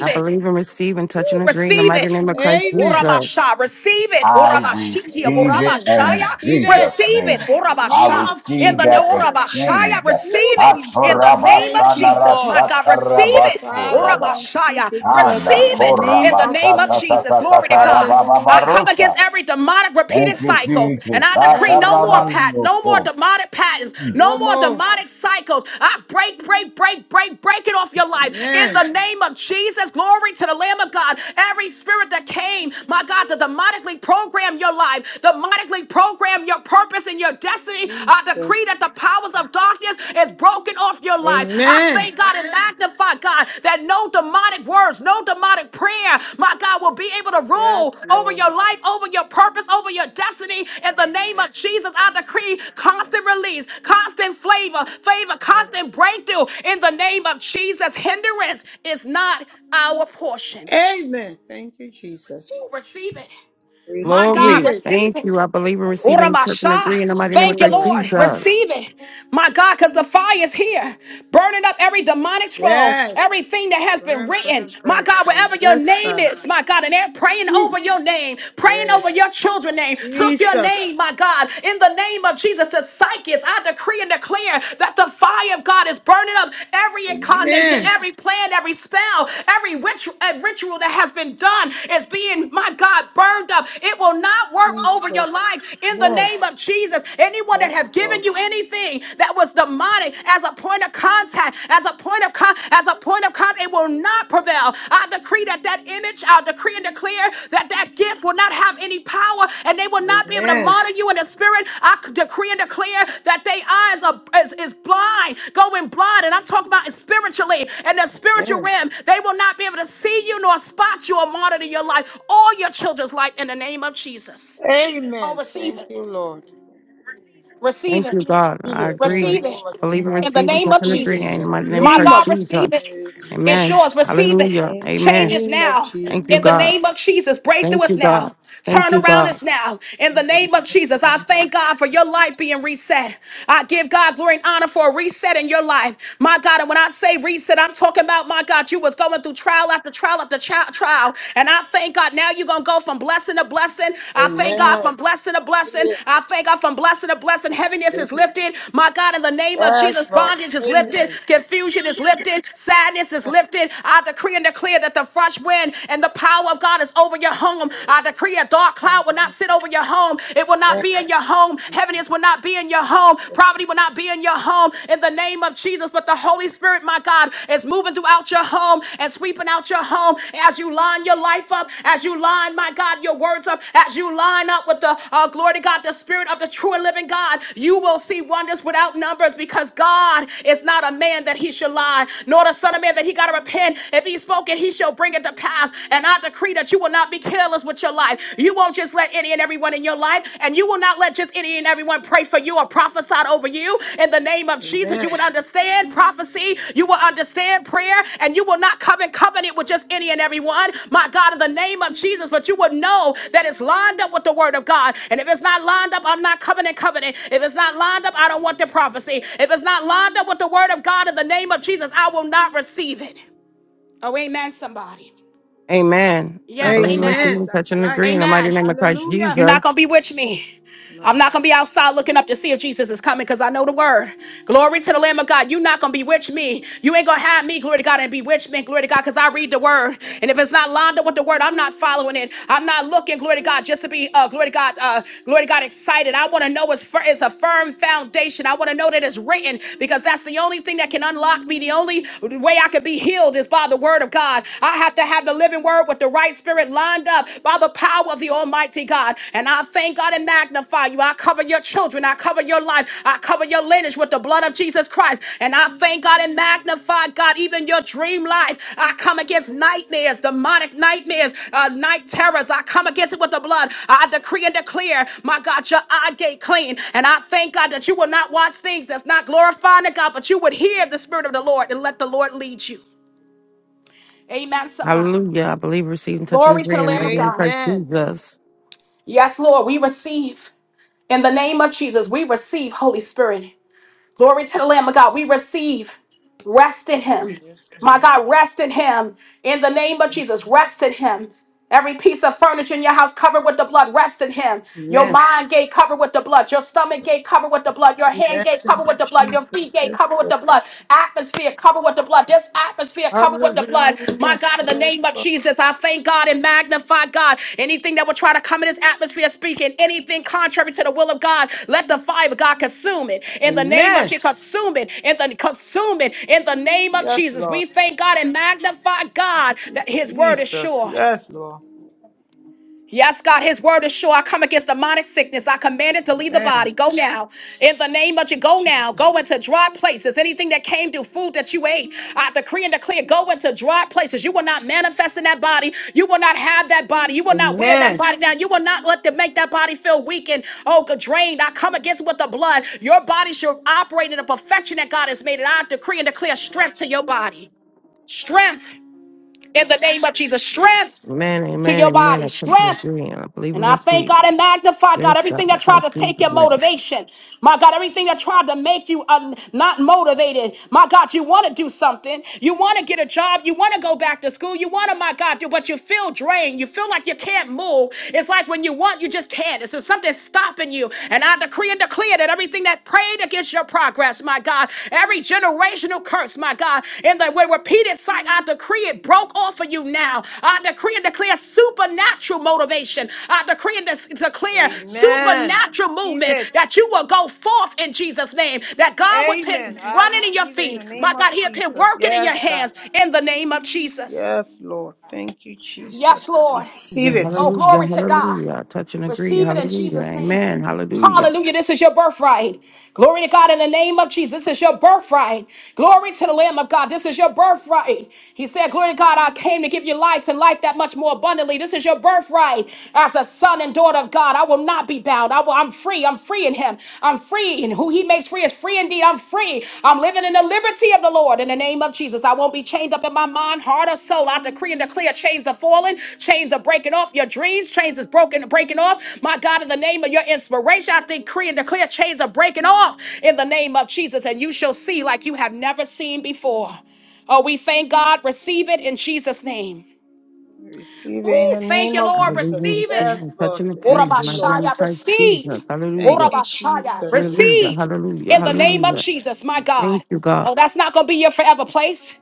S4: I
S1: it.
S4: believe and receive and touch
S1: Ooh,
S4: and agree in the
S1: receive
S4: mighty
S1: it.
S4: name of Christ
S3: Amen.
S4: Jesus.
S1: Urabasha, receive it.
S5: I
S1: Urabashitia,
S5: receive it
S3: Amen.
S5: in
S1: Urabashaya,
S3: Receive
S5: Jesus'
S3: it.
S1: receive it.
S5: name.
S3: In the
S5: I
S1: Urabasha,
S3: name of
S1: in
S5: receive
S1: the
S5: that
S3: Jesus Christ.
S1: Urabashaya,
S5: exchange.
S3: Oh,
S1: receive it in
S3: Jesus.
S1: the name
S3: Thank
S1: of
S3: you,
S1: Jesus.
S3: Lord.
S1: My God, receive it.
S3: Father,
S5: Atorabasanarakatarabasuraba.
S3: we receive
S1: Urabashaya,
S3: this prayer in
S1: receive
S3: the
S1: it
S3: name
S1: in the
S3: of
S1: name of
S3: Jesus.
S1: Jesus.
S3: Christ.
S1: Glory to God. I
S3: Hallelujah.
S1: come
S5: Anakorabasatatatatatarababa.
S1: against every demonic
S5: Thank
S1: repeated
S5: you,
S1: cycle and
S5: Jesus.
S1: I decree
S3: Yes,
S1: no more
S3: Lord.
S1: pattern, no more
S5: Sataranandioso.
S1: demonic patterns, no
S3: No
S1: more
S3: more.
S1: demonic cycles. I break, break, break, break, break it off your life in
S3: Amen.
S1: the name of Jesus. Glory to the Lamb of God. Every spirit that came, my God, to demonically program your life, demonically program your purpose and your destiny. I decree
S3: Jesus.
S1: that the powers of darkness darkness is broken off your life. I
S3: Amen.
S1: thank God and magnify God that no demonic words, no demonic prayer, my God, will be able to rule
S3: Yes,
S1: over
S3: Lord.
S1: your life, over your purpose, over your destiny. In the name of Jesus, I decree constant release, constant flavor, favor, constant breakthrough. In the name of Jesus, hindrance is not our portion.
S3: Amen. Thank you, Jesus.
S1: Receive it. My God,
S3: Receive
S4: Glory.
S3: it.
S1: receive
S4: Thank
S1: it.
S4: you. I believe and receive and touch and
S1: Urabasha.
S4: agree in the mighty
S3: Thank
S4: name of
S1: Thank
S3: you,
S1: you,
S4: Christ
S3: Lord.
S1: Lord.
S4: Jesus.
S1: Receive it, my God, because the fire is here, burning up every demonic troll,
S3: Yes.
S1: everything that has been
S3: Burn,
S1: written,
S3: burn,
S1: my
S3: burn.
S1: God,
S3: burn.
S1: wherever your
S3: Yes,
S1: name
S3: God.
S1: is, my God, and they're praying
S3: Mm.
S1: over your name, praying
S3: Yes.
S1: over your children's name. Took your
S3: Jesus.
S1: name, my God, in the name of Jesus, the psychics. I decree and declare that the fire of God is burning up every incarnation,
S3: Amen.
S1: every plan, every spell, every witch, uh, ritual that has been done is being, my God, burned up. It will not work over your
S3: Jesus.
S1: your life in the
S3: Lord.
S1: name of Jesus. Anyone
S3: Yes,
S1: that have given
S3: Lord.
S1: you anything that was demonic as a point of contact, as a point of con- as a point of contact, it will not prevail. I decree that that image, I decree and declare that that gift will not have any power, and they will not be able to
S3: Amen.
S1: monitor you in the spirit. I c- decree and declare that their eyes are is, is blind, going blind, and I'm talking about spiritually in the spiritual
S3: Amen.
S1: realm. They will not be able to see you nor spot you or monitor your life or your children's life in the name of Jesus. Oh,
S3: Amen.
S1: receive
S3: Thank you,
S1: it.
S3: Lord.
S1: Receive
S4: Thank
S1: it.
S4: you,
S3: Receive
S4: God. I
S3: it in the
S4: agree.
S1: Receive it.
S3: name of
S4: Believe
S3: Jesus.
S4: and
S1: In
S3: I
S1: the
S4: receive and
S1: name
S4: touch
S1: of
S4: and
S3: receive
S4: agree.
S3: it
S4: In
S1: Jesus.
S3: in
S4: the
S3: the
S4: mighty name of
S1: My
S3: name
S4: Christ
S3: of
S1: God,
S4: Jesus.
S1: receive it.
S3: Jesus.
S1: It's
S4: Amen.
S1: yours. Receive it.
S3: In
S4: Hallelujah.
S3: the
S1: Change
S4: Amen.
S1: is
S3: name of
S1: now.
S3: Jesus.
S4: Thank you,
S1: In the
S4: God.
S1: name of Jesus, breakthrough
S4: Thank you,
S1: is
S4: God.
S1: now.
S4: Thank
S1: Turn
S4: you,
S1: around
S4: God.
S1: is now. In the name of Jesus, I thank God for your life being reset. I give God glory and honor for a reset in your life. My God, and when I say reset, I'm talking about, my God, you was going through trial after trial after chi- trial. And I thank God now you're going to go from blessing to blessing. I thank God
S3: Amen.
S1: from blessing to blessing.
S3: Receive
S1: I thank God from blessing to blessing. Heaviness
S3: it.
S1: is lifted. My God, in the name of
S3: Yes,
S1: Jesus,
S3: Lord.
S1: bondage is lifted.
S3: Amen.
S1: Confusion is lifted. Sadness is lifted lifted. I decree and declare that the fresh wind and the power of God is over your home. I decree a dark cloud will not sit over your home. It will not be in your home. Heaviness will not be in your home. Poverty will not be in your home. In the name of Jesus, but the Holy Spirit, my God, is moving throughout your home and sweeping out your home as you line your life up, as you line, my God, your words up, as you line up with the uh, glory to God, the Spirit of the true and living God. You will see wonders without numbers because God is not a man that he should lie, nor the Son of Man that he got got to repent. If he spoke it, he shall bring it to pass. And I decree that you will not be careless with your life. You won't just let any and everyone in your life, and you will not let just any and everyone pray for you or prophesy over you. In the name of Jesus, you
S3: Amen.
S1: will understand prophecy, you will understand prayer, and you will not come in covenant with just any and everyone. My God, in the name of Jesus, but you will know that it's lined up with the word of God. And if it's not lined up, I'm not coming in covenant. If it's not lined up, I don't want the prophecy. If it's not lined up with the word of God in the name of Jesus, I will not receive it. Oh, amen, somebody.
S4: Amen. I
S1: Yes,
S4: believe and
S1: amen.
S4: receive
S3: Amen.
S4: and touch
S3: That's
S4: and
S3: right.
S4: agree in the mighty
S1: Amen.
S4: name of Christ
S1: You're
S3: Hallelujah.
S1: not going
S4: Jesus.
S1: to be with me. I'm
S3: No.
S1: not going to be outside looking up to see if Jesus is coming because I know the word. Glory to the Lamb of God. You're not going to bewitch me. You ain't going to have me, glory to God, and bewitch me, glory to God, because I read the word. And if it's not lined up with the word, I'm not following it. I'm not looking, glory to God, just to be, uh, glory to God, uh, glory to God, excited. I want to know it's, fir- it's a firm foundation. I want to know that it's written because that's the only thing that can unlock me. The only way I could be healed is by the word of God. I have to have the living word with the right spirit lined up by the power of the Almighty God. And I thank God and magnify you. I cover your children. I cover your life. I cover your lineage with the blood of Jesus Christ. And I thank God and magnify God, even your dream life. I come against nightmares, demonic nightmares, uh, night terrors. I come against it with the blood. I decree and declare, my God, your eye gate clean. And I thank God that you will not watch things that's not glorifying to God, but you would hear the Spirit of the Lord and let the Lord lead you. Amen, somebody.
S4: Hallelujah. I believe, receive, and touch and
S1: Glory to
S4: agree
S1: the
S4: in the
S1: Lamb of
S4: mighty name of
S1: God.
S4: Christ
S3: Amen.
S4: Jesus.
S1: Yes, Lord, we receive in the name of Jesus. We receive Holy Spirit. Glory to the Lamb of God. We receive rest in
S3: Amen.
S1: Him.
S3: Yes,
S1: My
S3: Lord.
S1: God, rest in Him in the name of Jesus. Rest in Him. Every piece of furniture in your house covered with the blood, rest in Him. Your
S3: Amen.
S1: mind gate covered with the blood. Your stomach gate covered with the blood. Your hand
S3: Amen.
S1: gate
S3: Thank
S1: covered with the blood.
S3: you,
S1: Your feet
S3: Jesus.
S1: gate
S3: Yes,
S1: covered with
S3: Lord.
S1: the blood. Atmosphere covered with the blood. This atmosphere covered with the blood. My
S3: Hallelujah.
S1: God, in the
S3: Yes,
S1: name of
S3: Lord.
S1: Jesus, I thank God and magnify God. Anything that will try to come in this atmosphere speaking, anything contrary to the will of God, let the fire of God consume it. In the name of
S3: Amen.
S1: Jesus, consume it. In the consume it. In the name of
S3: Yes,
S1: Jesus, we
S3: Lord.
S1: thank God and magnify God that His word is
S3: Jesus.
S1: sure.
S3: Yes, Lord.
S1: Yes, God, his word is sure. I come against demonic sickness. I command it to leave the
S3: Amen.
S1: body. Go now. In the name of you, go now.
S3: Jesus.
S1: Go into dry places. Anything that came through food that you ate, I decree and declare, go into dry places. You will not manifest in that body. You will not have that body. You will not wear that
S3: Amen.
S1: body down. You will not let them make that body feel weak and, oh, drained. I come against it with the blood. Your body should operate in the perfection that God has made it. I decree and declare strength to your body. Strength in the name of Jesus. Strength
S4: Amen.
S1: to
S4: Amen.
S1: your
S4: Amen. I
S1: body.
S4: touch and
S1: Strength
S4: agree and I believe
S1: and
S4: and
S1: I thank
S4: receive.
S1: God and magnify God
S4: Yes,
S1: everything
S4: God. In
S1: that tried to
S4: Christ
S1: take
S4: Jesus'
S1: your
S4: name.
S1: motivation. My God, everything that tried to make you uh, not motivated. My God, you want to do something. You want to get a job. You want to go back to school. You want to, my God, do, but you feel drained. You feel like you can't move. It's like when you want, you just can't. It's just something stopping you. And I decree and declare that everything that prayed against your progress regress, my God. Every generational curse, my God, in the with repeated sight, I decree it broke off of you now. I decree and declare supernatural motivation. I decree and des- declare
S3: Amen.
S1: supernatural
S3: Receive
S1: movement
S3: it.
S1: that you will go forth in Jesus' name. That God will put
S3: Amen. I
S1: running in your
S3: receive it in the
S1: feet, my
S3: name of
S1: God, He'll put
S3: Jesus.
S1: working in your
S3: Yes, God.
S1: hands in the name of Jesus.
S3: Yes, Lord. Thank you, Jesus.
S1: Yes, Lord.
S4: Yeah,
S3: Receive it.
S1: Oh,
S4: hallelujah.
S1: glory to God.
S4: Hallelujah. I Touch and agree.
S1: Receive it in
S4: Hallelujah.
S1: Jesus' name.
S4: Amen. Hallelujah.
S1: Hallelujah. This is your birthright. Glory to God in the name of Jesus. This is your birthright. Glory to the Lamb of God. This is your birthright. He said, Glory to God, I came to give you life and life that much more abundantly. This is your birthright. As a son and daughter of God, I will not be bound. I will, I'm free. I'm free in Him. I'm free. And who He makes free is free I'm free. I'm living in the liberty of the Lord in the name of Jesus. I won't be chained up in my mind, heart, or soul. I decree and declare chains are falling, chains are breaking off your dreams, chains is broken, breaking off. My God, in the name of your inspiration, I decree and declare chains are breaking off in the name of Jesus, and you shall see like you have never seen before. Oh, we thank God. Receive it in Jesus' name.
S3: Receive it in
S1: Ooh,
S3: the
S1: thank
S3: name
S1: you,
S3: of
S4: I
S1: Lord.
S4: believe
S3: Jesus.
S4: in this
S1: Receive it.
S4: thing
S3: Yes,
S4: and touch
S3: Lord.
S4: and agree.
S3: Thank
S4: in My
S3: you, Lord.
S4: name of
S1: Urabashaya,
S4: Christ
S1: receive.
S4: Jesus.
S3: Thank
S4: Hallelujah.
S3: you,
S1: Urabashaya,
S3: Jesus.
S4: Hallelujah.
S1: receive
S4: Hallelujah.
S1: in the name of
S4: Hallelujah.
S1: Jesus, my God.
S4: Thank you, God.
S1: Oh, that's not going to be your forever place.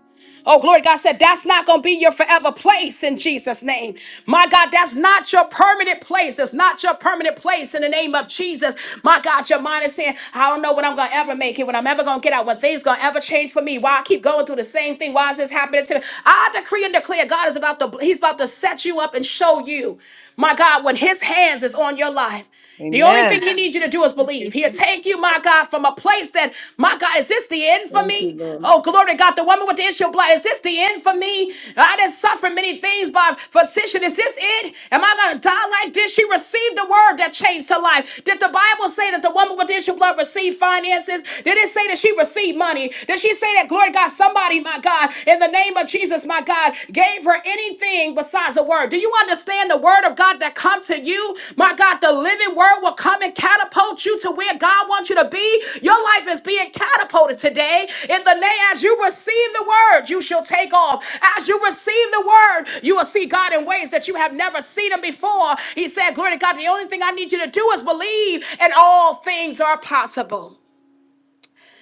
S1: Oh, glory to God said, that's not going to be your forever place in Jesus' name. My God, that's not your permanent place. It's not your permanent place in the name of Jesus. My God, your mind is saying, I don't know when I'm going to ever make it, when I'm ever going to get out, when things going to ever change for me. Why I keep going through the same thing? Why is this happening to me? I decree and declare God is about to, he's about to set you up and show you, my God, when his hands is on your life. The only thing
S3: Amen.
S1: he needs you to do is
S3: Thank you,
S1: believe. He'll
S3: Jesus.
S1: take you, my God, from a place that, my God, is this the end for
S3: Thank you,
S1: me?
S3: Lord.
S1: Oh, glory to God. The woman with the issue of blood, is this the end for me? I didn't suffer many things by physician. Is this it? Am I going to die like this? She received the word that changed her life. Did the Bible say that the woman with the issue of blood received finances? Did it say that she received money? Did she say that, glory to God, somebody, my God, in the name of Jesus, my God? gave her anything besides the word. Do you understand the word of God that come to you? My God, the living word will come and catapult you to where God wants you to be. Your life is being catapulted today. In the name, as you receive the word, you shall take off. As you receive the word, you will see God in ways that you have never seen him before. He said, Glory to God, the only thing I need you to do is believe, and all things are possible.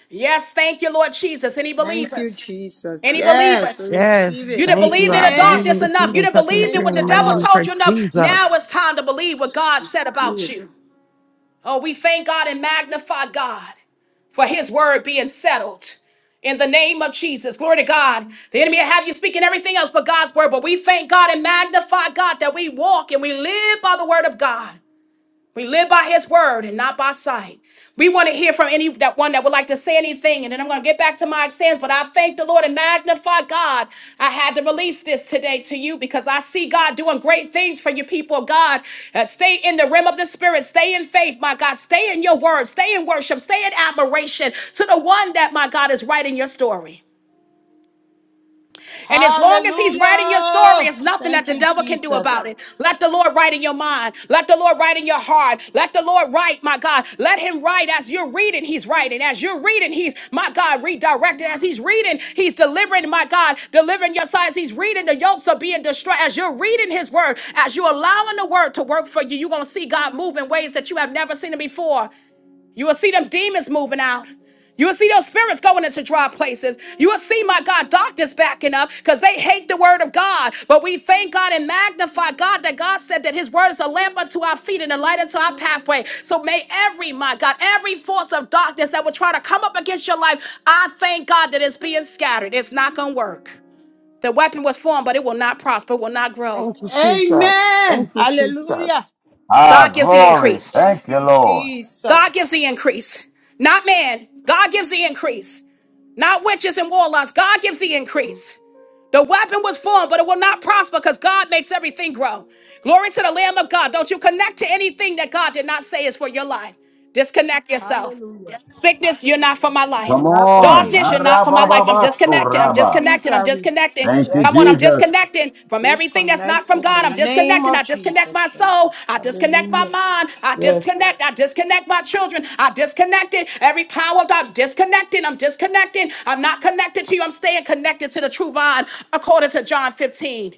S1: Yes, thank you, Lord Jesus. Any
S3: Thank you,
S1: believers?
S3: Jesus.
S1: Any
S3: Yes, we
S1: believers?
S3: receive
S4: Yes.
S1: You
S3: it.
S1: didn't
S4: Thank you.
S1: believe in
S4: I
S1: the
S4: believe
S3: Amen.
S4: in
S1: darkness
S4: this
S1: enough.
S4: thing
S1: You
S4: and
S1: didn't
S4: touch and
S1: believe in
S3: Thank
S4: agree in
S1: what
S4: the
S3: you,
S1: the
S4: mighty
S1: devil
S4: name
S3: Lord.
S4: of
S1: told
S4: Christ
S1: you enough. Now
S4: Jesus.
S1: it's time to believe what God said about you. Oh, we thank God and magnify God for his word being settled. In the name of Jesus, glory to God. The enemy will have you speaking everything else but God's word. But we thank God and magnify God that we walk and we live by the word of God. We live by his word and not by sight. We want to hear from any that one that would like to say anything, and then I'm going to get back to my sins. But I thank the Lord and magnify God. I had to release this today to you because I see God doing great things for you, people of God. Uh, stay in the realm of the spirit, stay in faith, my God. Stay in your word, stay in worship, stay in admiration to the one that, my God, is writing your story. And as long as he's writing your story,
S3: Hallelujah.
S1: it's nothing that
S3: Thank
S1: the
S3: you,
S1: devil can do about
S3: Jesus.
S1: it. Let the Lord write in your mind. Let the Lord write in your heart. Let the Lord write, my God. Let him write as you're reading, he's writing. As you're reading, he's, my God, redirected. As he's reading, he's delivering, my God, delivering your side. As he's reading, the yokes are being destroyed. As you're reading his word, as you're allowing the word to work for you, you're going to see God move in ways that you have never seen him before. You will see them demons moving out. You will see those spirits going into dry places. You will see, my God, doctors backing up because they hate the word of God. But we thank God and magnify God that God said that his word is a lamp unto our feet and a light unto our pathway. So may every, my God, every force of darkness that would try to come up against your life, I thank God that it's being scattered. It's not going to work. The weapon was formed, but it will not prosper, will not grow.
S4: Thank you, Jesus. Thank
S3: Amen.
S4: you,
S3: Hallelujah.
S4: Jesus.
S5: Ah,
S1: God gives the
S5: glory.
S1: increase.
S3: Thank
S5: Thank you,
S3: you,
S5: Lord.
S3: Jesus.
S1: God gives the increase. Not man. God gives the increase. not witches and warlocks. God gives the increase. The weapon was formed, but it will not prosper because God makes everything grow. Glory to the Lamb of God. Don't you connect to anything that God did not say is for your life. Disconnect yourself.
S3: Hallelujah.
S1: Sickness, you're not for my
S3: You are
S1: life.
S5: Come
S3: not for my
S5: on.
S1: Darkness,
S3: life.
S1: you're not
S3: That's
S1: for my
S3: right.
S1: life. I'm
S5: Arabababasco,
S3: I
S1: disconnected. I'm
S5: Rabba.
S3: refuse it.
S1: disconnected.
S3: I
S1: I'm disconnecting.
S5: Thank you,
S1: Come
S3: reject
S1: on, I'm
S3: it.
S5: Jesus.
S1: disconnecting from everything that's not
S3: Disconnect
S1: from
S3: in
S1: God.
S3: the
S1: I'm
S3: name
S1: disconnecting. I
S3: of
S1: disconnect
S3: Jesus
S1: my soul.
S3: Christ.
S1: I disconnect my
S3: Hallelujah.
S1: mind. I
S3: Yes.
S1: disconnect. I disconnect my children. I disconnected. Every power of God, I'm disconnecting. I'm disconnecting. I'm not connected to you. I'm staying connected to the true vine according to John 15.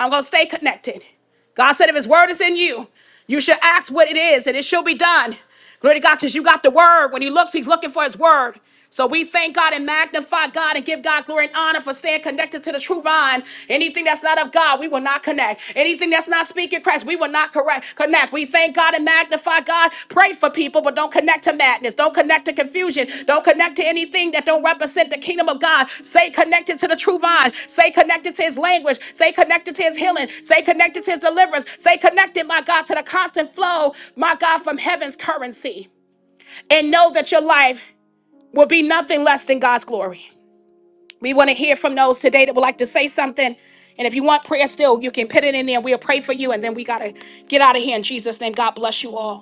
S1: I'm going to stay connected. God said, if His word is in you, you should ask what it is, and it shall be done. Glory to God, because you got the word. When He looks, He's looking for His word. So we thank God and magnify God and give God glory and honor for staying connected to the true vine. Anything that's not of God, we will not connect. Anything that's not speaking Christ, we will not correct, connect. We thank God and magnify God. Pray for people, but don't connect to madness. Don't connect to confusion. Don't connect to anything that don't represent the kingdom of God. Stay connected to the true vine. Stay connected to his language. Stay connected to his healing. Stay connected to his deliverance. Stay connected, my God, to the constant flow, my God, from heaven's currency. And know that your life will be nothing less than God's glory. We want to hear from those today that would like to say something. And if you want prayer still, you can put it in there. We'll pray for you. And then we got to get out of here in Jesus' name. God bless you all.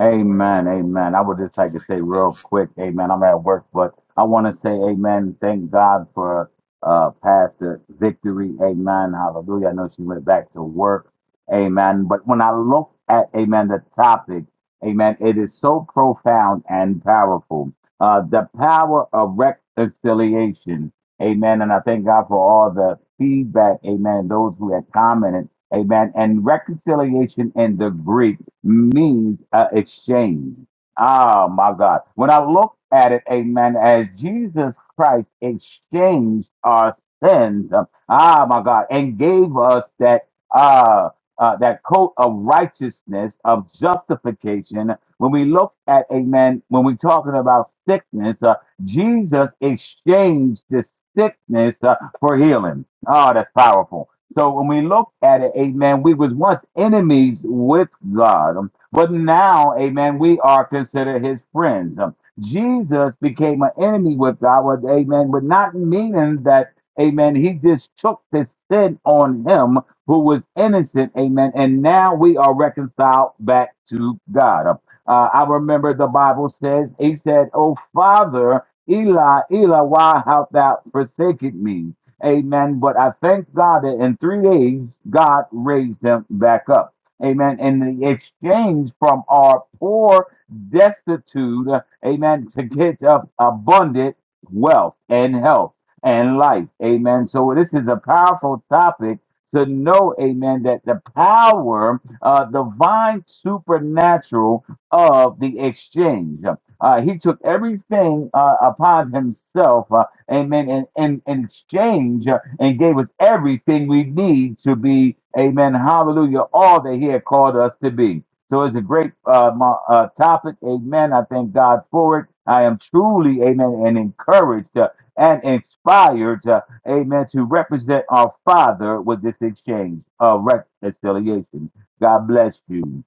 S5: Amen, amen. I would just like to say real quick, amen. I'm at work, but I want to say amen. Thank God for uh Pastor Victory, amen. Hallelujah. I know she went back to work, amen. But when I look at, amen, the topic, amen, it is so profound and powerful. Uh, the power of reconciliation, amen. And I thank God for all the feedback, amen. Those who had commented Amen. And reconciliation in the Greek means uh, exchange. Oh my God. When I look at it, amen, as Jesus Christ exchanged our sins, um, ah my God, and gave us that uh, uh that coat of righteousness of justification. When we look at, amen, when we're talking about sickness, uh, Jesus exchanged the sickness uh, for healing. Oh, that's powerful. So when we look at it, amen, we was once enemies with God, um, but now, amen, we are considered his friends. Um, Jesus became an enemy with God, with, amen, but not meaning that, amen, he just took the sin on him who was innocent, amen, and now we are reconciled back to God. Um, uh, I remember the Bible says, He said, Oh, Father, Eli, Eli, why hast thou forsaken me? Amen. But I thank God that in three days, God raised him back up. Amen. In the exchange from our poor destitute, uh, amen, to get up abundant wealth and health and life. Amen. So this is a powerful topic to know, amen, that the power, uh, divine supernatural of the exchange. Uh, he took everything uh, upon himself, uh, amen, in, in, in exchange uh, and gave us everything we need to be, amen, hallelujah, all that he had called us to be. So it's a great uh, mo- uh, topic, amen. I thank God for it. I am truly, amen, and encouraged uh, and inspired, uh, amen, to represent our Father with this exchange of reconciliation. God bless you.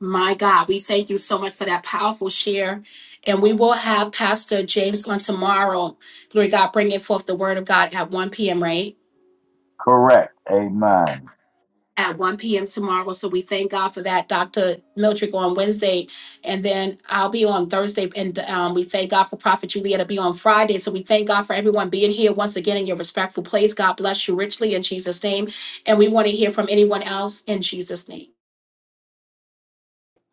S1: My God, we thank you so much for that powerful share. And we will have Pastor James on tomorrow. Glory to God, bringing forth the word of God at 1 p.m., right?
S5: Correct, amen.
S1: At 1 p.m. tomorrow. So we thank God for that. Dr. Miltrick on Wednesday. And then I'll be on Thursday. And um, we thank God for Prophet Julia to be on Friday. So we thank God for everyone being here once again in your respectful place. God bless you richly in Jesus' name. And we want to hear from anyone else in Jesus' name.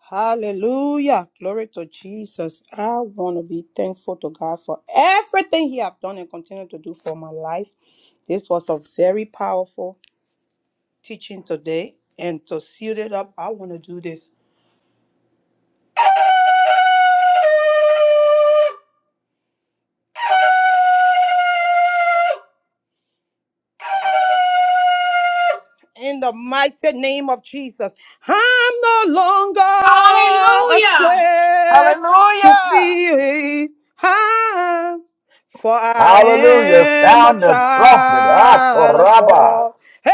S3: Hallelujah. Glory to Jesus. I want to be thankful to God for everything he have done and continue to do for my life. This was a very powerful teaching today and to seal it up, I want to do this in the mighty name of Jesus. I'm no longer a
S1: Hallelujah.
S3: slave to
S4: Hallelujah.
S3: fear. I'm for I
S5: Hallelujah.
S3: am a
S5: Sound the trumpet.
S3: child of
S5: Atoraba.
S3: God. Hey,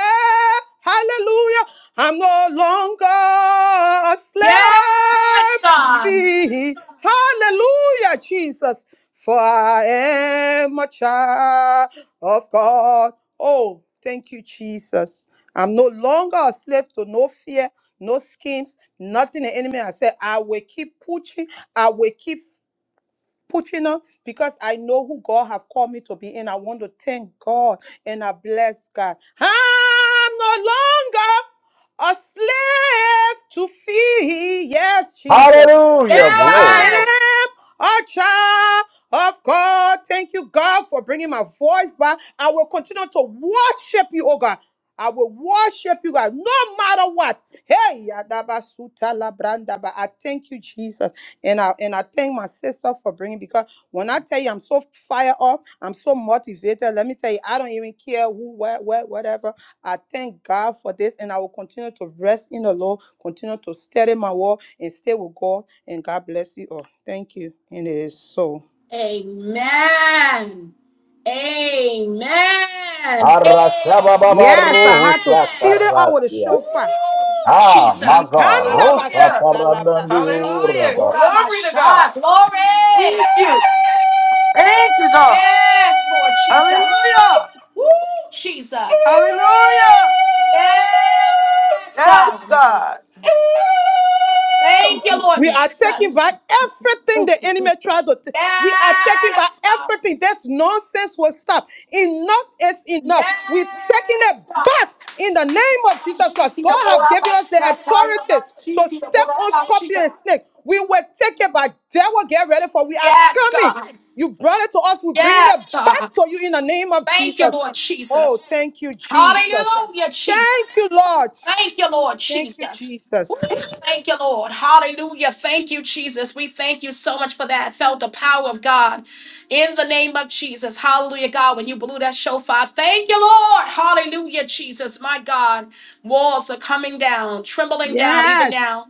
S3: hallelujah. I'm no longer a
S1: Yes,
S3: slave to
S1: God.
S3: fear. Hallelujah, Jesus. For I am a child of God. Oh, thank you, Jesus. I'm no longer a slave to no fear, no schemes, nothing the enemy has said. I will keep pushing. I will keep pushing on because I know who God have called me to be. And I want to thank God and I bless God. I'm no longer a slave to fear. Yes, Jesus.
S5: Hallelujah.
S3: For
S5: Glory.
S1: Yes.
S3: I am a child of God. Thank you, God, for bringing my voice back. I will continue to worship you, oh God. I will worship you, God, no matter what. Hey, Yadaba Suta Labranda, but I thank you, Jesus, and I and I thank my sister for bringing because when I tell you I'm so fired up, I'm so motivated. Let me tell you, I don't even care who, where, where, whatever. I thank God for this, and I will continue to rest in the Lord, continue to steady my walk and stay with God. And God bless you all. Thank you. And it is so.
S1: Amen. Amen. Amen.
S3: Yes, I
S5: Arashabababaruhu
S3: had to seal it all with a
S5: sakarasia.
S1: Woo,
S3: shofar.
S5: Ah, my
S1: Jesus.
S5: God.
S3: Likanda
S5: Rosa
S4: Hallelujah.
S3: basuta labra
S4: Hallelujah.
S3: soka.
S5: parandandiuraba.
S4: Glory to
S1: Ramasha.
S4: God.
S1: Glory.
S4: Thank you. Thank you, God.
S1: Yes, Lord Jesus.
S4: Hallelujah.
S1: Woo, Jesus.
S4: Hallelujah.
S1: Yes,
S4: Yes,
S1: God.
S4: God. Thank
S1: Thank
S4: you,
S1: you, Lord
S3: We are
S4: Jesus.
S3: taking
S4: Thank
S1: Jesus.
S3: back
S4: you. Jesus.
S3: everything
S4: Thank
S3: the
S4: you,
S3: enemy
S4: Jesus.
S3: tried to. take. we are taking back
S1: Yes, God.
S3: everything. This nonsense will stop. Enough is enough. We're taking
S1: Yes,
S3: it
S1: God.
S3: back in the name of Jesus Christ. God has given us the authority to step on scorpion and snake. We will take it back. Devil, get ready for. We are
S1: Yes,
S3: coming.
S1: God.
S3: You brought it to us. We're bringing it
S1: Yes, God.
S3: back to you in the name of
S1: Thank you,
S3: Jesus.
S1: Lord
S3: Oh,
S1: Jesus.
S3: thank you, Jesus.
S1: Hallelujah,
S3: Thank
S1: Jesus.
S3: you, Lord.
S1: Thank you, Lord
S3: Thank you,
S1: Jesus. Woo,
S3: Jesus.
S1: Thank you, Lord. Hallelujah. Thank you, Jesus. We thank you so much for that. Felt the power of God in the name of Jesus. Hallelujah, God. When you blew that shofar, thank you, Lord. Hallelujah, Jesus. My God, walls are coming down, trembling down even
S3: Yes.
S1: now.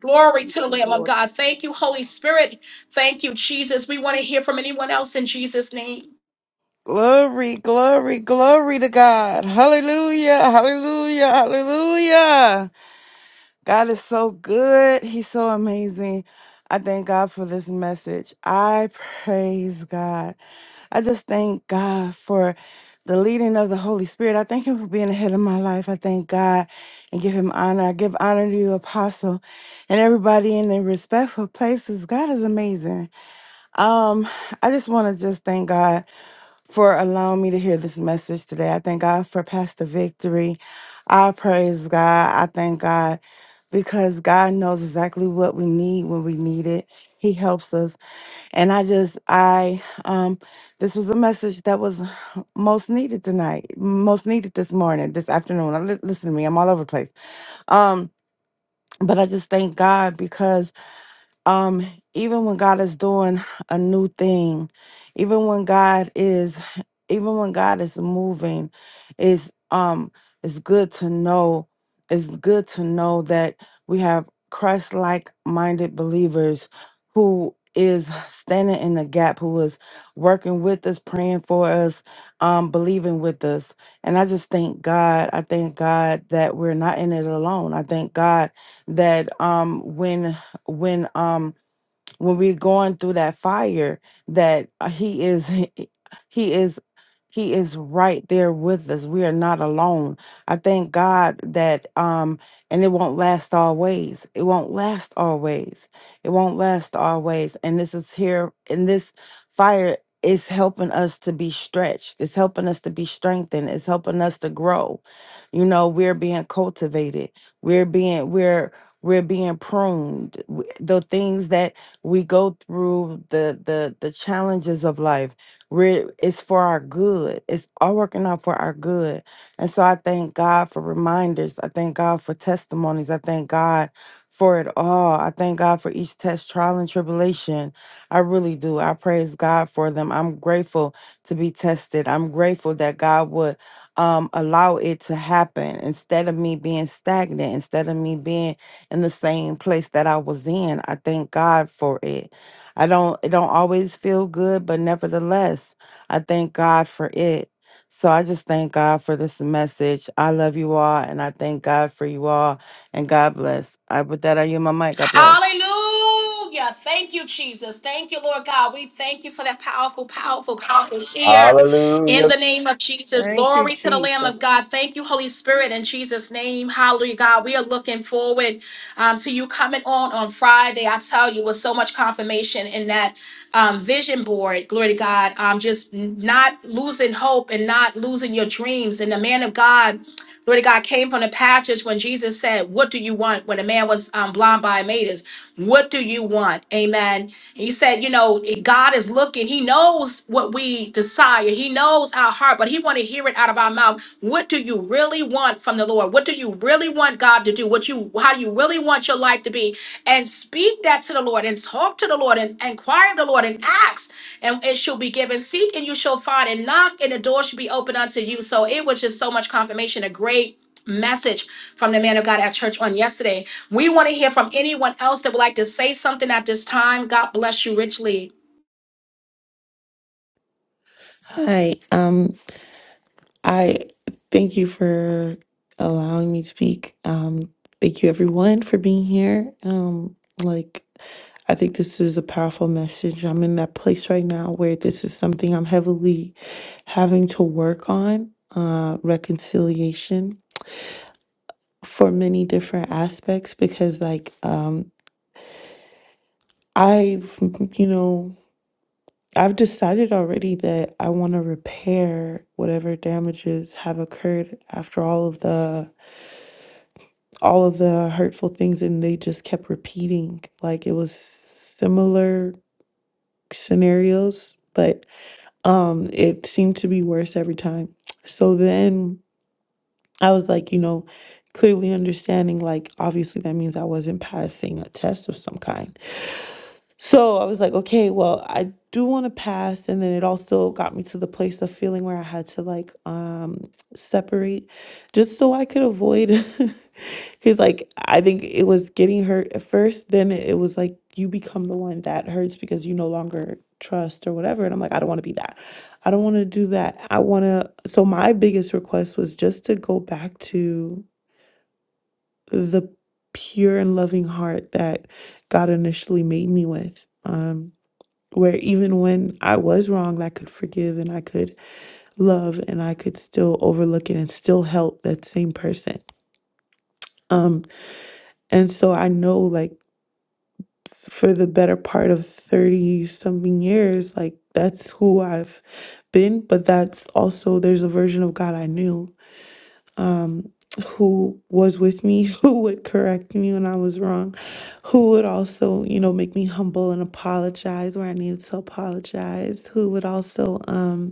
S1: Glory
S3: Thank
S1: to the
S3: you,
S1: Lamb of
S3: Lord.
S1: God. Thank you, Holy Spirit. Thank you, Jesus. We want to hear from anyone else in Jesus' name.
S4: Glory, glory, glory to God. Hallelujah, hallelujah, hallelujah. God is so good. He's so amazing. I thank God for this message. I praise God. I just thank God for the leading of the Holy Spirit. I thank Him for being ahead of my life. I thank God and give Him honor. I give honor to you, Apostle, and everybody in their respectful places. God is amazing. Um, I just want to just thank God for allowing me to hear this message today. I thank God for Pastor Victory. I praise God. I thank God because God knows exactly what we need when we need it. He helps us. And I just, I, um, this was a message that was most needed tonight, most needed this morning, this afternoon. li- Listen to me, I'm all over the place. Um, but I just thank God because um even when god is doing a new thing even when god is even when god is moving it's um it's good to know it's good to know that we have christ like minded believers who is standing in the gap who is working with us praying for us um believing with us and i just thank god i thank god that we're not in it alone i thank god that um when when um when we're going through that fire that uh, he is he is he is right there with us we are not alone i thank god that um and it won't last always it won't last always it won't last always and this is here and this fire is helping us to be stretched it's helping us to be strengthened it's helping us to grow you know we're being cultivated we're being we're we're being pruned W- the things that we go through the the the challenges of life where it's for our good it's all working out for our good and so i thank god for reminders i thank god for testimonies i thank god for it all i thank god for each test trial and tribulation i really do i praise god for them i'm grateful to be tested i'm grateful that god would um, allow it to happen instead of me being stagnant instead of me being in the same place that I was in. I thank God for it. I don't it don't always feel good, but nevertheless, I thank God for it. So I just thank God for this message. I love you all and I thank God for you all and God bless. I with that I yield my mic. God bless.
S1: Hallelujah. Thank you, Jesus. Thank you, Lord God. We thank you for that powerful, powerful, powerful share
S5: Hallelujah.
S1: in the name of Jesus.
S3: Thank you,
S1: Glory to the Lamb of
S3: Jesus.
S1: God. Thank you, Holy Spirit, in Jesus' name. Hallelujah, God. We are looking forward um, to you coming on on Friday. I tell you, with so much confirmation in that um, vision board. Glory to God. Um, just not losing hope and not losing your dreams. And the man of God. Glory to God came from the passage when Jesus said, What do you want? When a man was um, blind by Emmaus, what do you want? Amen. And He said, You know, God is looking. He knows what we desire, He knows our heart, but He want to hear it out of our mouth. What do you really want? from the Lord. What do you really want God to do? What you how you really want your life to be? And speak that to the Lord and talk to the Lord and and inquire of the Lord and ask, and it shall be given. Seek and you shall find, and knock, and the door shall be opened unto you. So it was just so much confirmation, a great message from the man of God at church on yesterday. We want to hear from anyone else that would like to say something at this time. God bless you richly.
S6: Hi, um, I thank you for allowing me to speak. Um, thank you everyone for being here. Um, like, I think this is a powerful message. I'm in that place right now where this is something I'm heavily having to work on, uh, reconciliation for many different aspects because, like, um, I've, you know. I've decided already that I want to repair whatever damages have occurred after all of the all of the hurtful things and they just kept repeating like it was similar scenarios but um it seemed to be worse every time. So then I was like, you know, clearly understanding like obviously that means I wasn't passing a test of some kind. So I was like, okay, well, I do want to pass. And then it also got me to the place of feeling where I had to like um separate just so I could avoid because like I think it was getting hurt at first, then it was like you become the one that hurts because you no longer trust or whatever. And I'm like, I don't want to be that. I don't want to do that. I wanna so my biggest request was just to go back to the pure and loving heart that God initially made me with. Um where even when I was wrong, I could forgive and I could love and I could still overlook it and still help that same person. Um, and so I know like for the better part of 30 something years, like that's who I've been, but that's also there's a version of God I knew. Um who was with me, who would correct me when I was wrong, who would also, you know, make me humble and apologize where I needed to apologize, who would also um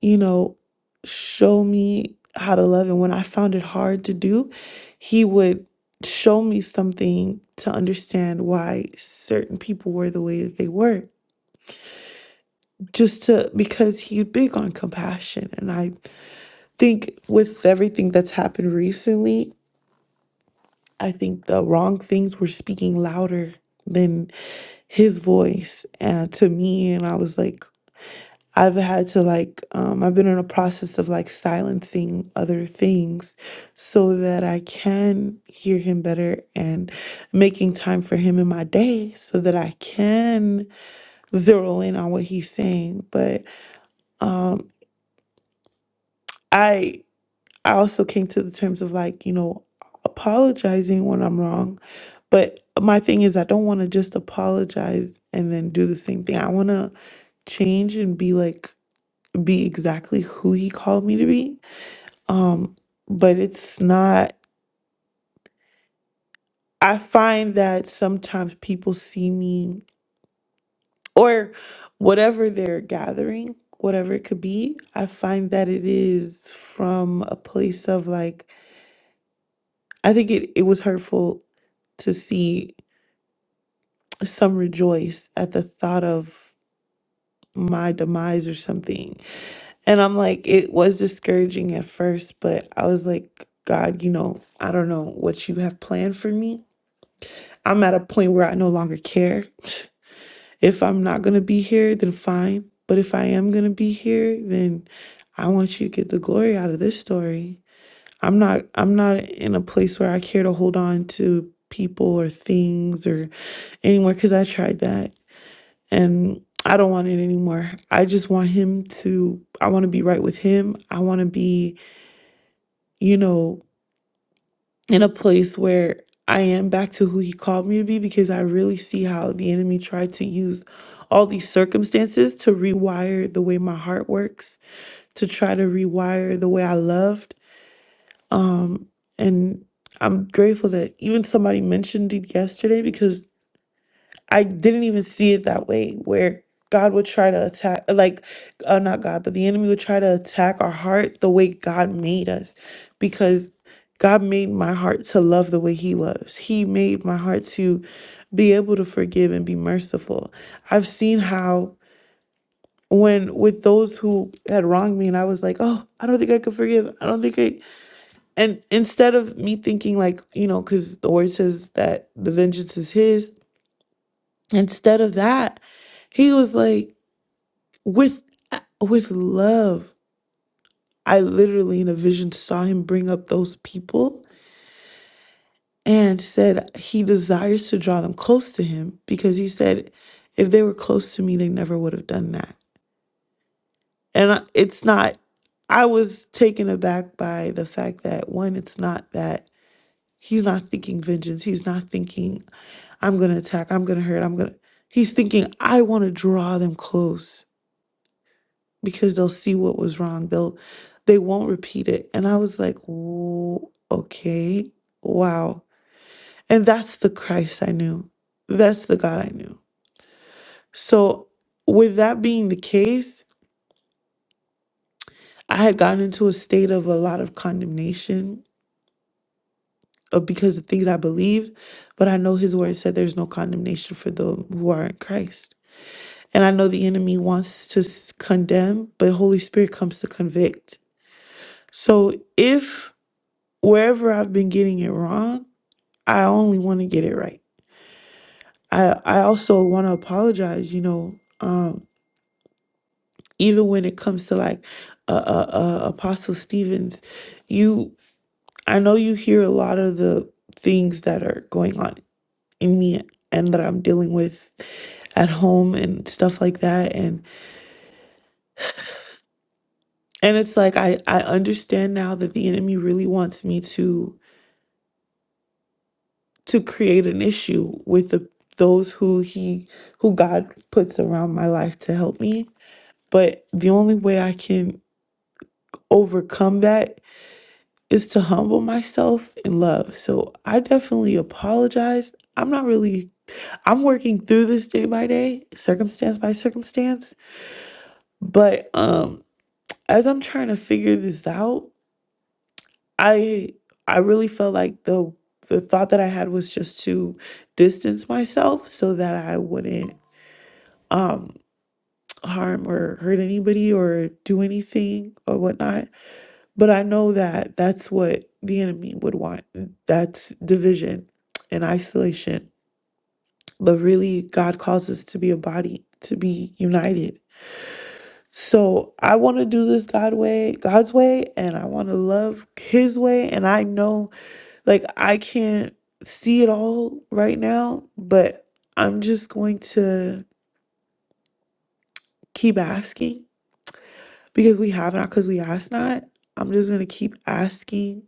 S6: you know, show me how to love. And when I found it hard to do, he would show me something to understand why certain people were the way that they were. Just to, because he's big on compassion. And I think with everything that's happened recently, I think the wrong things were speaking louder than his voice and to me. And I was like, I've had to like, um, I've been in a process of like silencing other things so that I can hear him better and making time for him in my day so that I can zero in on what he's saying. But um, I, I also came to the terms of like, you know, apologizing when I'm wrong. But my thing is, I don't want to just apologize and then do the same thing. I want to change and be like, be exactly who he called me to be Um, but it's not, I find that sometimes people see me or whatever they're gathering, whatever it could be, I find that it is from a place of like, I think it, it was hurtful to see some rejoice at the thought of my demise or something. And I'm like, it was discouraging at first, but I was like, God, you know, I don't know what you have planned for me. I'm at a point where I no longer care. If I'm not going to be here, then fine. But if I am going to be here, then I want you to get the glory out of this story. I'm not I'm not in a place where I care to hold on to people or things or anymore cuz I tried that and I don't want it anymore. I just want him to I want to be right with him. I want to be, you know, in a place where I am back to who he called me to be because I really see how the enemy tried to use all these circumstances to rewire the way my heart works, to try to rewire the way I loved. Um, and I'm grateful that even somebody mentioned it yesterday because I didn't even see it that way, where God would try to attack, like, uh, not God, but the enemy would try to attack our heart the way God made us. Because God made my heart to love the way He loves. He made my heart to be able to forgive and be merciful. I've seen how, when with those who had wronged me, and I was like, oh, I don't think I could forgive. I don't think I. And instead of me thinking, like, you know, because the word says that the vengeance is His, Instead of that, he was like, with uh, with love. I literally in a vision saw him bring up those people and said he desires to draw them close to him because he said if they were close to me, they never would have done that. And I- it's not I was taken aback by the fact that one, it's not that he's not thinking vengeance. He's not thinking I'm gonna attack, I'm gonna hurt, I'm gonna he's thinking I wanna draw them close. because they'll see what was wrong. They'll they won't repeat it. And I was like, "Whoa, okay, wow. And that's the Christ I knew. That's the God I knew. So with that being the case, I had gotten into a state of a lot of condemnation uh, because of things I believed, but I know his word said there's no condemnation for those who are in Christ. And I know the enemy wants to s- condemn, but Holy Spirit comes to convict. So if wherever I've been getting it wrong, I only want to get it right. I I also want to apologize, you know, um, even when it comes to like uh, uh, uh, Apostle Stevens, you I know you hear a lot of the things that are going on in me and that I'm dealing with at home and stuff like that and and it's like I I understand now that the enemy really wants me to to create an issue with the those who he who God puts around my life to help me. But the only way I can overcome that is to humble myself in love. So I definitely apologize. I'm not really I'm working through this day by day, circumstance by circumstance, but um as I'm trying to figure this out, I I really felt like the the thought that I had was just to distance myself so that I wouldn't um, harm or hurt anybody or do anything or whatnot. But I know that that's what the enemy would want. That's division and isolation. But really, God calls us to be a body, to be united. So I want to do this God way, God's way, and I want to love His way. And I know, like, I can't see it all right now, but I'm just going to keep asking because we have not because we ask not i'm just going to keep asking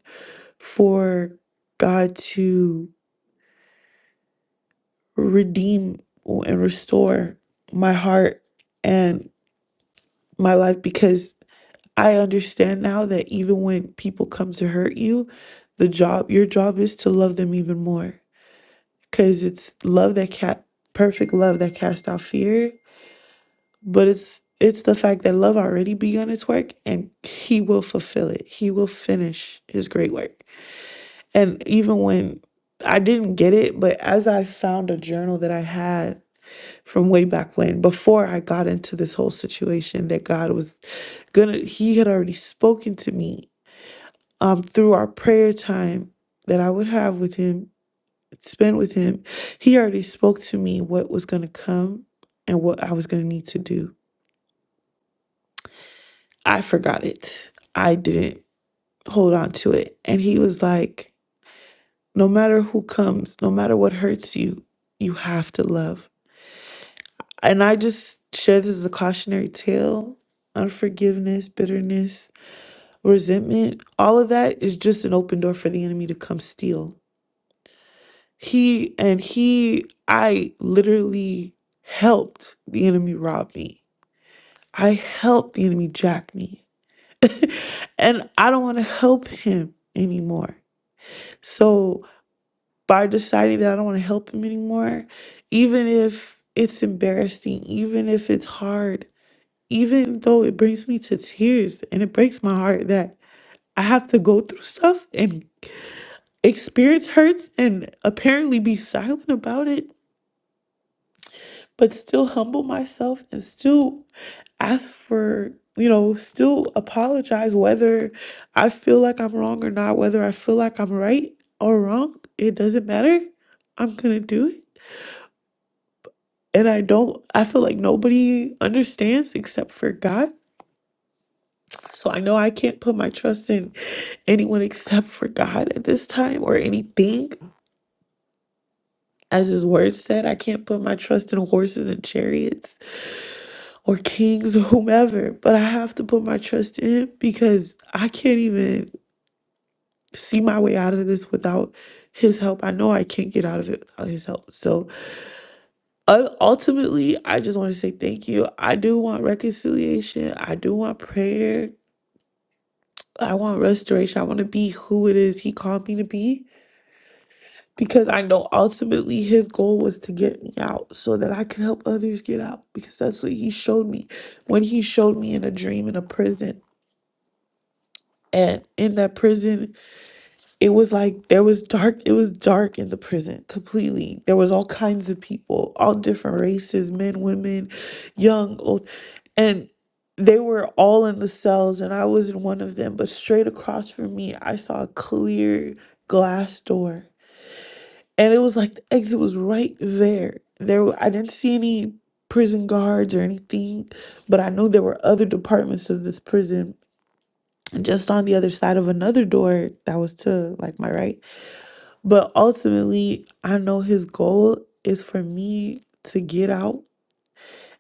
S6: for god to redeem and restore my heart and my life because i understand now that even when people come to hurt you the job your job is to love them even more because it's love that cat perfect love that casts out fear but it's it's the fact that love already begun its work and he will fulfill it he will finish his great work And even when I didn't get it, but as I found a journal that I had from way back when, before I got into this whole situation, that God was gonna, He had already spoken to me um, through our prayer time that I would have with Him, spend with Him. He already spoke to me what was gonna come and what I was gonna need to do. I forgot it. I didn't hold on to it. And He was like, no matter who comes, no matter what hurts you, you have to love And I just share this as a cautionary tale. Unforgiveness, bitterness, resentment, all of that is just an open door for the enemy to come steal. He and he, I literally helped the enemy rob me. I helped the enemy jack me. And I don't want to help him anymore. So by deciding that I don't want to help him anymore, even if it's embarrassing, even if it's hard, even though it brings me to tears and it breaks my heart that I have to go through stuff and experience hurts and apparently be silent about it, but still humble myself and still ask for, you know, still apologize whether I feel like I'm wrong or not, whether I feel like I'm right or wrong, it doesn't matter. I'm going to do it. And I don't, I feel like nobody understands except for God So I know I can't put my trust in anyone except for God at this time or anything. As his word said, I can't put my trust in horses and chariots or kings or whomever, but I have to put my trust in him because I can't even see my way out of this without his help. I know I can't get out of it without his help. So uh, ultimately, I just want to say thank you. I do want reconciliation, I do want prayer, I want restoration, I want to be who it is he called me to be. because I know ultimately his goal was to get me out so that I could help others get out because that's what he showed me when he showed me in a dream in a prison. And in that prison, it was like there was dark, it was dark in the prison completely. There was all kinds of people, all different races, men, women, young, old. And they were all in the cells and I was in one of them, but straight across from me, I saw a clear glass door And it was like the exit was right there. There, were- I didn't see any prison guards or anything, but I know there were other departments of this prison just on the other side of another door that was to like my right. But ultimately, I know his goal is for me to get out.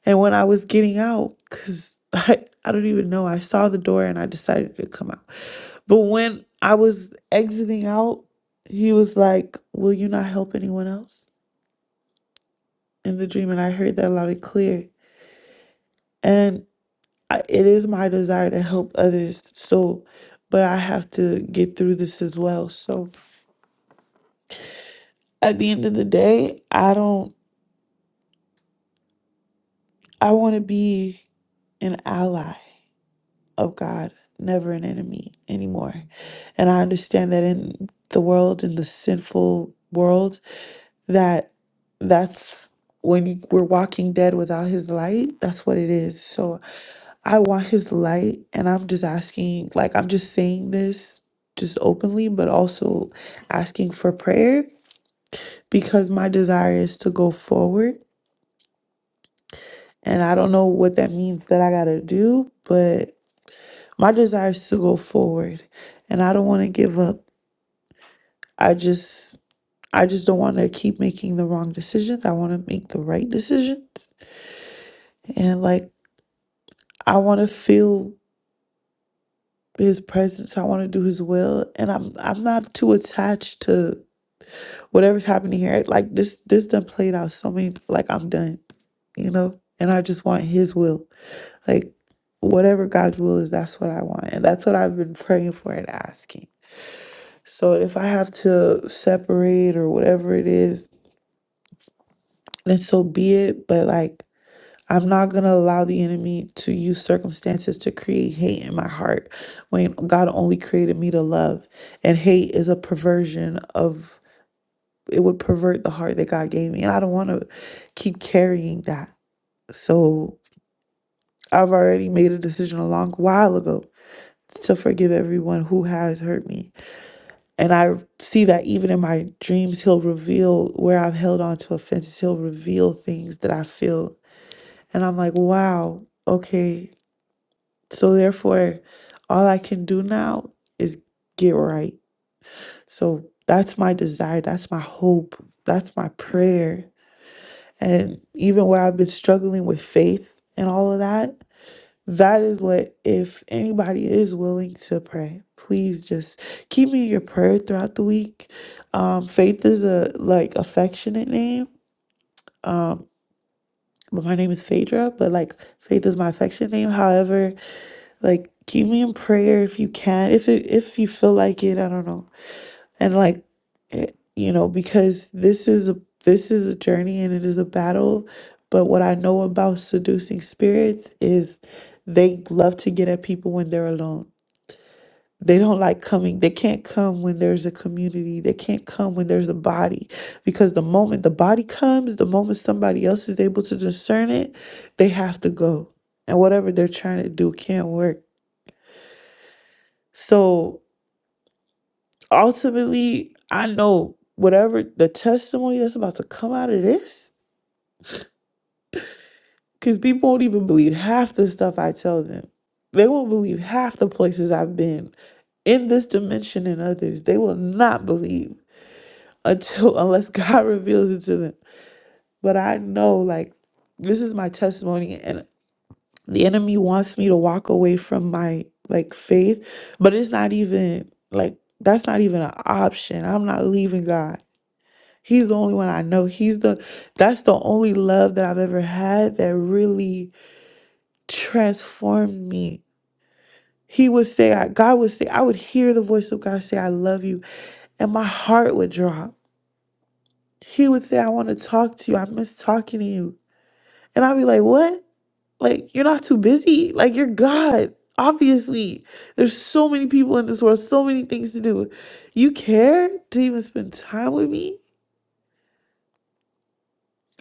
S6: And when I was getting out, because I, I don't even know, I saw the door and I decided to come out. But when I was exiting out, he was like, Will you not help anyone else? in the dream, and I heard that loud and clear. And I, it is my desire to help others. So, but I have to get through this as well. So, at the end of the day, I don't, I want to be an ally of God, never an enemy anymore. And I understand that in the world, in the sinful world, that that's when we're walking dead without his light, that's what it is. So, I want his light, and I'm just asking, like, I'm just saying this just openly, but also asking for prayer because my desire is to go forward. And I don't know what that means that I gotta do, but my desire is to go forward, and I don't wanna give up. I just. I just don't want to keep making the wrong decisions. I want to make the right decisions. And like I want to feel his presence. I want to do his will and I'm I'm not too attached to Whatever's happening here, like this, this done played out so many. Like I'm done, you know. And I just want His will, like whatever God's will is, that's what I want, and that's what I've been praying for and asking. So if I have to separate or whatever it is, then so be it. But like. I'm not going to allow the enemy to use circumstances to create hate in my heart when God only created me to love. And hate is a perversion of it would pervert the heart that God gave me. And I don't want to keep carrying that. So I've already made a decision a long while ago to forgive everyone who has hurt me. And I see that even in my dreams, He'll reveal where I've held on to offenses. He'll reveal things that I feel. And I'm like, wow, okay. So therefore, all I can do now is get right. So that's my desire. That's my hope. That's my prayer And even where I've been struggling with faith and all of that, that is what, if anybody is willing to pray, please just keep me in your prayer throughout the week. Um, faith is a like affectionate name. Um, but my name is Phaedra, but like faith is my affectionate name. However, like keep me in prayer if you can. If it if you feel like it, I don't know and like it- you know because this is a this is a journey and it is a battle but what i know about seducing spirits is they love to get at people when they're alone they don't like coming they can't come when there's a community they can't come when there's a body because the moment the body comes the moment somebody else is able to discern it they have to go and whatever they're trying to do can't work so ultimately, I know whatever the testimony that's about to come out of this, because people won't even believe half the stuff I tell them. They won't believe half the places I've been in this dimension and others. They will not believe until unless God reveals it to them. But I know like this is my testimony and the enemy wants me to walk away from my like faith, but it's not even like that's not even an option. I'm not leaving God. He's the only one I know. He's the that's the only love that I've ever had that really transformed me. He would say, I, God would say, I would hear the voice of God say, I love you, and my heart would drop. He would say, I want to talk to you. I miss talking to you. And I'd be like, What? Like, you're not too busy. Like, you're God. Obviously, there's so many people in this world, so many things to do. You care to even spend time with me?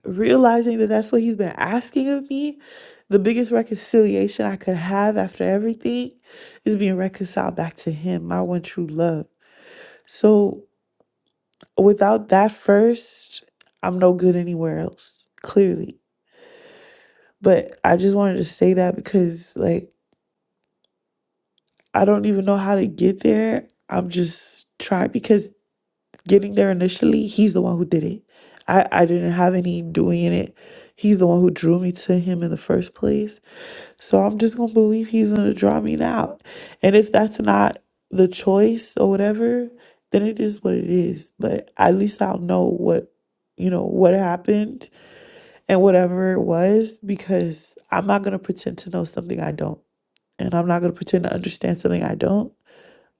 S6: realizing that that's what he's been asking of me, the biggest reconciliation I could have after everything is being reconciled back to him, my one true love. So without that first, I'm no good anywhere else, clearly. But I just wanted to say that because, like, I don't even know how to get there. I'm just trying because getting there initially, he's the one who did it. I, I didn't have any doing in it. He's the one who drew me to him in the first place. So I'm just gonna believe he's gonna draw me out. And if that's not the choice or whatever, then it is what it is. But at least I'll know what you know what happened and whatever it was because I'm not gonna pretend to know something I don't. And I'm not gonna pretend to understand something I don't.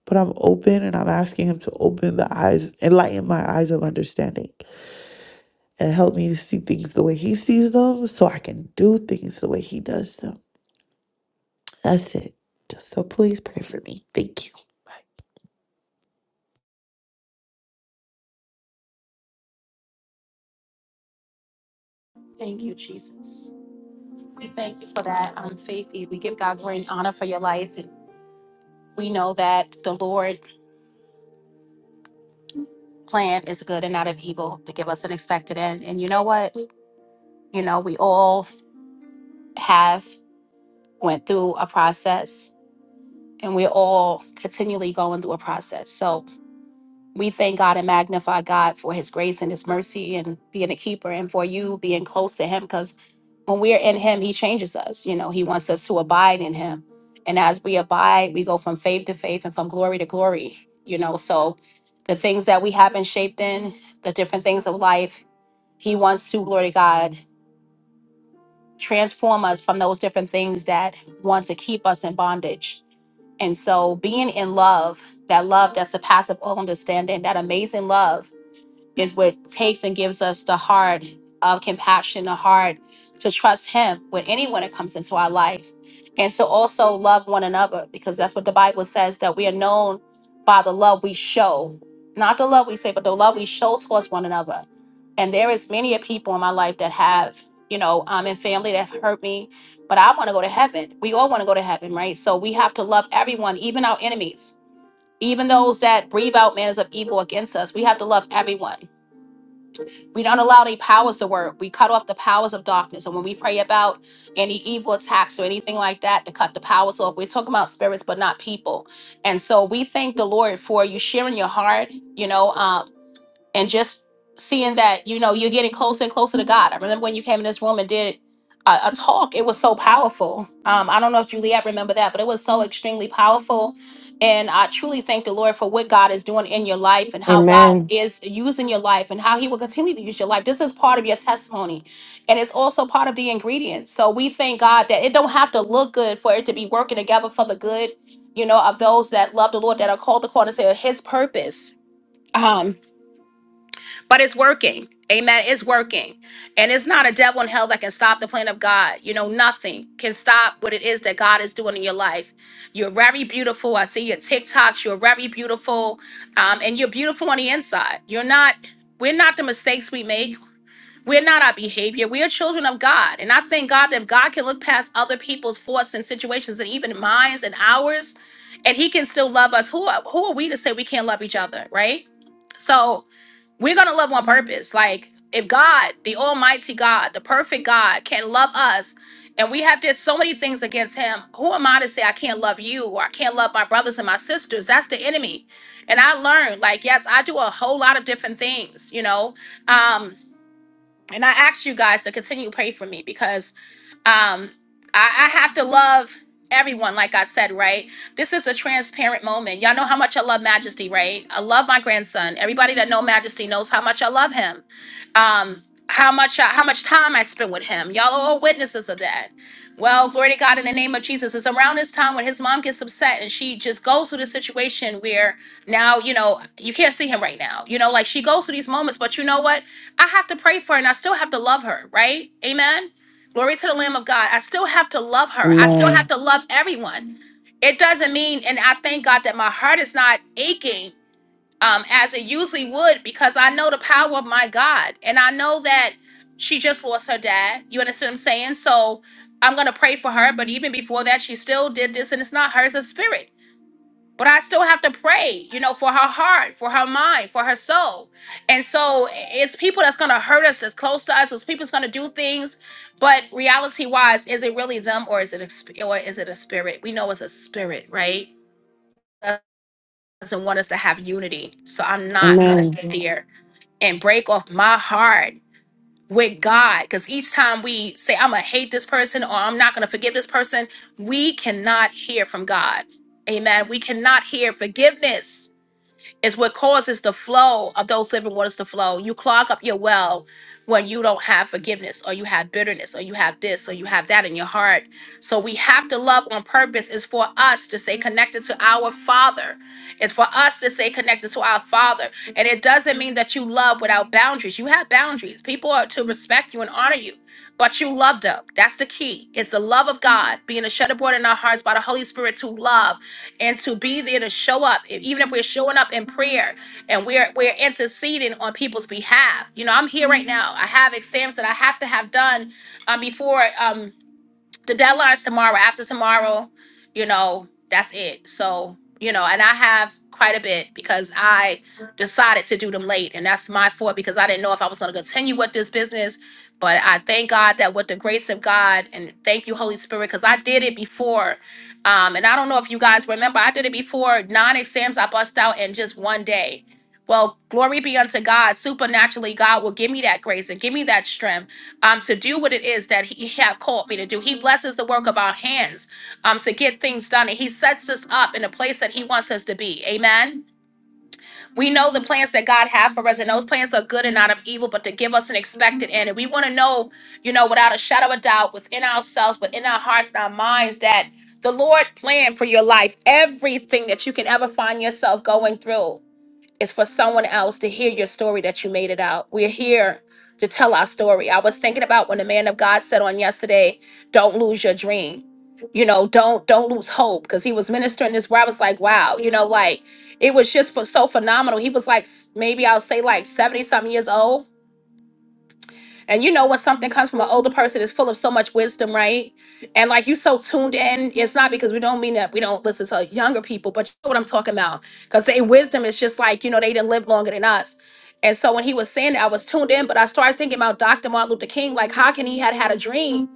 S6: But I'm open and I'm asking him to open the eyes, enlighten my eyes of understanding and help me to see things the way he sees them so I can do things the way he does them. That's it. Just so please pray for me. Thank you. Bye.
S1: Thank you, Jesus. We thank you for that, um, Faithy. We give God great honor for your life. And we know that the Lord plan is good and not of evil to give us an expected end. And you know what? You know, we all have went through a process and we're all continually going through a process. So we thank God and magnify God for his grace and his mercy and being a keeper and for you being close to him because when we're in him, he changes us. You know, he wants us to abide in him. And as we abide, we go from faith to faith and from glory to glory, you know. So the things that we have been shaped in, the different things of life, He wants to, glory to God, transform us from those different things that want to keep us in bondage. And so, being in love, that love that surpasses all understanding, that amazing love is what takes and gives us the heart of compassion, the heart to trust Him with anyone that comes into our life, and to also love one another because that's what the Bible says that we are known by the love we show, not the love we say, but the love we show towards one another. And there is many a people in my life that have, you know, um, in family that have hurt me, but I want to go to heaven. We all want to go to heaven, right? So we have to love everyone, even our enemies, even those that breathe out manners of evil against us. We have to love everyone we don't allow any powers to work. We cut off the powers of darkness. And when we pray about any evil attacks or anything like that to cut the powers off, we're talking about spirits, but not people. And so we thank the Lord for you sharing your heart. You know, uh, and just seeing that you know you're getting closer and closer to god i remember when you came in this room and did a, a talk it was so powerful um, i don't know if juliet remember that but it was so extremely powerful and i truly thank the lord for what god is doing in your life and how god
S4: Amen.
S1: is using your life and how he will continue to use your life this is part of your testimony and it's also part of the ingredients so we thank god that it don't have to look good for it to be working together for the good you know of those that love the lord that are called according to his purpose Um, but it's working. Amen. It's working. And it's not a devil in hell that can stop the plan of God. You know, nothing can stop what it is that God is doing in your life. You're very beautiful. I see your TikToks. You're very beautiful. Um, and you're beautiful on the inside. You're not, we're not the mistakes we make. We're not our behavior. We are children of God. And I thank God that God can look past other people's faults and situations and even minds and ours, and He can still love us. Who are, who are we to say we can't love each other, right? So we're going to love on purpose. Like, if God, the Almighty God, the perfect God, can love us, and we have did so many things against Him, who am I to say I can't love you or I can't love my brothers and my sisters? That's the enemy. And I learned, like, yes, I do a whole lot of different things, you know. Um, and I ask you guys to continue to pray for me because um, I, I have to love everyone, like I said, right? This is a transparent moment. Y'all know how much I love Majesty, right? I love my grandson. Everybody that know Majesty knows how much I love him. Um, how much I, how much time I spend with him. Y'all are all witnesses of that. Well, glory to God in the name of Jesus. It's around this time when his mom gets upset and she just goes through this situation where now, you know, you can't see him right now. You know, like she goes through these moments, but you know what? I have to pray for her and I still have to love her, right? Amen. Glory to the Lamb of God. I still have to love her. I still have
S4: Amen.
S1: to love everyone. It doesn't mean, and I thank God that my heart is not aching um, as it usually would because I know the power of my God. And I know that she just lost her dad. You understand what I'm saying? So I'm going to pray for her. But even before that, she still did this, and it's not her, it's a spirit but I still have to pray, you know, for her heart, for her mind, for her soul. And so it's people that's going to hurt us, that's close to us, it's people that's going to do things. But reality wise, is it really them or is it a, sp- or is it a spirit? We know it's a spirit, right? Doesn't want us to have unity. So I'm not going to
S4: Amen.
S1: sit there and break off my heart with God because each time we say, I'm going to hate this person or I'm not going to forgive this person, we cannot hear from God. Amen. We cannot hear forgiveness it's what causes the flow of those living waters to flow. You clog up your well when you don't have forgiveness or you have bitterness or you have this or you have that in your heart. So we have to love on purpose. It's for us to stay connected to our Father. It's for us to stay connected to our Father. And it doesn't mean that you love without boundaries. You have boundaries. People are to respect you and honor you. But you loved up. That's the key. It's the love of God being a shutterboard in our hearts by the Holy Spirit to love and to be there to show up If- even if we're showing up in prayer and we're we're interceding on people's behalf you know i'm here right now i have exams that i have to have done uh, before um, the deadline's tomorrow. After tomorrow, you know, that's it. So, you know, and I have quite a bit because I decided to do them late. And that's my fault because I didn't know if I was going to continue with this business. But I thank God that with the grace of God and thank you, Holy Spirit, because I did it before. Um, and I don't know if you guys remember, I did it before nine exams I bust out in just one day. Well, glory be unto God. Supernaturally, God will give me that grace and give me that strength um, to do what it is that he have called me to do. He blesses the work of our hands um, to get things done, and he sets us up in a place that he wants us to be. Amen. We know the plans that God have for us, and those plans are good and not of evil, but to give us an expected end. And we want to know, you know, without a shadow of a doubt, within ourselves, within our hearts and our minds, that the Lord planned for your life everything that you can ever find yourself going through. It's for someone else to hear your story that you made it out. We're here to tell our story. I was thinking about when the man of God said on yesterday, don't lose your dream. You know, don't don't lose hope because he was ministering this where I was like, wow, you know, like it was just for so phenomenal. He was like s- maybe I'll say like 70 something years old and you know when something comes from an older person it's full of so much wisdom, right? And like you so tuned in, it's not because we don't mean that we don't listen to younger people, but you know what I'm talking about. Because their wisdom is just like, you know, they didn't live longer than us. And so when he was saying that, I was tuned in, but I started thinking about Dr. Martin Luther King, like how can he had had a dream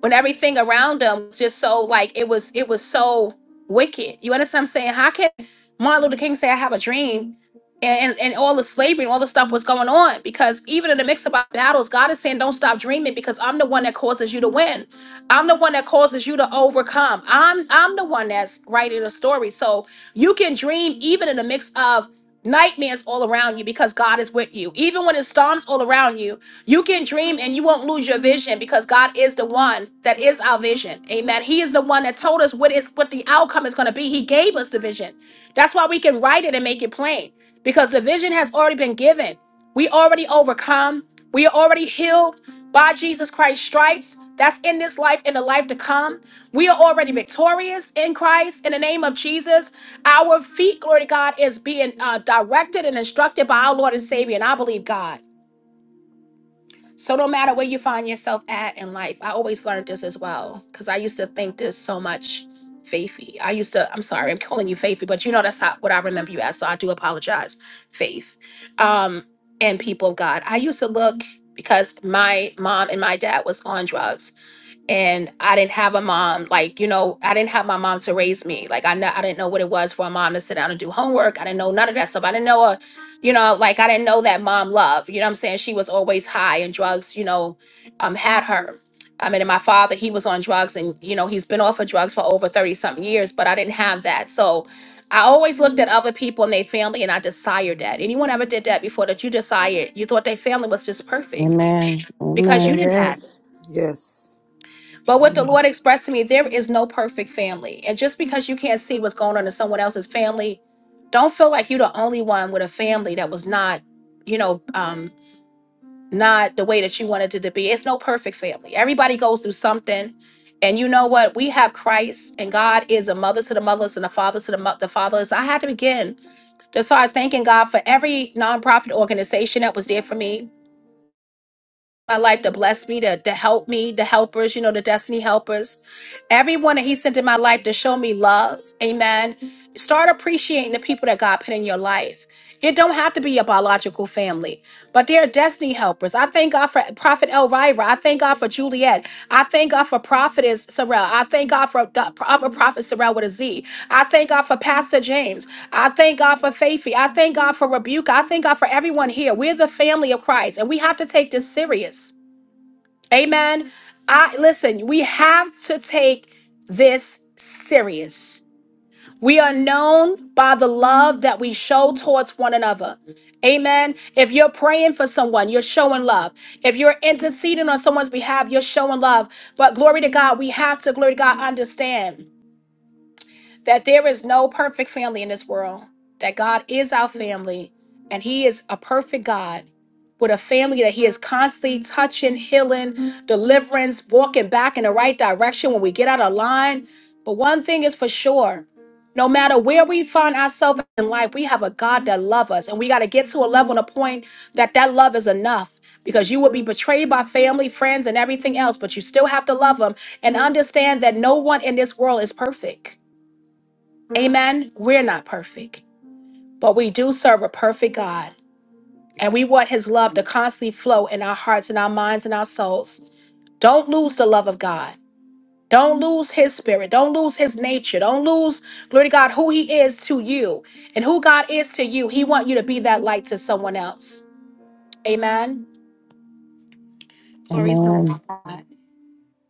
S1: when everything around him was just so like it was it was so wicked. You understand what I'm saying? How can Martin Luther King say I have a dream and, and all the slavery and all the stuff was going on because even in the mix of our battles god is saying don't stop dreaming because i'm the one that causes you to win i'm the one that causes you to overcome i'm i'm the one that's writing the story so you can dream even in the mix of nightmares all around you because god is with you even when it storms all around you you can dream and you won't lose your vision because god is the one that is our vision amen he is the one that told us what is what the outcome is going to be he gave us the vision that's why we can write it and make it plain because the vision has already been given. We already overcome. We are already healed by Jesus Christ's stripes. That's in this life and the life to come. We are already victorious in Christ in the name of Jesus. Our feet, glory to God, is being uh, directed and instructed by our Lord and Savior. And I believe God. So no matter where you find yourself at in life, I always learned this as well because I used to think this so much, Faithy. I used to. I'm sorry, I'm calling you Faithy, but you know that's how, what I remember you as. So I do apologize, Faith, um, and people of God. I used to look because my mom and my dad was on drugs and I didn't have a mom. Like, you know, I didn't have my mom to raise me. Like, I know I didn't know what it was for a mom to sit down and do homework. I didn't know none of that stuff. I didn't know a, you know, like I didn't know that mom love. You know what I'm saying? She was always high and drugs. You know, um, had her. I mean, and my father, he was on drugs, and you know, he's been off of drugs for over thirty something years. But I didn't have that, so. I always looked at other people and their family and I desired that. Anyone ever did that before that you desired? You thought their family was just perfect
S4: Amen.
S1: because you
S4: Amen.
S1: didn't have it.
S3: Amen. Yes.
S1: But what the
S3: Amen.
S1: Lord expressed to me, there is no perfect family. And just because you can't see what's going on in someone else's family, don't feel like you're the only one with a family that was not, you know, um, not the way that you wanted it to be. It's no perfect family. Everybody goes through something. And you know what? We have Christ, and God is a mother to the motherless and a father to the, mo- the fatherless. I had to begin to start thanking God for every nonprofit organization that was there for me my life to bless me, to, to help me, the helpers, you know, the destiny helpers. Everyone that he sent in my life to show me love. Amen. Start appreciating the people that God put in your life. It don't have to be a biological family, but they are destiny helpers. I thank God for Prophet Elvira. I thank God for Juliet. I thank God for Prophetess Sorrell. I thank God for Do- Prophet Prophet Sorrell with a Z. I thank God for Pastor James. I thank God for Faithy. I thank God for Rebuke. I thank God for everyone here. We're the family of Christ, and we have to take this serious. Amen. I listen. We have to take this serious. We are known by the love that we show towards one another. Amen. If you're praying for someone, you're showing love. If you're interceding on someone's behalf, you're showing love. But glory to God, we have to, glory to God, understand that there is no perfect family in this world, that God is our family, and He is a perfect God with a family that He is constantly touching, healing, deliverance, walking back in the right direction when we get out of line. But one thing is for sure. No matter where we find ourselves in life, we have a God that loves us. And we got to get to a level and a point that that love is enough because you will be betrayed by family, friends, and everything else, but you still have to love them and understand that no one in this world is perfect. Amen. We're not perfect, but we do serve a perfect God, and we want His love to constantly flow in our hearts and our minds and our souls. Don't lose the love of God. Don't lose His spirit. Don't lose His nature. Don't lose, glory to God, who He is to you and who God is to you. He wants you to be that light to someone else. Amen. Glory to
S4: Amen.
S1: God.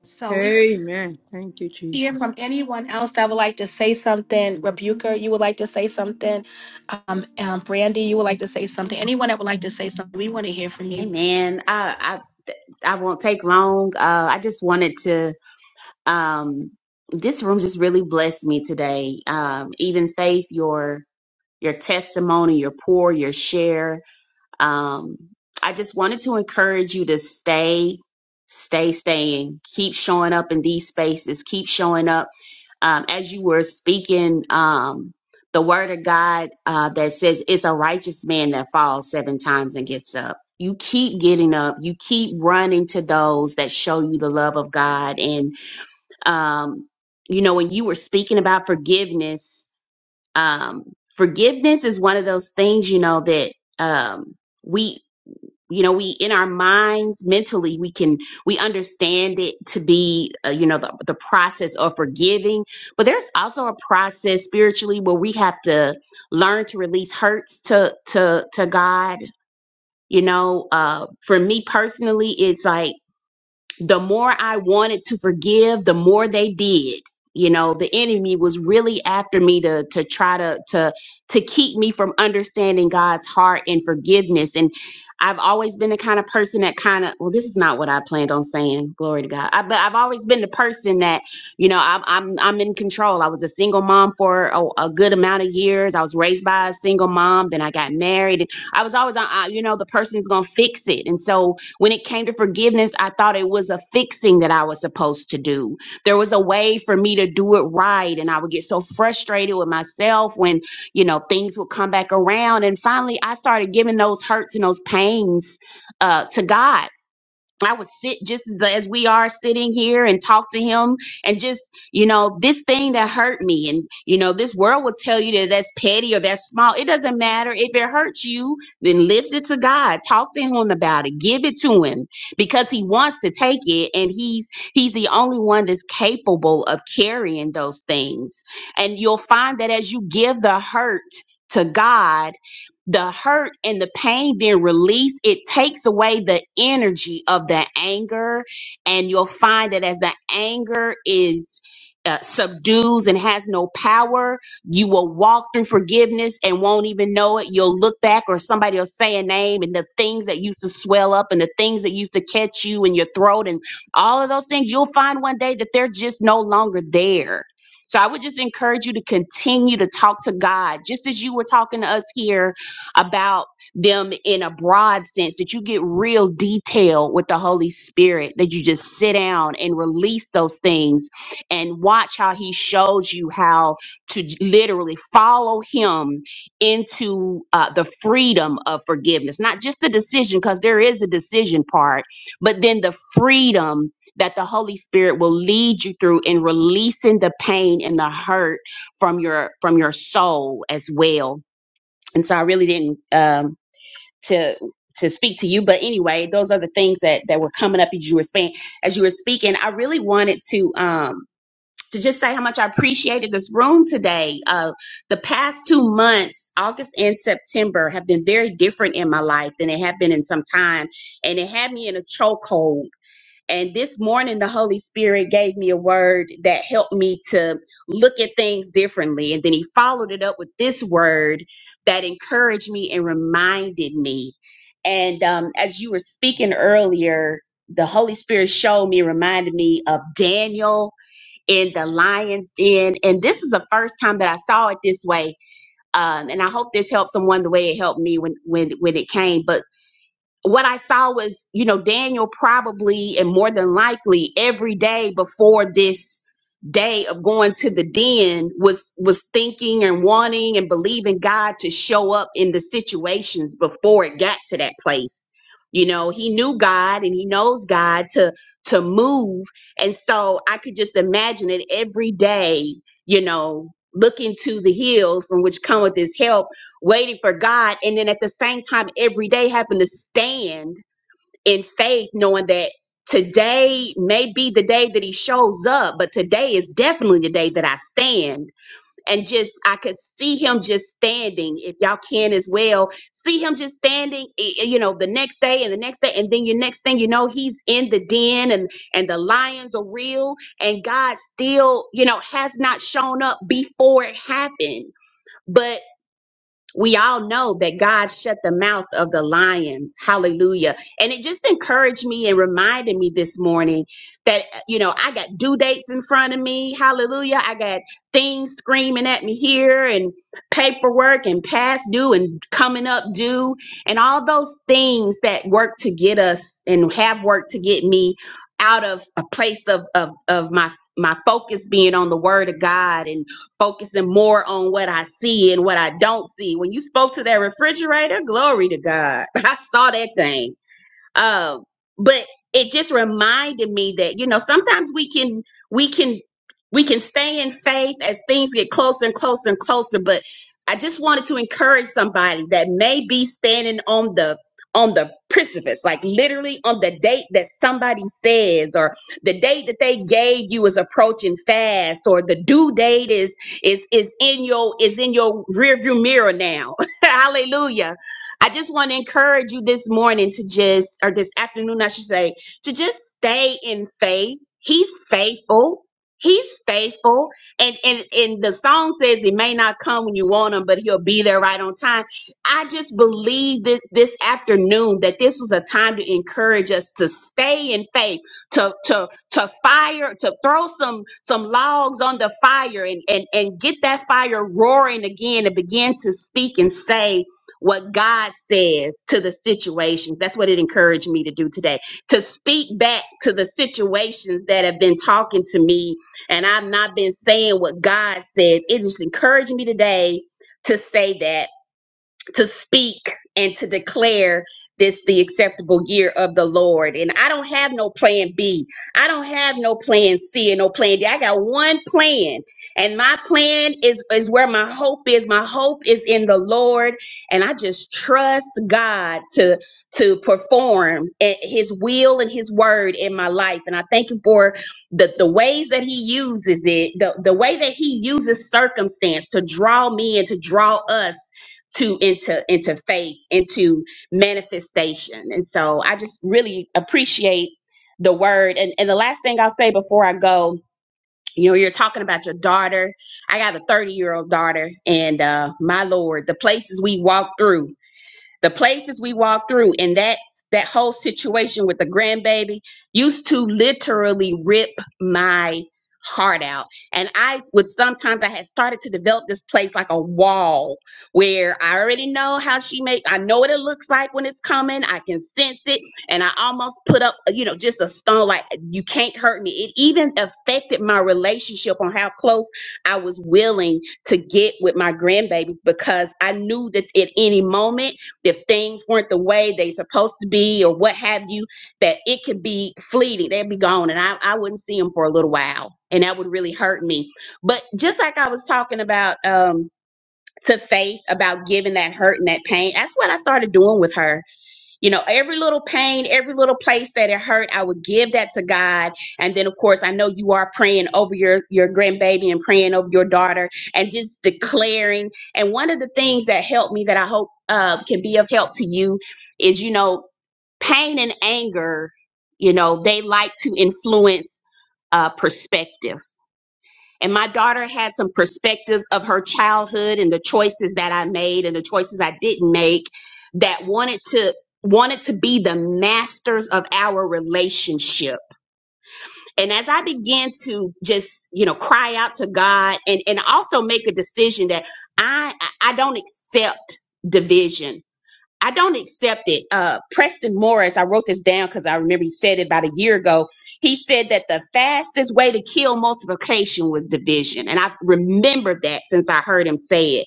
S1: So we
S3: Amen. Thank you,
S1: hear
S3: Jesus.
S1: from anyone else that would like to say something, Rebuker, you would like to say something, um, um, Brandy, you would like to say something, anyone that would like to say something, we want to hear from
S7: Hey
S1: you.
S7: man, I, I I won't take long. Uh, I just wanted to. Um, this room just really blessed me today. Um, even Faith, your your testimony, your pour, your share um, I just wanted to encourage you to stay, stay, staying, keep showing up in these spaces, keep showing up. Um, as you were speaking, um, the word of God uh, that says it's a righteous man that falls seven times and gets up. You keep getting up. You keep running to those that show you the love of God. And, um, you know, when you were speaking about forgiveness, um, forgiveness is one of those things, you know, that um, we you know we in our minds mentally we can we understand it to be uh, you know the, the process of forgiving but there's also a process spiritually where we have to learn to release hurts to to to god you know uh for me personally it's like the more I wanted to forgive, the more they did. You know, the enemy was really after me to to try to to to keep me from understanding God's heart and forgiveness. And I've always been the kind of person that kind of well, this is not what I planned on saying. Glory to God. I, but I've always been the person that you know I'm I'm I'm in control. I was a single mom for a, a good amount of years. I was raised by a single mom. Then I got married. And I was always uh, uh, you know the person who's gonna fix it. And so when it came to forgiveness, I thought it was a fixing that I was supposed to do. There was a way for me to do it right. And I would get so frustrated with myself when, you know, things would come back around. And finally, I started giving those hurts and those pains uh, to God I would sit just as as we are sitting here and talk to him and just, you know, this thing that hurt me. And, you know, this world will tell you that that's petty or that's small. It doesn't matter. If it hurts you, then lift it to God. Talk to him about it. Give it to him because he wants to take it. And he's, he's the only one that's capable of carrying those things. And you'll find that as you give the hurt to God, the hurt and the pain being released, it takes away the energy of that anger. And you'll find that as the anger is uh, subdues and has no power, you will walk through forgiveness and won't even know it. You'll look back or somebody will say a name and the things that used to swell up and the things that used to catch you in your throat and all of those things, you'll find one day that they're just no longer there. So I would just encourage you to continue to talk to God, just as you were talking to us here about them in a broad sense that you get real detail with the Holy Spirit, that you just sit down and release those things and watch how He shows you how to j- literally follow Him into uh, the freedom of forgiveness, not just the decision, because there is a decision part, but then the freedom. That the Holy Spirit will lead you through in releasing the pain and the hurt from your from your soul as well and so I really didn't um, to to speak to you. But anyway, those are the things that that were coming up as you were speaking. As you were speaking, I really wanted to um, to just say how much I appreciated this room today. Uh, the past two months, August and September, have been very different in my life than they have been in some time, and it had me in a chokehold and this morning, the Holy Spirit gave me a word that helped me to look at things differently. And then He followed it up with this word that encouraged me and reminded me. And um, as you were speaking earlier, the Holy Spirit showed me, reminded me of Daniel in the lion's den. And this is the first time that I saw it this way. Um, and I hope this helped someone the way it helped me when when when it came. But what I saw was, you know, Daniel probably and more than likely every day before this day of going to the den was was thinking and wanting and believing God to show up in the situations before it got to that place. You know, he knew God and he knows God to to move. And so I could just imagine it every day, you know, looking to the hills from which cometh his help waiting for God, and then at the same time, every day having to stand in faith, knowing that today may be the day that He shows up, but today is definitely the day that I stand. And just, I could see Him just standing, if y'all can as well, see Him just standing, i- i- you know, the next day and the next day, and then your next thing you know, He's in the den and and the lions are real, and God still, you know, has not shown up before it happened. But we all know that God shut the mouth of the lions. Hallelujah. And it just encouraged me and reminded me this morning that, you know, I got due dates in front of me. Hallelujah. I got things screaming at me here and paperwork and past due and coming up due and all those things that work to get us and have worked to get me out of a place of, of, of my, my focus being on the word of God and focusing more on what I see and what I don't see. When you spoke to that refrigerator, glory to God. I saw that thing um but it just reminded me that you know sometimes we can we can we can stay in faith as things get closer and closer and closer but i just wanted to encourage somebody that may be standing on the on the precipice like literally on the date that somebody says or the date that they gave you is approaching fast or the due date is is is in your is in your rearview mirror now hallelujah I just want to encourage you this morning to just, or this afternoon, I should say, to just stay in faith. He's faithful. He's faithful. And, and, and the song says it may not come when you want him, but he'll be there right on time. I just believe that this afternoon that this was a time to encourage us to stay in faith, to, to, to fire, to throw some, some logs on the fire and, and, and get that fire roaring again and begin to speak and say what God says to the situations. That's what it encouraged me to do today to speak back to the situations that have been talking to me and I've not been saying what God says. It just encouraged me today to say that to speak and to declare this the acceptable year of the Lord. And I don't have no plan B. I don't have no plan C and no plan D. I got one plan. And my plan is is where my hope is. My hope is in the Lord. And I just trust God to to perform eh, his will and his word in my life. And I thank him for the, the ways that he uses it, the, the way that he uses circumstance to draw me and to draw us to into into faith into manifestation and so i just really appreciate the word and and the last thing i'll say before i go you know you're talking about your daughter i got a 30 year old daughter and uh my lord the places we walk through the places we walk through and that that whole situation with the grandbaby used to literally rip my heart out and i would sometimes i had started to develop this place like a wall where i already know how she make i know what it looks like when it's coming i can sense it and i almost put up you know just a stone like you can't hurt me it even affected my relationship on how close i was willing to get with my grandbabies because i knew that at any moment if things weren't the way they supposed to be or what have you, that it could be fleeting. They'd be gone and I, I wouldn't see them for a little while. And that would really hurt me. But just like I was talking about um to Faith about giving that hurt and that pain, that's what I started doing with her. You know, every little pain, every little place that it hurt, I would give that to God. And then, of course, I know you are praying over your your grandbaby and praying over your daughter and just declaring. And one of the things that helped me that I hope uh, can be of help to you is, you know, pain and anger. You know, they like to influence uh, perspective and my daughter had some perspectives of her childhood and the choices that I made and the choices I didn't make that wanted to wanted to be the masters of our relationship. And as I began to just, you know, cry out to God and and also make a decision that I I don't accept division I don't accept it. Uh, Preston Morris, I wrote this down because I remember he said it about a year ago. He said that the fastest way to kill multiplication was division. And I've remembered that since I heard him say it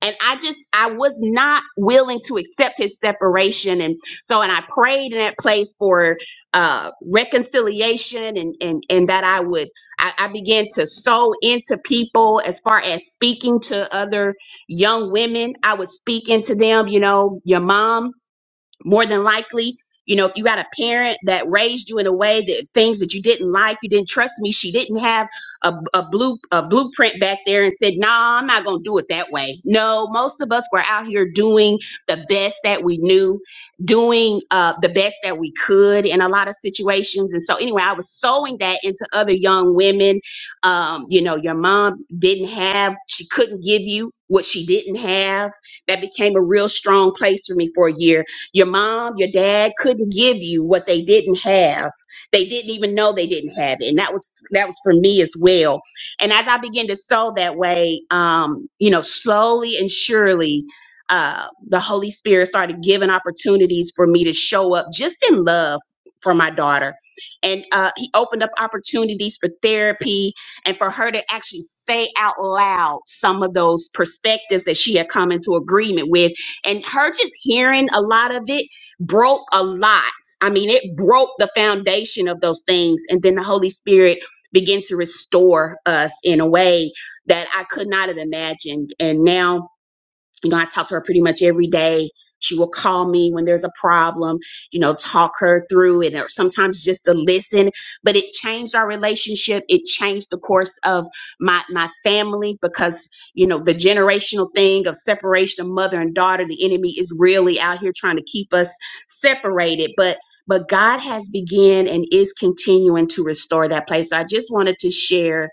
S7: and I just I was not willing to accept his separation and so and I prayed in that place for uh reconciliation and and and that I would I, I began to sow into people as far as speaking to other young women I would speak into them you know your mom more than likely you know if you got a parent that raised you in a way that things that you didn't like you didn't trust me she didn't have a, a blue a blueprint back there and said no nah, i'm not gonna do it that way no most of us were out here doing the best that we knew doing uh, the best that we could in a lot of situations and so anyway i was sewing that into other young women um, you know your mom didn't have she couldn't give you what she didn't have that became a real strong place for me for a year your mom, your dad couldn't give you what they didn't have. They didn't even know they didn't have it. And that was that was for me as well. And as I began to sow that way, um, you know, slowly and surely, uh, the Holy Spirit started giving opportunities for me to show up just in love for my daughter. And uh, he opened up opportunities for therapy and for her to actually say out loud some of those perspectives that she had come into agreement with and her just hearing a lot of it broke a lot. I mean, it broke the foundation of those things. And then the Holy Spirit began to restore us in a way that I could not have imagined. And now, you know, I talk to her pretty much every day. She will call me when there's a problem, you know, talk her through it, or sometimes just to listen. But it changed our relationship. It changed the course of my my family because you know the generational thing of separation of mother and daughter. The enemy is really out here trying to keep us separated, but. But God has begun and is continuing to restore that place. So I just wanted to share.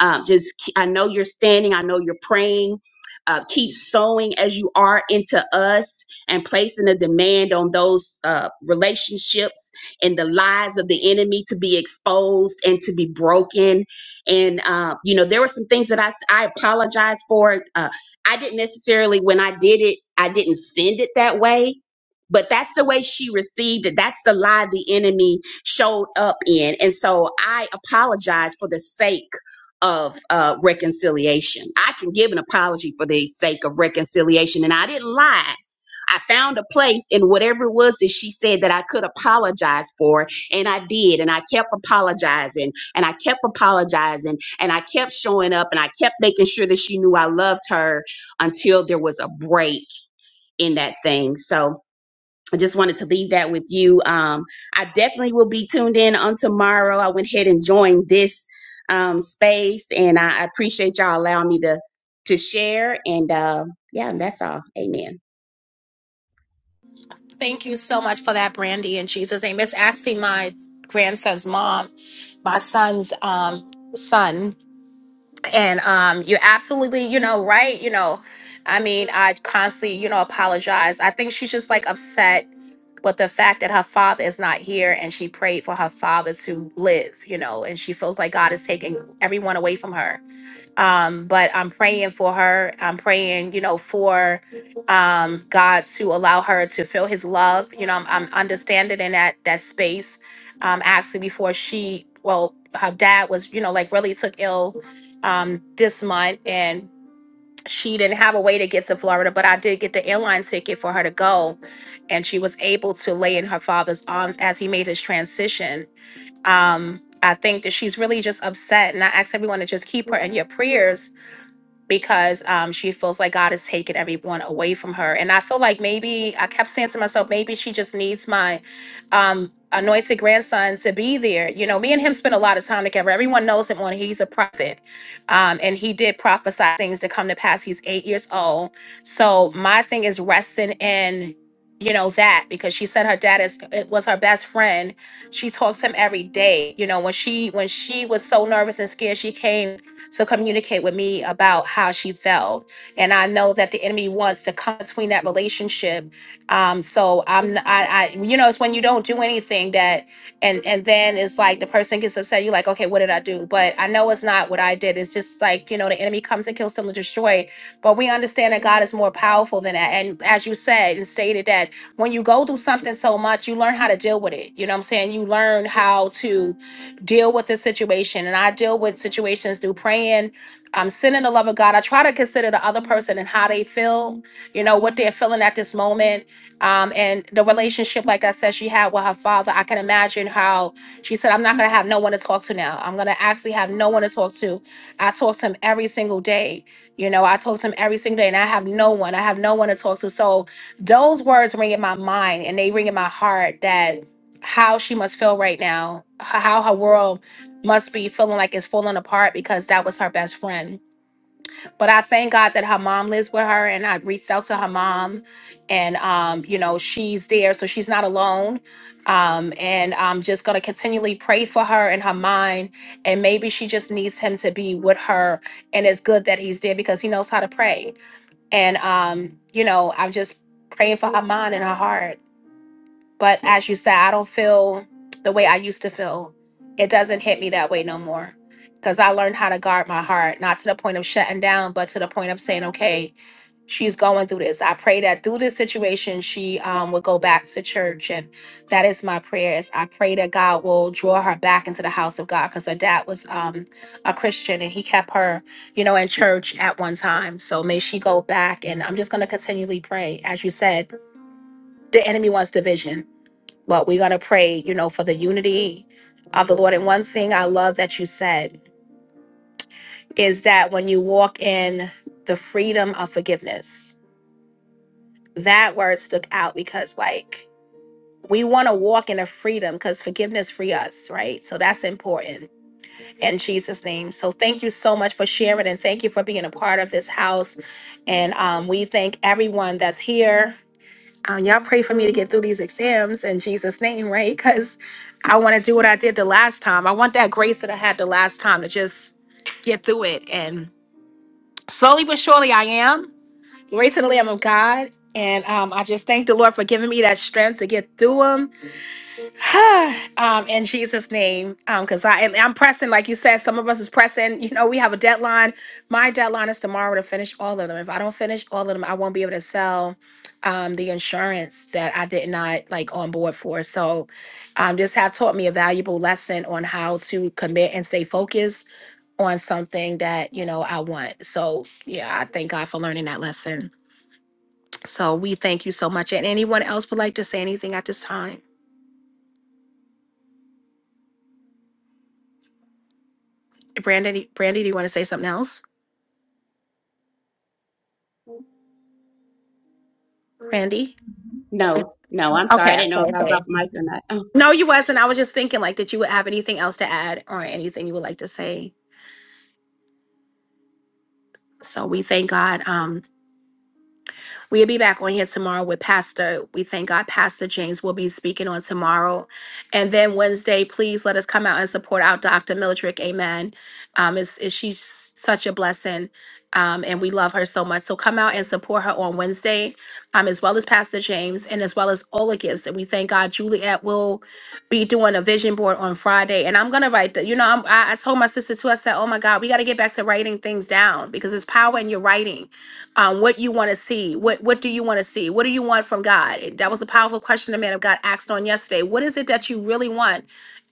S7: Um, just ke- I know you're standing. I know you're praying uh, keep sowing as you are into us and placing a demand on those uh, relationships and the lies of the enemy to be exposed and to be broken. And, uh, you know, there were some things that I, I apologize for. Uh, I didn't necessarily, when I did it, I didn't send it that way but that's the way she received it. That's the lie the enemy showed up in. And so I apologize for the sake of uh, reconciliation. I can give an apology for the sake of reconciliation. And I didn't lie. I found a place in whatever it was that she said that I could apologize for. And I did. And I kept apologizing and I kept apologizing and I kept showing up and I kept making sure that she knew I loved her until there was a break in that thing. So, I just wanted to leave that with you. Um, I definitely will be tuned in on tomorrow. I went ahead and joined this um, space, and I I appreciate y'all allowing me to to share. And uh, yeah, that's all. Amen.
S1: Thank you so much for that, Brandy, in Jesus' name. It's actually my grandson's mom, my son's um, son. and um you're absolutely you know right you know i mean i constantly you know apologize i think she's just like upset with the fact that her father is not here and she prayed for her father to live you know and she feels like god is taking everyone away from her um, but I'm praying for her. I'm praying, you know, for um, God to allow her to feel His love. You know, I'm, I'm understanding in that that space. Um, actually, before she, well, her dad was, you know, like really took ill um, this month, and she didn't have a way to get to Florida. But I did get the airline ticket for her to go, and she was able to lay in her father's arms as he made his transition. Um, I think that she's really just upset, and I ask everyone to just keep her in your prayers because um, she feels like God has taken everyone away from her. And I feel like maybe I kept saying to myself, maybe she just needs my um, anointed grandson to be there. You know, me and him spent a lot of time together. Everyone knows him when he's a prophet. Um, and he did prophesy things to come to pass. He's eight years old. So my thing is resting in. You know that because she said her dad is it was her best friend. She talked to him every day. You know when she when she was so nervous and scared, she came to communicate with me about how she felt. And I know that the enemy wants to come between that relationship. Um, so I'm, I, I, you know, it's when you don't do anything that, and and then it's like the person gets upset. You're like, okay, what did I do? But I know it's not what I did. It's just like you know, the enemy comes and kills, steal, and destroys. But we understand that God is more powerful than that. And as you said and stated that when you go through something so much, you learn how to deal with it. You know what I'm saying? You learn how to deal with the situation. And I deal with situations through praying, um, sending the love of God. I try to consider the other person and how they feel, you know, what they're feeling at this moment. Um, and the relationship, like I said, she had with her father, I can imagine how she said, I'm not going to have no one to talk to now. I'm going to actually have no one to talk to. I talk to him every single day. You know, I talk to him every single day and I have no one. I have no one to talk to. So those words ring in my mind and they ring in my heart that how she must feel right now, h- how her world must be feeling like it's falling apart because that was her best friend. But I thank God that her mom lives with her and I reached out to her mom and um you know she's there so she's not alone. Um and I'm just going to continually pray for her and her mind and maybe she just needs him to be with her and it's good that he's there because he knows how to pray. And um you know, I'm just praying for her mind and her heart. But as you said, I don't feel the way I used to feel. It doesn't hit me that way no more because I learned how to guard my heart, not to the point of shutting down, but to the point of saying, okay, she's going through this. I pray that through this situation, she um, would go back to church. And that is my prayers. I pray that God will draw her back into the house of God because her dad was um, a Christian and he kept her, you know, in church at one time. So may she go back. And I'm just going to continually pray. As you said, the enemy wants division but we're going to pray, you know, for the unity of the Lord. And one thing I love that you said is that when you walk in the freedom of forgiveness, that word stuck out because, like, we want to walk in a freedom because forgiveness free us, right? So that's important in Jesus' name. So thank you so much for sharing and thank you for being a part of this house. And um, we thank everyone that's here Uh, y'all pray for me to get through these exams in Jesus' name, right? Because I want to do what I did the last time. I want that grace that I had the last time to just get through it. And slowly but surely, I am. Glory to the Lamb of God. And um, I just thank the Lord for giving me that strength to get through them. um, in Jesus' name, because I I'm pressing, like you said, some of us is pressing. You know, we have a deadline. My deadline is tomorrow to finish all of them. If I don't finish all of them, I won't be able to sell um, the insurance that I did not like on board for. So, um, this have taught me a valuable lesson on how to commit and stay focused on something that you know I want. So, yeah, I thank God for learning that lesson. So, we thank you so much. And anyone else would like to say anything at this time? Brandy, Brandy, do you want to say something else? Brandy?
S7: No, no, I'm sorry. I
S1: Okay,
S7: didn't know
S1: okay,
S7: if I was off
S1: okay.
S7: mic or not.
S1: No, you wasn't. I was just thinking like that you would have anything else to add or anything you would like to say. So we thank God. um, We'll be back on here tomorrow with Pastor. We thank God Pastor James will be speaking on tomorrow. And then Wednesday, please let us come out and support our Dr. Mildred. Amen. Um, is is she's such a blessing. Um, and we love her so much. So come out and support her on Wednesday, um, as well as Pastor James and as well as all the gifts. And we thank God Juliet will be doing a vision board on Friday. And I'm gonna write that. You know, I'm, I, I told my sister too. I said, "Oh my God, we got to get back to writing things down because there's power in your writing." um, what you want to see what what do you want to see what do you want from god that was a powerful question the man of god asked on yesterday what is it that you really want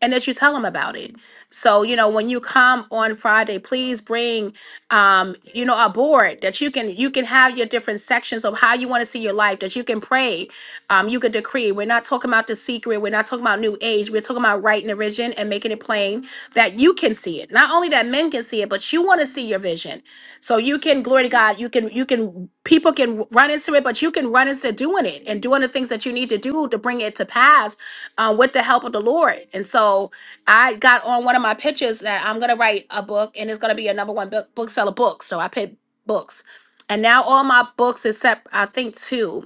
S1: and that you tell him about it so you know when you come on friday please bring um, you know a board that you can you can have your different sections of how you want to see your life that you can pray um, you can decree we're not talking about the secret we're not talking about new age we're talking about writing a vision and making it plain that you can see it not only that men can see it but you want to see your vision so you can glory to God. You can you can people can run into it, but you can run into doing it and doing the things that you need to do to bring it to pass um, with the help of the Lord. And so I got on one of my pitches that I'm gonna write a book and it's gonna be a number one book bookseller book. So I picked books, and now all my books except I think two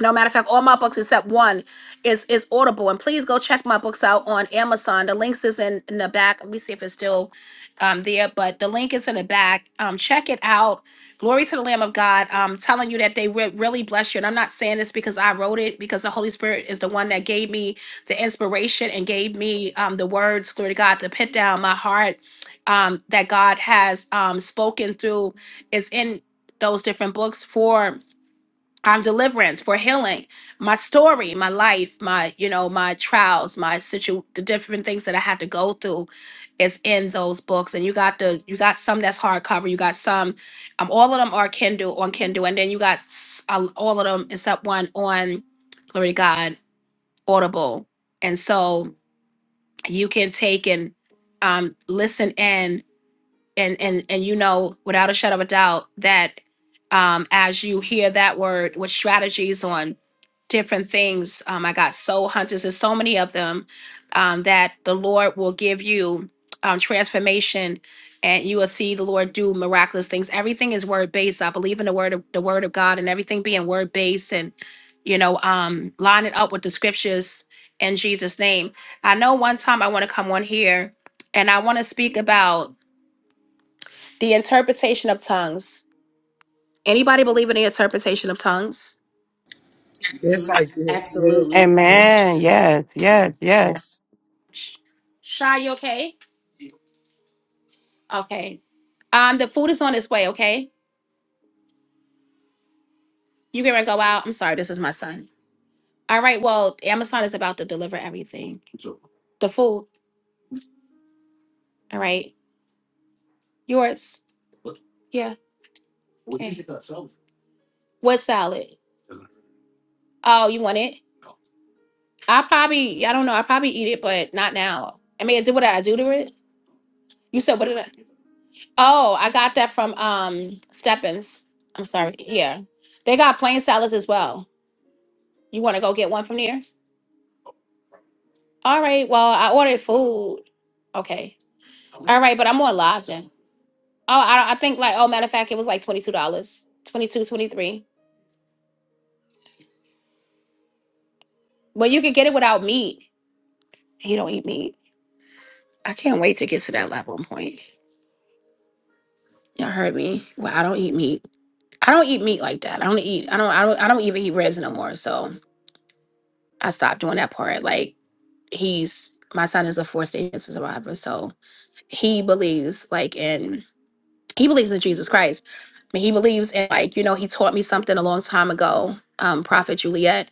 S1: no matter of fact, all my books except one is is Audible, and please go check my books out on Amazon. The links is in, in the back. Let me see if it's still um, there, but the link is in the back. Um, check it out. Glory to the Lamb of God. I'm telling you that they re- really bless you, and I'm not saying this because I wrote it, because the Holy Spirit is the one that gave me the inspiration and gave me um, the words. Glory to God to put down my heart um, that God has um, spoken through is in those different books for. I'm deliverance, for healing, my story, my life, my you know my trials, my situ the different things that I had to go through is in those books. And you got the you got some that's hardcover, you got some, um, all of them are Kindle on Kindle, and then you got s- uh, all of them except one on Glory to God Audible, and so you can take and um, listen in and and and you know without a shadow of a doubt that um as you hear that word with strategies on different things um i got soul hunters there's so many of them um that the lord will give you um transformation and you will see the lord do miraculous things everything is word based i believe in the word of the word of god and everything being word based and you know um line it up with the scriptures in jesus name i know one time i want to come on here and i want to speak about the interpretation of tongues. Anybody believe in the interpretation of tongues?
S3: Yes, I do. Yes.
S7: Absolutely.
S3: Yes.
S4: Amen. Yes. Yes. Yes.
S1: Sh- Shy, you okay? Okay. Um, the food is on its way, okay? You gonna go out? I'm sorry, this is my son. All right, well, Amazon is about to deliver everything. The food, all right. Yours. Yeah. Where did you okay. get that salad? What salad? Oh, you want it? I probably, I don't know. I probably eat it, but not now. I mean, do what did I do to it? You said what did I? Oh, I got that from um Steppens. I'm sorry. Yeah. They got plain salads as well. You want to go get one from there? All right. Well, I ordered food. Okay. All right, but I'm more live then. Oh, I, I think like oh matter of fact, it was like $22. twenty two, twenty three. But you could get it without meat. You don't eat meat. I can't wait to get to that level point. Y'all heard me. Well, I don't eat meat. I don't eat meat like that. I don't eat I don't I don't I don't even eat ribs no more. So I stopped doing that part. Like he's my son is a four stage cancer survivor so he believes like in he believes in jesus christ I mean, he believes in like you know he taught me something a long time ago um prophet juliet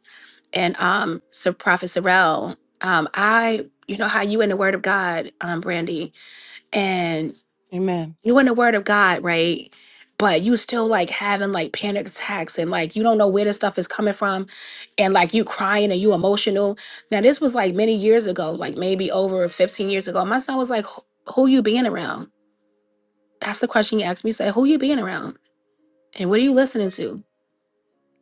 S1: and um so prophet sorrel um i you know how you in the word of god um brandy and
S4: Amen.
S1: you in the word of God, right? But you still like having like panic attacks and like you don't know where this stuff is coming from and like you crying and you emotional. Now this was like many years ago, like maybe over 15 years ago. My son was like, "Who who you being around?" That's the question he asked me. He said, "Who you being around? And what are you listening to?"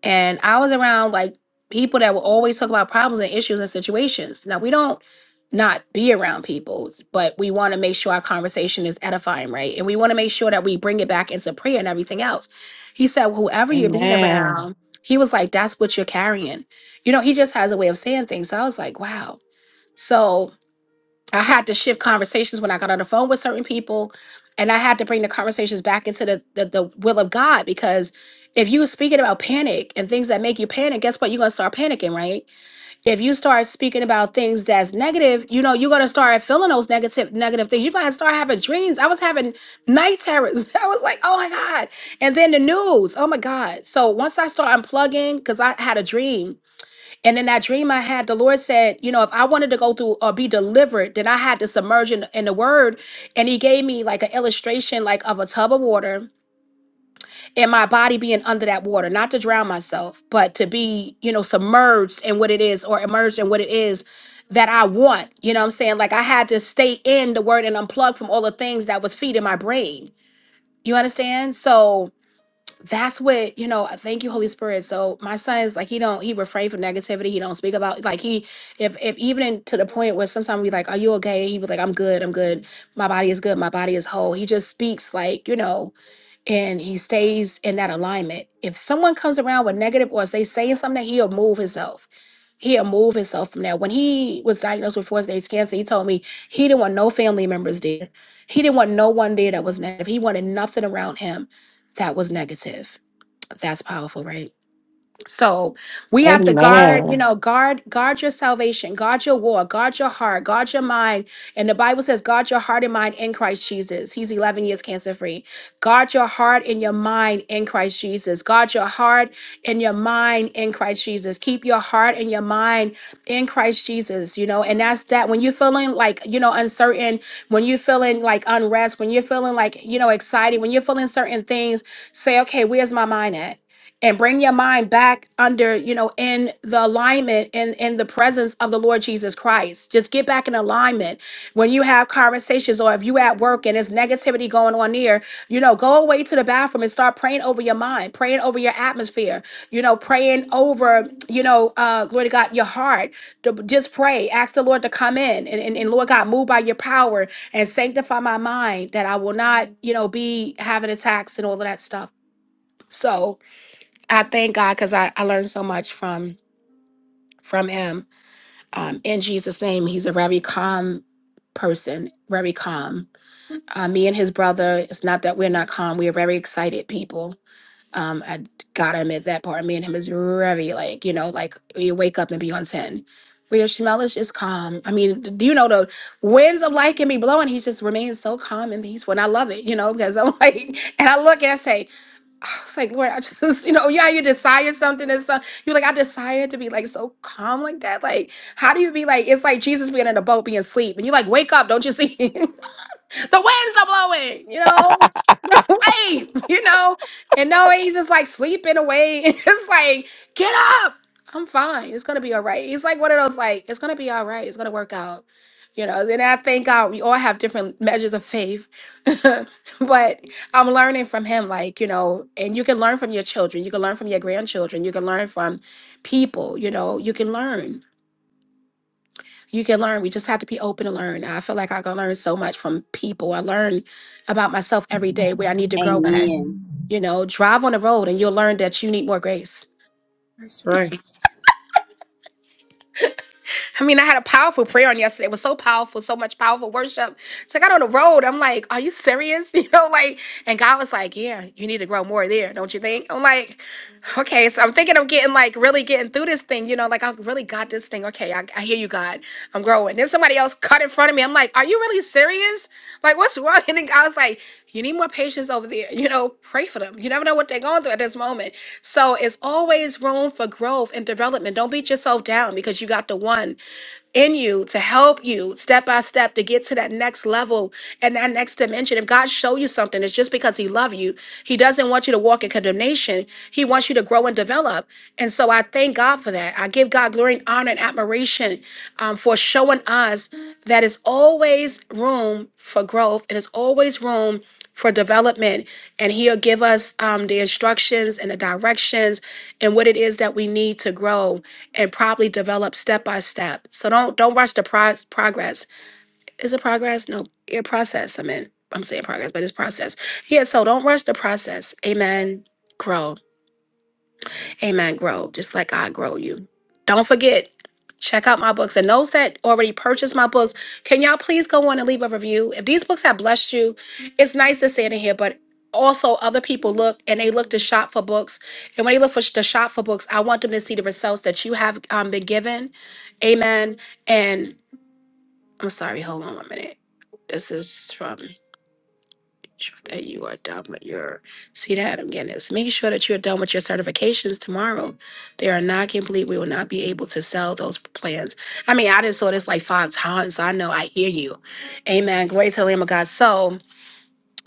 S1: And I was around like people that will always talk about problems and issues and situations. Now, we don't not be around people, but we want to make sure our conversation is edifying, right? And we want to make sure that we bring it back into prayer and everything else. He said, whoever you're being
S4: Amen.
S1: around, he was like, that's what you're carrying. You know, he just has a way of saying things. So I was like, wow. So I had to shift conversations when I got on the phone with certain people, and I had to bring the conversations back into the the, the will of God because if you speaking about panic and things that make you panic, guess what? You're gonna start panicking, right? If you start speaking about things that's negative, you know you're gonna start feeling those negative negative things. You're gonna start having dreams. I was having night terrors. I was like, oh my god! And then the news, oh my god! So once I start unplugging, because I had a dream and in that dream I had, the Lord said, you know, if I wanted to go through or be delivered, then I had to submerge in, in the word. And he gave me like an illustration like of a tub of water and my body being under that water, not to drown myself, but to be, you know, submerged in what it is or immersed in what it is that I want. You know what I'm saying? Like I had to stay in the word and unplug from all the things that was feeding my brain. You understand? So that's what you know thank you holy spirit so my son is like he don't he refrain from negativity he don't speak about like he if if even in- to the point where sometimes we like are you okay he was like i'm good i'm good my body is good my body is whole he just speaks like you know and he stays in that alignment if someone comes around with negative or they saying something he'll move himself he'll move himself from that when he was diagnosed with four stage cancer he told me he didn't want no family members there he didn't want no one there that was negative he wanted nothing around him that was negative that's powerful, right? So we have to guard, you
S4: Amen.
S1: know, guard, guard your salvation, guard your war, guard your heart, guard your mind. And the Bible says, guard your heart and mind in Christ Jesus. He's 11 years cancer free. Guard your heart and your mind in Christ Jesus. Guard your heart and your mind in Christ Jesus. Keep your heart and your mind in Christ Jesus, you know, and that's that. When you're feeling like, you know, uncertain, when you're feeling like unrest, when you're feeling like, you know, excited, when you're feeling certain things, say, okay, where's my mind at? and bring your mind back under you know in the alignment and in, in the presence of the lord jesus christ just get back in alignment when you have conversations or if you at work and there's negativity going on there you know go away to the bathroom and start praying over your mind praying over your atmosphere you know praying over you know uh glory to god your heart To- just pray ask the lord to come in and, and, and lord god move by your power and sanctify my mind that i will not you know be having attacks and all of that stuff so I thank God because I, I learned so much from from him. Um, in Jesus' name, he's a very calm person, very calm. Uh, me and his brother, it's not that we're not calm. We are very excited people. Um, I gotta admit that part. Me and him is very like you know like you wake up and be on ten. Where Shemelish is calm. I mean, do you know the winds of life can be blowing? He just remains so calm and peaceful, and I love it. You know because I'm like, and I look and I say. It's like, Lord, I just, you know, yeah, you desire something and so you're like, I desire to be like so calm like that. Like, how do you be like, it's like Jesus being in a boat being asleep and you're like, wake up, don't you see? the winds are blowing, you know, the wave, you know. And no, he's just like sleeping away. And It's like, get up. I'm fine. It's gonna be all right. He's like one of those like, it's gonna be all right. It's gonna work out. You know, and I thank God we all have different measures of faith. but I'm learning from him, like, you know, and you can learn from your children, you can learn from your grandchildren, you can learn from people, you know, you can learn you can learn. We just have to be open to learn. I feel like I can learn so much from people. I learn about myself every day where I need to grow at.
S7: Amen.
S1: You know, drive on the road and you'll learn that you need more grace
S3: That's right.
S1: I mean, I had a powerful prayer on yesterday. It was so powerful, so much powerful worship. So I got on the road. I'm like, are you serious? You know, like, and God was like, yeah, you need to grow more there, don't you think? I'm like, okay. So I'm thinking I'm getting like really getting through this thing, you know, like I really got this thing. Okay, I, I hear you, God. I'm growing. Then somebody else cut in front of me. I'm like, are you really serious? Like, what's wrong? And then I was like, you need more patience over there. You know, pray for them. You never know what they're going through at this moment. So it's always room for growth and development. Don't beat yourself down because you got the one in you to help you step by step to get to that next level and that next dimension. If God show you something, it's just because He loves you. He doesn't want you to walk in condemnation. He wants you to grow and develop. And so I thank God for that. I give God glory and honor and admiration um, for showing us that it's always room for growth and it's always room for development and he'll give us um, the instructions and the directions and what it is that we need to grow and probably develop step by step. So don't don't rush the pro- progress. Is it progress? No, your process. I mean, I'm saying progress, but it's process. Yeah. So don't rush the process. Amen. Grow. Amen. Grow just like I grow you. Don't forget, check out my books. And those that already purchased my books, can y'all please go on and leave a review? If these books have blessed you, it's nice to sit in here, but also other people look and they look to shop for books. And when they look for sh- to shop for books, I want them to see the results that you have um, been given. Amen. And I'm sorry, hold on one minute. This is from sure that you are done with your see that I'm getting this. Making sure that you are done with your certifications tomorrow. They are not complete. We will not be able to sell those plans. I mean, I just saw this like five times. I know I hear you. Amen. Glory to the Lamb of God. So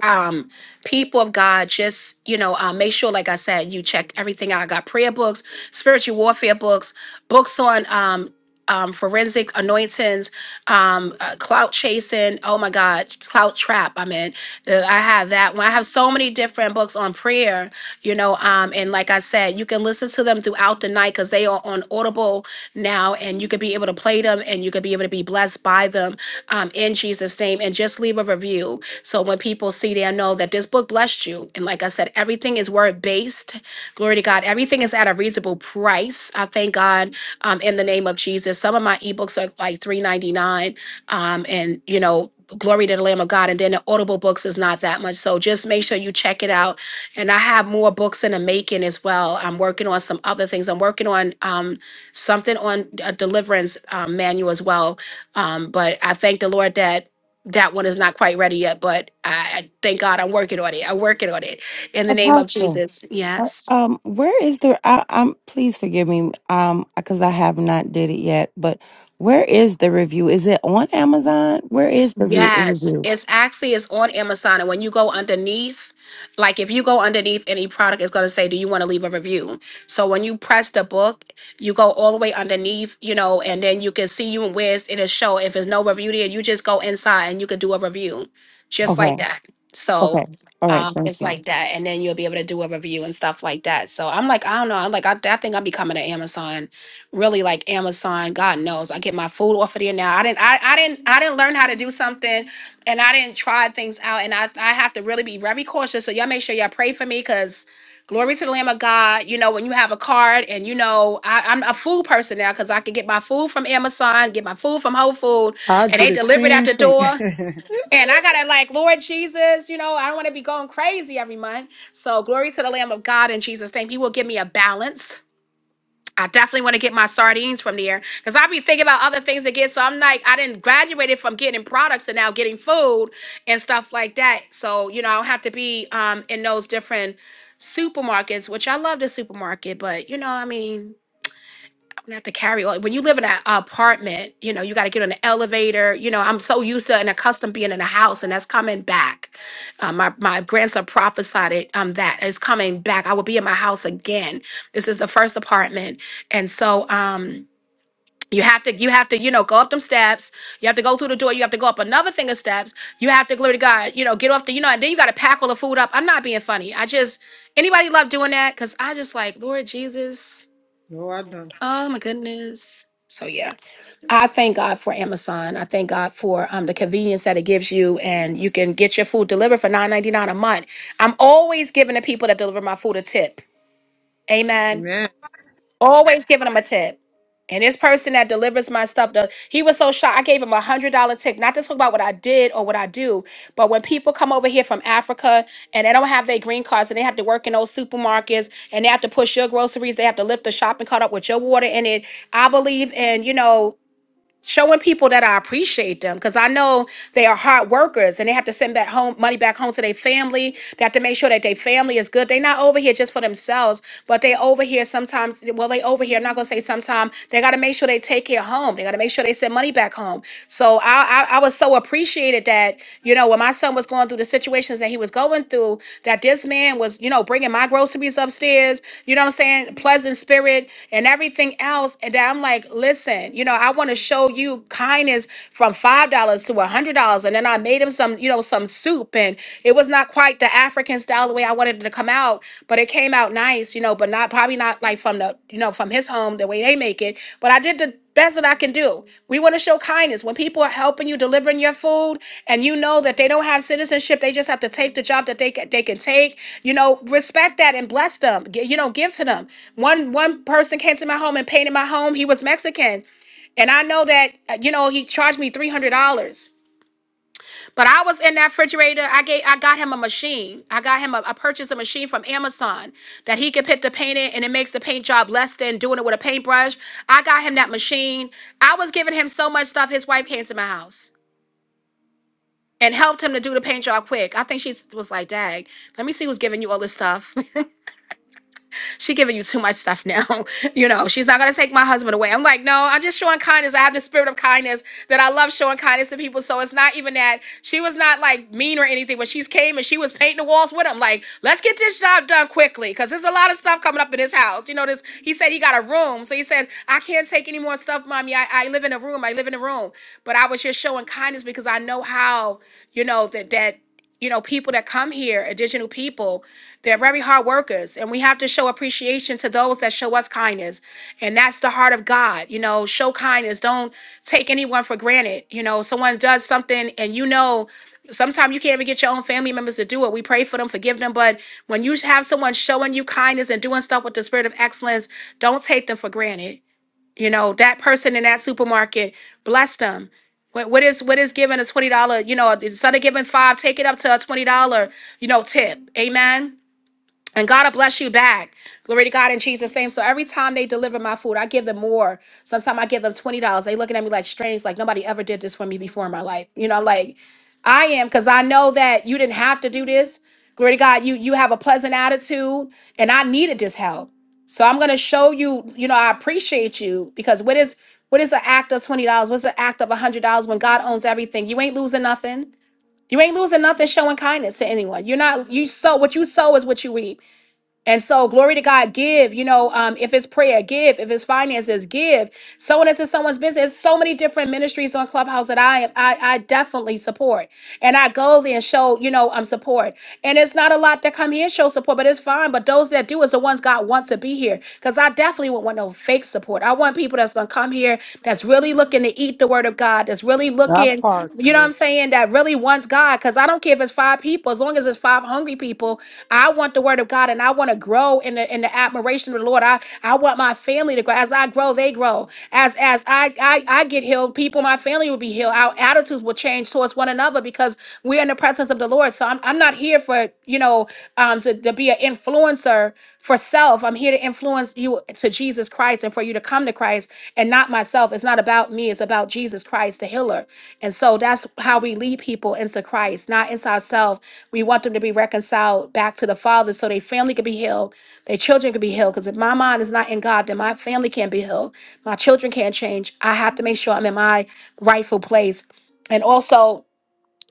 S1: um people of god just you know uh, make sure like i said you check everything out i got prayer books spiritual warfare books books on um um, forensic anointings, um, uh, clout chasing. Oh my God, clout trap. I mean, uh, I have that one. I have so many different books on prayer, you know. Um, and like I said, you can listen to them throughout the night because they are on Audible now, and you could be able to play them, and you could be able to be blessed by them um, in Jesus' name. And just leave a review so when people see, they know that this book blessed you. And like I said, everything is word based. Glory to God. Everything is at a reasonable price. I thank God um, in the name of Jesus. Some of my ebooks are like three ninety nine, um, and you know. Glory to the Lamb of God. And then the Audible books is not that much. So just make sure you check it out. And I have more books in the making as well. I'm working on some other things. I'm working on um, something on a deliverance um, manual as well. Um, but I thank the Lord that that one is not quite ready yet, but I I- thank God I'm working on it. I'm working on it in the name of
S4: Apostle.
S1: Jesus. Yes.
S4: Um, where is the? I, I'm please forgive me. Um, because I have not did it yet. But where is the review? Is it on Amazon? Where is the re-
S1: Yes,
S4: review?
S1: it's actually it's on Amazon, and when you go underneath, like if you go underneath any product, it's gonna say, "Do you want to leave a review?" So when you press the book, you go all the way underneath, you know, and then you can see you and where's it'll show. If there's no review there, you just go inside and you can do a review, just like
S4: Okay.
S1: that. So
S4: Okay. All right.
S1: um,
S4: Thank
S1: it's
S4: you.
S1: like that, and then you'll be able to do a review and stuff like that. So I'm like, I don't know, I'm like, I, I think I'm becoming an Amazon really like Amazon. God knows, I get my food off of there now. I didn't, I, I didn't, I didn't learn how to do something, and I didn't try things out, and I, I have to really be very cautious. So y'all make sure y'all pray for me, cause glory to the Lamb of God. You know, when you have a card, and you know, I, I'm a food person now, cause I can get my food from Amazon, get my food from Whole Food,
S3: I
S1: and
S3: do
S1: they
S3: the
S1: deliver it at
S3: same
S1: the
S3: thing.
S1: door. And I gotta like, Lord Jesus, you know, I don't want to be going crazy every month. So glory to the Lamb of God in Jesus' name. He will give me a balance. I definitely want to get my sardines from there because I be thinking about other things to get. So I'm like, I didn't graduated from getting products to now getting food and stuff like that. So you know, I don't have to be um in those different supermarkets, which I love the supermarket, but you know, I mean and have to carry all when you live in an apartment you know you got to get on the elevator you know i'm so used to and accustomed being in a house and that's coming back um, my, my grandson prophesied it um, that is coming back i will be in my house again this is the first apartment and so um, you have to you have to you know go up them steps you have to go through the door you have to go up another thing of steps you have to glory to god you know get off the you know and then you got to pack all the food up i'm not being funny i just anybody love doing that because i just like lord jesus
S3: no, I don't.
S1: Oh my goodness. So yeah, I thank God for Amazon. I thank God for um the convenience that it gives you, and you can get your food delivered for nine ninety nine a month. I'm always giving the people that deliver my food a tip. Amen.
S3: Amen.
S1: Always giving them a tip. And this person that delivers my stuff, the, he was so shocked. I gave him a hundred dollar tip, not to talk about what I did or what I do, but when people come over here from Africa and they don't have their green cards and they have to work in those supermarkets and they have to push your groceries, they have to lift the shopping cart up with your water in it. I believe in you know showing people that I appreciate them because I know they are hard workers and they have to send that home money back home to their family. They have to make sure that their family is good. They're not over here just for themselves, but they over here sometimes. Well, they over here. I'm not gonna say sometimes. They got to make sure they take care home. They got to make sure they send money back home. So I, I I was so appreciated that you know when my son was going through the situations that he was going through, that this man was you know bringing my groceries upstairs. You know what I'm saying? Pleasant spirit and everything else. And that I'm like, listen, you know, I. I want to show you kindness from five dollars to a hundred dollars. And then I made him some, you know, some soup, and it was not quite the African style the way I wanted it to come out, but it came out nice, you know, but not probably not like from the, you know, from his home the way they make it. But I did the best that I can do. We want to show kindness when people are helping you delivering your food, and you know that they don't have citizenship. They just have to take the job that they can, they can take. You know, respect that and bless them. Gi- You know, give to them. One one person came to my home and painted my home. He was Mexican. And I know that uh, you know he charged me three hundred dollars, but I was in that refrigerator. I gave, I got him a machine. I got him a, I purchased a machine from Amazon that he can put the paint in, and it makes the paint job less than doing it with a paintbrush. I got him that machine. I was giving him so much stuff. His wife came to my house and helped him to do the paint job quick. I think she was like, "Dag, let me see who's giving you all this stuff." she giving you too much stuff now. you know, she's not gonna take my husband away. I'm like, no, I'm just showing kindness. I have the spirit of kindness that I love showing kindness to people. So it's not even that she was not like mean or anything, but she's came and she was painting the walls with him. Like, let's get this job done quickly because there's a lot of stuff coming up in his house. You know, this he said he got a room, so he said I can't take any more stuff, mommy. I, I live in a room. I live in a room. But I was just showing kindness because I know how you know that that you know people that come here, additional people. They're very hard workers, and we have to show appreciation to those that show us kindness. And that's the heart of God. You know, show kindness. Don't take anyone for granted. You know, someone does something, and you know, sometimes you can't even get your own family members to do it. We pray for them, forgive them. But when you have someone showing you kindness and doing stuff with the spirit of excellence, don't take them for granted. You know, that person in that supermarket, bless them. What what is what is giving a twenty dollar? You know, instead of giving five, take it up to a twenty dollar. You know, tip. Amen and God will bless you back. Glory to God in Jesus' name. So every time they deliver my food, I give them more. Sometimes I give them twenty dollars. They looking at me like strange, like nobody ever did this for me before in my life. You know, like I am, because I know that you didn't have to do this. Glory to God, you you have a pleasant attitude, and I needed this help. So I'm gonna show you, you know, I appreciate you because what is what is an act of twenty dollars? What's an act of a hundred dollars when God owns everything? You ain't losing nothing. You ain't losing nothing showing kindness to anyone. You're not you sow what you sow is what you reap. And so, glory to God, give. You know, um, if it's prayer, give. If it's finances, give. Someone that's in someone's business. There's so many different ministries on Clubhouse that I am, I, I definitely support, and I go there and show, you know, um, support. And it's not a lot that come here and show support, but it's fine. But those that do is the ones God wants to be here, because I definitely won't want no fake support. I want people that's gonna come here, that's really looking to eat the Word of God, that's really
S3: That
S1: looking
S3: part.
S1: you know what I'm
S3: Yes.
S1: saying, that really wants God. Because I don't care if it's five people, as long as it's five hungry people, I want the word of God and I want to grow in the in the admiration of the Lord. I, I want my family to grow. As I grow, they grow. As as I, I I get healed, people, my family will be healed. Our attitudes will change towards one another because we're in the presence of the Lord. So I'm I'm not here for, you know, um to, to be an influencer for self. I'm here to influence you to Jesus Christ and for you to come to Christ and not myself. It's not about me, it's about Jesus Christ, the healer. And so that's how we lead people into Christ, not into ourselves. We want them to be reconciled back to the Father so their family can be healed, their children can be healed. Because if my mind is not in God, then my family can't be healed. My children can't change. I have to make sure I'm in my rightful place. And also,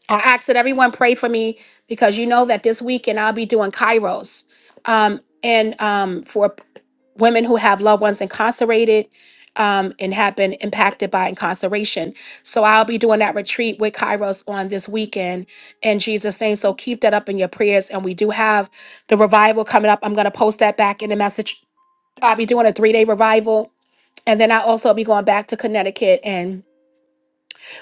S1: I ask that everyone pray for me because you know that this weekend I'll be doing Kairos um, and um, for p- women who have loved ones incarcerated um, and have been impacted by incarceration. So I'll be doing that retreat with Kairos on this weekend in Jesus' name. So keep that up in your prayers. And we do have the revival coming up. I'm going to post that back in the message. I'll be doing a three day revival. And then I also be going back to Connecticut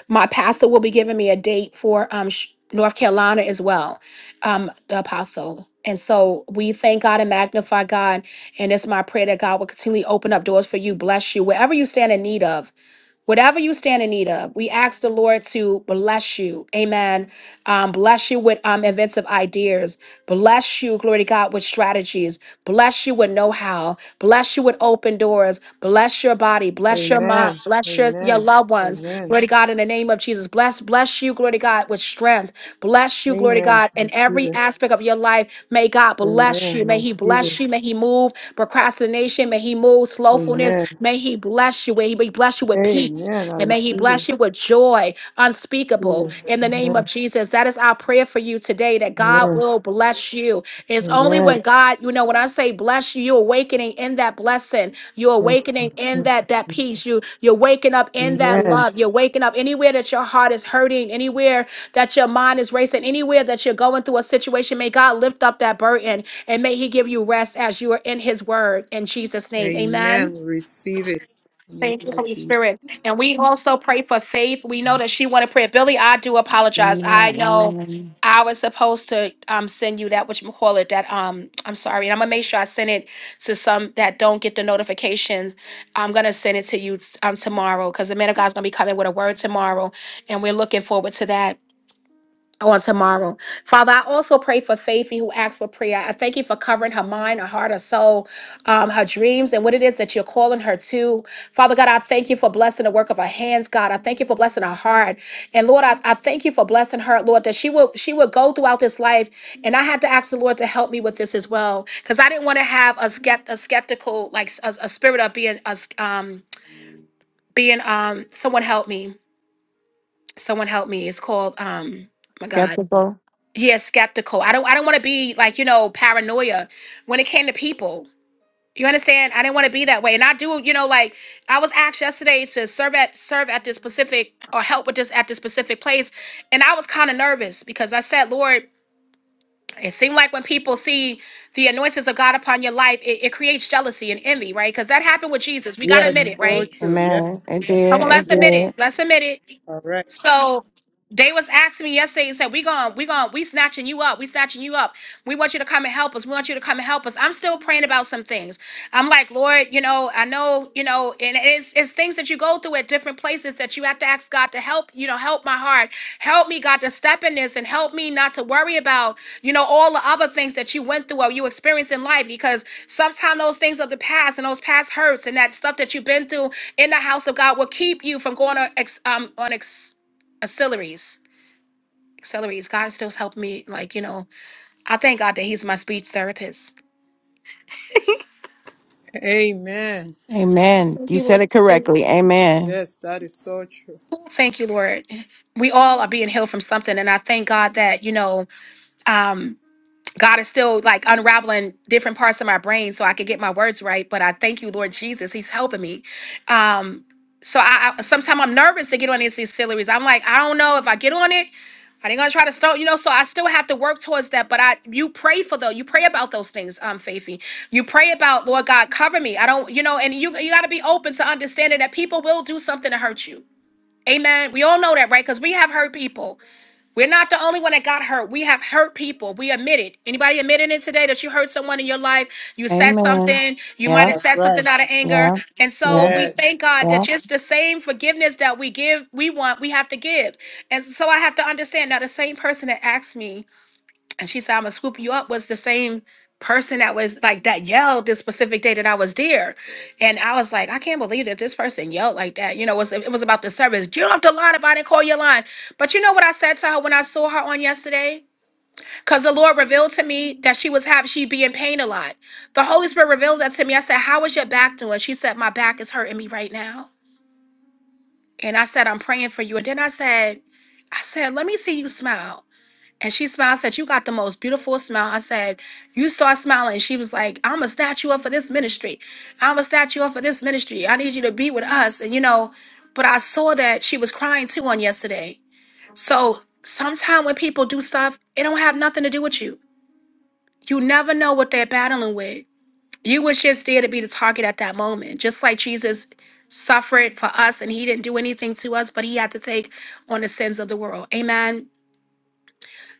S1: my pastor will be giving me a date for um, sh- North Carolina as well, um, the apostle. And so we thank God and magnify God. And it's my prayer that God will continually open up doors for you, bless you, wherever you stand in need of. Whatever you stand in need of, we ask the Lord to bless you. Amen. Um, bless you with um, inventive ideas. Bless you, glory to God, with strategies. Bless you with know how. Bless you with open doors. Bless your body. Bless your mind.
S3: Amen.
S1: Bless your, your
S3: Amen.
S1: loved ones.
S3: Amen.
S1: Glory to God, in the name of Jesus. Bless, bless you, glory to God, with strength. Bless you, glory to
S3: Amen.
S1: God, in
S3: Receive
S1: every
S3: it.
S1: aspect of your life. May God bless
S3: Amen.
S1: you. May He
S3: Receive it.
S1: bless you. May He move procrastination. May He move slothfulness.
S3: Amen.
S1: May he bless you. May he bless you with peace.
S3: Amen. I
S1: And may he
S3: receive
S1: bless
S3: it.
S1: you with joy
S3: Receive
S1: unspeakable
S3: it.
S1: in the name of
S3: Amen.
S1: Jesus. That is our prayer for you today that God
S3: Amen.
S1: will bless you. It's only
S3: Amen.
S1: when God, you know, when I say bless you, you're awakening in that blessing. You're
S3: Yes,
S1: awakening
S3: Lord.
S1: in
S3: Thank
S1: that that
S3: you, Jesus.
S1: peace. You you're waking up in that
S3: Amen.
S1: love. You're waking up anywhere that your heart is hurting, anywhere that your mind is racing, anywhere that you're going through a situation. May God lift up that burden and may He give you rest as you are in His word. In Jesus' name. Amen.
S3: Amen. Receive it. In the name
S1: Thank you,
S3: of
S1: Holy
S3: Jesus.
S1: Spirit. And we also pray for faith. We know that she wanted prayer. Billy, I do apologize. I
S4: Amen.
S1: know
S4: Amen.
S1: I was supposed to um send you that which call it that um I'm sorry. And I'm gonna make sure I send it to some that don't get the notifications. I'm gonna send it to you um tomorrow because the man of God's gonna be coming with a word tomorrow, and we're looking forward to that on tomorrow. Father, I also pray for Faithy who asked for prayer. I thank you for covering her mind, her heart, her soul, um, her dreams, and what it is that you're calling her to. Father God, I thank you for blessing the work of her hands, God. I thank you for blessing her heart. And Lord, I, I thank you for blessing her, Lord, that she will she will go throughout this life. And I had to ask the Lord to help me with this as well. Because I didn't want to have a skept a skeptical, like a, a spirit of being a s- um being um someone help me. Someone help me. It's called um my God
S4: Skeptical.
S1: yeah skeptical i don't i don't want to be like you know paranoia when it came to people you understand i didn't want to be that way and i do you know like i was asked yesterday to serve at serve at this specific or help with this at this specific place and i was kind of nervous because i said lord it seemed like when people see the anointings of god upon your life it, it creates jealousy and envy right because that happened with jesus we gotta admit it
S3: Yes, so
S1: right
S3: true. Yeah.
S4: Amen. It
S1: come on
S4: did. It
S1: let's admit it
S4: did.
S3: Yes.
S1: let's admit it
S3: All right.
S1: so they was asking me yesterday and said, We going, we going, we snatching you up, we snatching you up. We want you to come and help us. We want you to come and help us. I'm still praying about some things. I'm like, Lord, you know, I know, you know, and it's it's things that you go through at different places that you have to ask God to help, you know, help my heart. Help me, God, to step in this and help me not to worry about, you know, all the other things that you went through or you experienced in life because sometimes those things of the past and those past hurts and that stuff that you've been through in the house of God will keep you from going on ex, um on ex Acceleries. Acceleries. God still helped me. Like, you know, I thank God that He's my speech therapist.
S3: Amen.
S4: Amen.
S1: Thank
S4: You
S1: you,
S4: said
S1: Lord
S4: it correctly.
S1: Jesus.
S4: Amen.
S3: Yes, that is so true.
S1: Ooh, Thank you, Lord. We all are being healed from something. And I thank God that, you know, um, God is still like unraveling different parts of my brain so I could get my words right. But I thank you, Lord Jesus. He's helping me. Um, so I, I sometimes I'm nervous to get on these distilleries. I'm like, I don't know if I get on it. Are they gonna try to start? You know, so I still have to work towards that. But I, you pray for though. You pray about those things, um, Faithy. You pray about Lord God, cover me. I don't, you know, and you you got to be open to understanding that people will do something to hurt you. Amen. We all know that, right? Because we have hurt people. We're not the only one that got hurt. We have hurt people. We admit it. Anybody admitting it today that you hurt someone in your life? You said
S4: Amen.
S1: something. You might
S4: Yeah.
S1: have said
S3: That's
S1: something
S3: right.
S1: out of anger.
S4: Yeah.
S1: And
S4: Yeah.
S1: so we thank
S3: Yes.
S1: God that
S4: Yeah.
S1: just the same forgiveness that we give, we want, we have to give. And so I have to understand now the same person that asked me and she said, I'm gonna scoop you up was the same person that was like that yelled this specific day that I was there. And I was like, I can't believe that this person yelled like that. You know, it was it was about the service. Get off the line if I didn't call your line. But you know what I said to her when I saw her on yesterday? Because the Lord revealed to me that she was having she'd be in pain a lot. The Holy Spirit revealed that to me. I said, How is your back doing? She said, My back is hurting me right now. And I said, I'm praying for you. And then I said, I said, let me see you smile. And she smiled, said, You got the most beautiful smile. I said, You start smiling. She was like, I'm a statue up for this ministry. I'm a statue up for this ministry. I need you to be with us. And you know, but I saw that she was crying too on yesterday. So sometimes when people do stuff, it don't have nothing to do with you. You never know what they're battling with. You was just there to be the target at that moment. Just like Jesus suffered for us and he didn't do anything to us, but he had to take on the sins of the world. Amen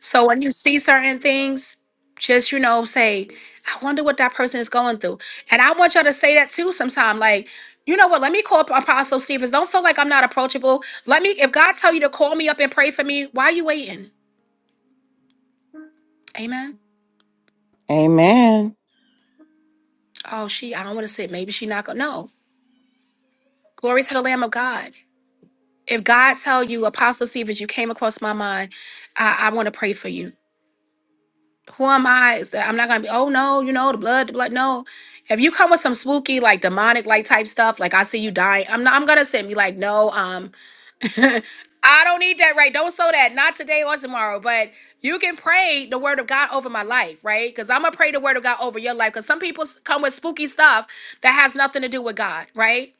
S1: so when you see certain things, just you know, say, I wonder what that person is going through. And I want y'all to say that too sometime. Like, you know what? Let me call Apostle Stevens. Don't feel like I'm not approachable. Let me, if God tell you to call me up and pray for me, why are you waiting? Amen.
S4: Amen.
S1: Oh, she, I don't want to sit. Maybe she not gonna no. Glory to the Lamb of God. If God tell you, Apostle Stevens, you came across my mind, I, I want to pray for you who am I? Is that I'm not gonna be, oh no, you know, the blood, the blood. No. If you come with some spooky, like demonic like type stuff, like I see you dying, I'm not I'm gonna send me like, no, um, I don't need that, right? Don't sow that, not today or tomorrow. But you can pray the word of God over my life, right? Because I'm gonna pray the word of God over your life. Because some people s- come with spooky stuff that has nothing to do with God, right?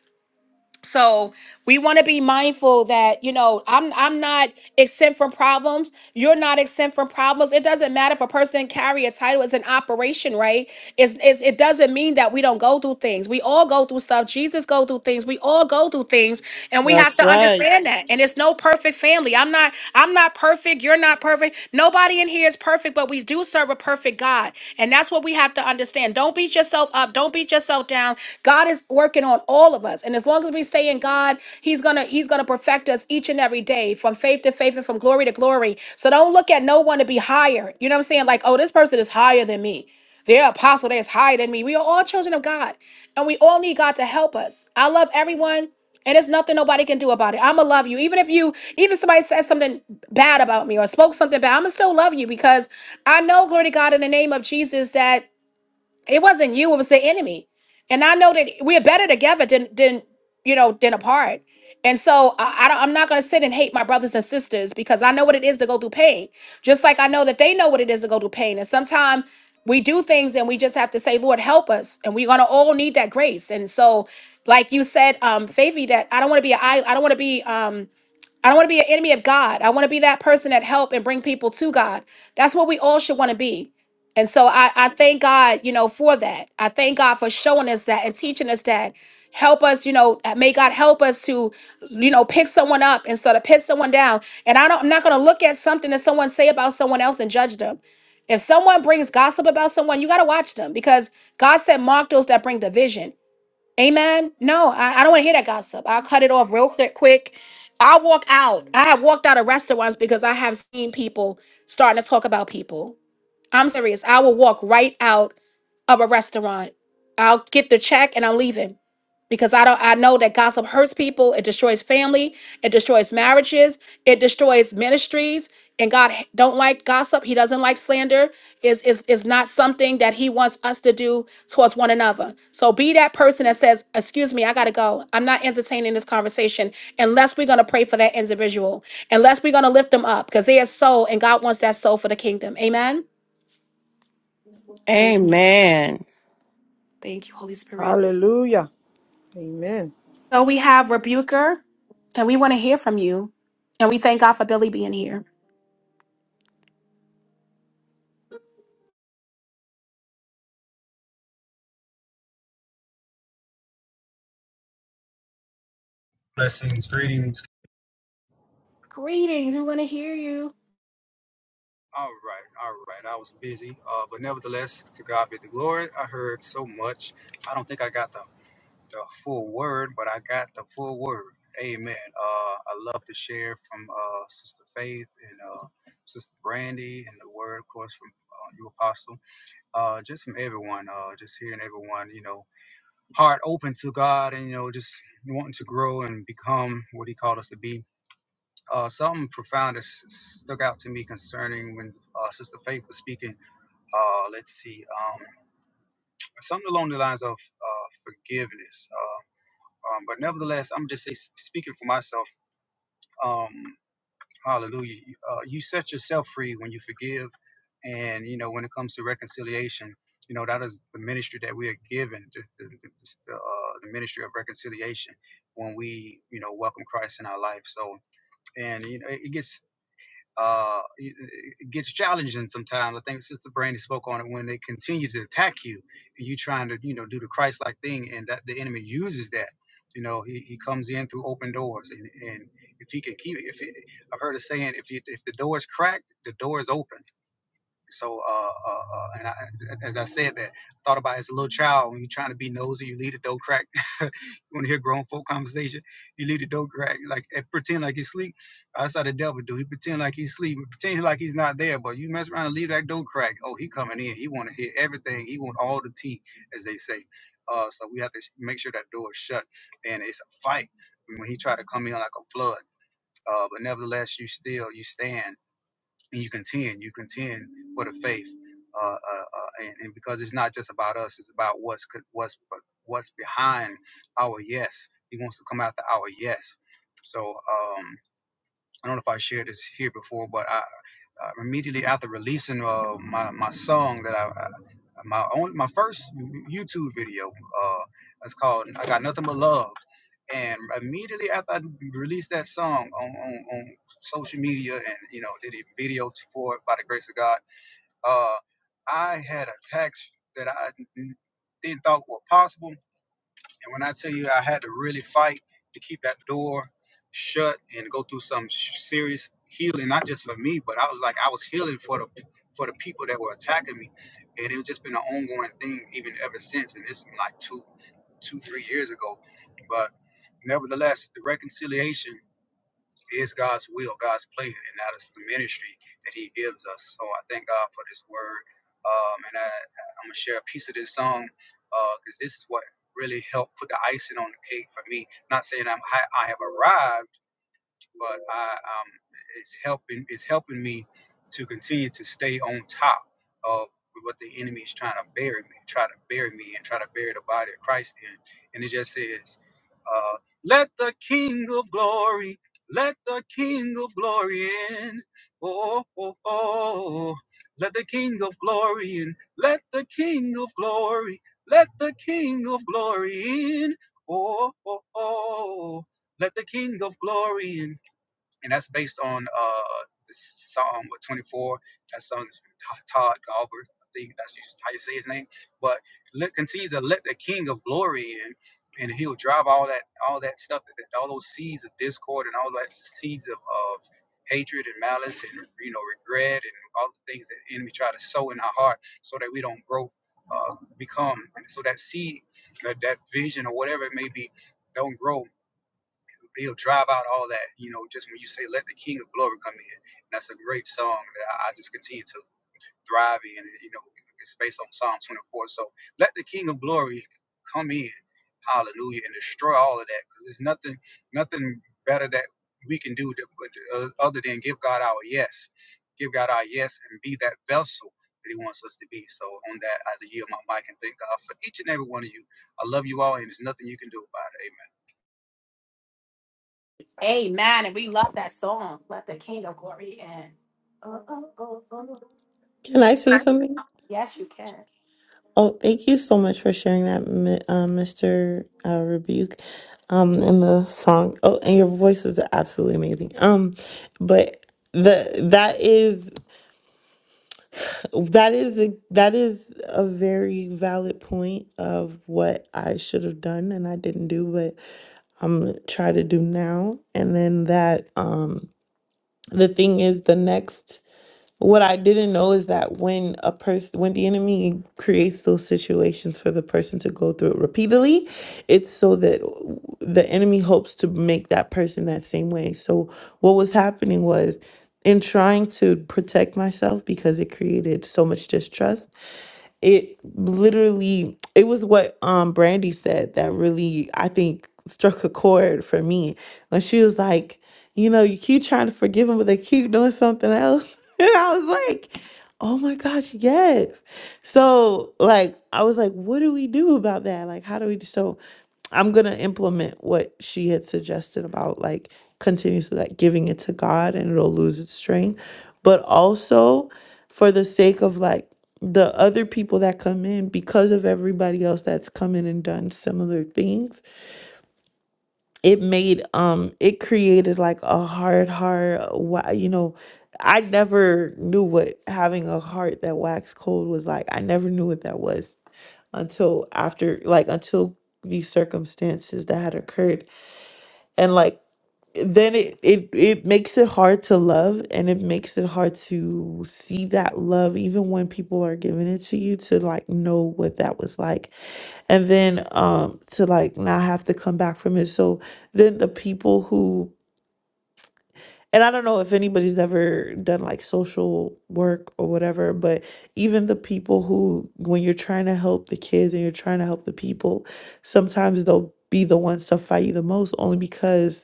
S1: so we want to be mindful that you know I'm I'm not exempt from problems. You're not exempt from problems. It doesn't matter if a person carry a title. It's an operation, right? It's, it's it doesn't mean that we don't go through things. We all go through stuff. Jesus go through things. We all go through things, and we have
S3: That's
S1: to
S3: right.
S1: understand that. And it's no perfect family. I'm not I'm not not perfect. You're not perfect. Nobody in here is perfect, but we do serve a perfect God. And that's what we have to understand. Don't beat yourself up. Don't beat yourself down. God is working on all of us. And as long as we stay in God, He's gonna He's gonna perfect us each and every day from faith to faith and from glory to glory. So don't look at no one to be higher. You know what I'm saying? Like, oh, this person is higher than me. They're apostle, they're higher than me. We are all children of God. And we all need God to help us. I love everyone. And it's nothing nobody can do about it. I'ma love you. Even if you, even if somebody says something bad about me or spoke something bad, I'ma still love you because I know, glory to God, in the name of Jesus, that it wasn't you, it was the enemy. And I know that we're better together than than you know than apart. And so I, I don't, I'm not going to sit and hate my brothers and sisters because I know what it is to go through pain. Just like I know that they know what it is to go through pain. And sometimes we do things and we just have to say, Lord, help us. And we're going to all need that grace. And so, like you said, um, Favy, that I don't want to be, I, I don't want to be, um, I don't want to be an enemy of God. I want to be that person that help and bring people to God. That's what we all should want to be. And so I, I thank God, you know, for that. I thank God for showing us that and teaching us that. Help us, you know, may God help us to, you know, pick someone up instead of pick someone down. And I don't, I'm not going to look at something that someone say about someone else and judge them. If someone brings gossip about someone, you got to watch them because God said, mark those that bring division. Amen. No, I, I don't want to hear that gossip. I'll cut it off real quick. Quick. I'll walk out. I have walked out of restaurants because I have seen people starting to talk about people. I'm serious. I will walk right out of a restaurant. I'll get the check and I'm leaving because I don't. I know that gossip hurts people. It destroys family. It destroys marriages. It destroys ministries. And God h- don't like gossip. He doesn't like slander. Is is is not something that He wants us to do towards one another. So be that person that says, "Excuse me, I gotta go. I'm not entertaining this conversation unless we're gonna pray for that individual. Unless we're gonna lift them up because they are soul and God wants that soul for the kingdom. Amen." Thank you.
S4: Amen.
S1: Thank you, Holy Spirit.
S3: Hallelujah. Amen.
S1: So we have Rebuker, and we want to hear from you. And we thank God for Billy being here.
S8: Blessings, greetings. All right, all right. I was busy, uh, but nevertheless, to God be the glory. I heard so much. I don't think I got the, the full word, but I got the full word. Amen. Uh, I love to share from uh, Sister Faith and uh, Sister Brandy, and the word, of course, from uh, you, Apostle. Uh, just from everyone, uh, just hearing everyone, you know, heart open to God, and you know, just wanting to grow and become what He called us to be uh, something profound that s- stuck out to me concerning when uh, Sister Faith was speaking. Uh, let's see, um, something along the lines of uh, forgiveness. Uh, um, but nevertheless, I'm just say, speaking for myself. Um, hallelujah. Uh, you set yourself free when you forgive, and you know when it comes to reconciliation. You know that is the ministry that we are given, the, the, the, the, uh, the ministry of reconciliation. When we, you know, welcome Christ in our life, so and you know it, it gets uh, it gets challenging sometimes. I think Sister Brandy spoke on it when they continue to attack you and you trying to, you know, do the Christ-like thing, and that the enemy uses that. You know, he, he comes in through open doors, and, and if he can keep, it, if he, I've heard a saying, if you, if the door is cracked, the door is open so, uh, uh, uh, and I, as I said that, thought about it as a little child when you're trying to be nosy, you leave the door crack. you want to hear grown folk conversation, you leave the door crack, like and pretend like he's asleep. That's how the devil do. He pretend like he's asleep, pretend like he's not there, but you mess around and leave that door crack. Oh, he coming in. He want to hear everything. He want all the tea, as they say. Uh, so we have to make sure that door is shut, and it's a fight when he try to come in like a flood. Uh, but nevertheless, you still you stand and you contend, you contend for the faith, uh, uh, uh, and, and because it's not just about us, it's about what's co- what's what's behind our yes. He wants to come after our yes. So um, I don't know if I shared this here before, but I, I immediately after releasing uh, my my song that I, my own my first YouTube video. Uh, it's called "I Got Nothing But Love," and immediately after I released that song on, on, on social media and you know did a video for it by the grace of God, uh, I had attacks that I didn't thought were possible and when I tell you I had to really fight to keep that door shut and go through some serious healing, not just for me, but I was like I was healing for the for the people that were attacking me, and it's just been an ongoing thing even ever since. And this is like two two three years ago, but nevertheless, the reconciliation is God's will, God's plan, and that is the ministry that He gives us. So I thank God for this word. Um, and I, I'm going to share a piece of this song because uh, this is what really helped put the icing on the cake for me. Not saying I'm, I, I have arrived but I um, it's helping it's helping me to continue to stay on top of what the enemy is trying to bury me, try to bury me, and try to bury the body of Christ in. And it just says, uh, "Let the King of Glory, let the King of Glory in. Oh, oh, oh, let the King of Glory in. Let the King of Glory, let the King of Glory in. Oh, oh, oh." Let the King of Glory in and that's based on uh the Psalm what 24. That song is from Todd Galbraith. I think that's how you say his name. But let continue to let the King of Glory in, and He'll drive all that all that stuff, all those seeds of discord and all that seeds of, of hatred and malice and you know regret and all the things that the enemy try to sow in our heart, so that we don't grow, uh, become, so that seed, that, that vision or whatever it may be, don't grow he'll drive out all that, you know, just when you say, let the King of Glory come in. And that's a great song that I just continue to thrive in. you know, it's based on Psalm 24. So let the King of Glory come in. Hallelujah. And destroy all of that because there's nothing, nothing better that we can do to, but, uh, other than give God our yes. Give God our yes and be that vessel that he wants us to be. So on that, I yield my mic and thank God for each and every one of you. I love you all, and there's nothing you can do about it. Amen.
S1: Amen. And we love that song. Let the King of Glory in.
S6: Can I say something?
S1: Yes, you can.
S6: Oh, thank you so much for sharing that, Mi- uh, Mr. Uh, Rebuke, um, and the song. Oh, and your voice is absolutely amazing. Um, but the that is that is a, that is a very valid point of what I should have done and I didn't do, but I'm gonna try to do now. And then that um, the thing is the next What I didn't know is that when a person, when the enemy creates those situations for the person to go through it repeatedly, it's so that the enemy hopes to make that person that same way. So what was happening was in trying to protect myself because it created so much distrust, it literally it was what um brandy said that really i think struck a chord for me when she was like you know you keep trying to forgive them but they keep doing something else and i was like oh my gosh yes so like i was like what do we do about that like how do we so i'm gonna implement what she had suggested about like continuously like giving it to god and it'll lose its strength but also for the sake of like the other people that come in because of everybody else that's come in and done similar things it made um it created like a hard heart why you know i never knew what having a heart that waxed cold was like i never knew what that was until after like until these circumstances that had occurred and like then it, it it makes it hard to love and it makes it hard to see that love even when people are giving it to you to like know what that was like and then um to like not have to come back from it so then the people who and i don't know if anybody's ever done like social work or whatever but even the people who when you're trying to help the kids and you're trying to help the people sometimes they'll be the ones to fight you the most only because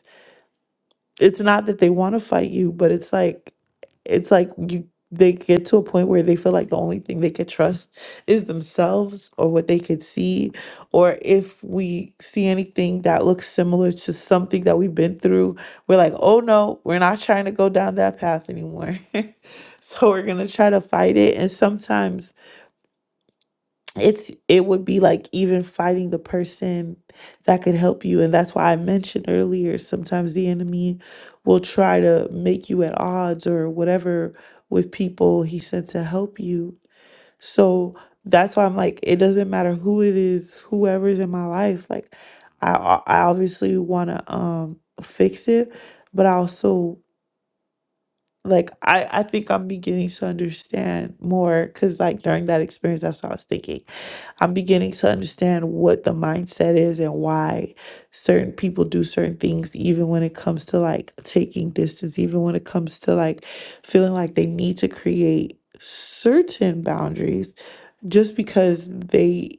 S6: it's not that they want to fight you, but it's like it's like you they get to a point where they feel like the only thing they could trust is themselves or what they could see or if we see anything that looks similar to something that we've been through we're like oh no we're not trying to go down that path anymore so we're going to try to fight it and sometimes it's it would be like even fighting the person that could help you and that's why i mentioned earlier sometimes the enemy will try to make you at odds or whatever with people he sent to help you so that's why i'm like it doesn't matter who it is whoever's in my life like i o- i obviously want to um fix it but i also like i i think i'm beginning to understand more because like during that experience that's what i was thinking I'm beginning to understand what the mindset is and why certain people do certain things, even when it comes to like taking distance, even when it comes to like feeling like they need to create certain boundaries just because they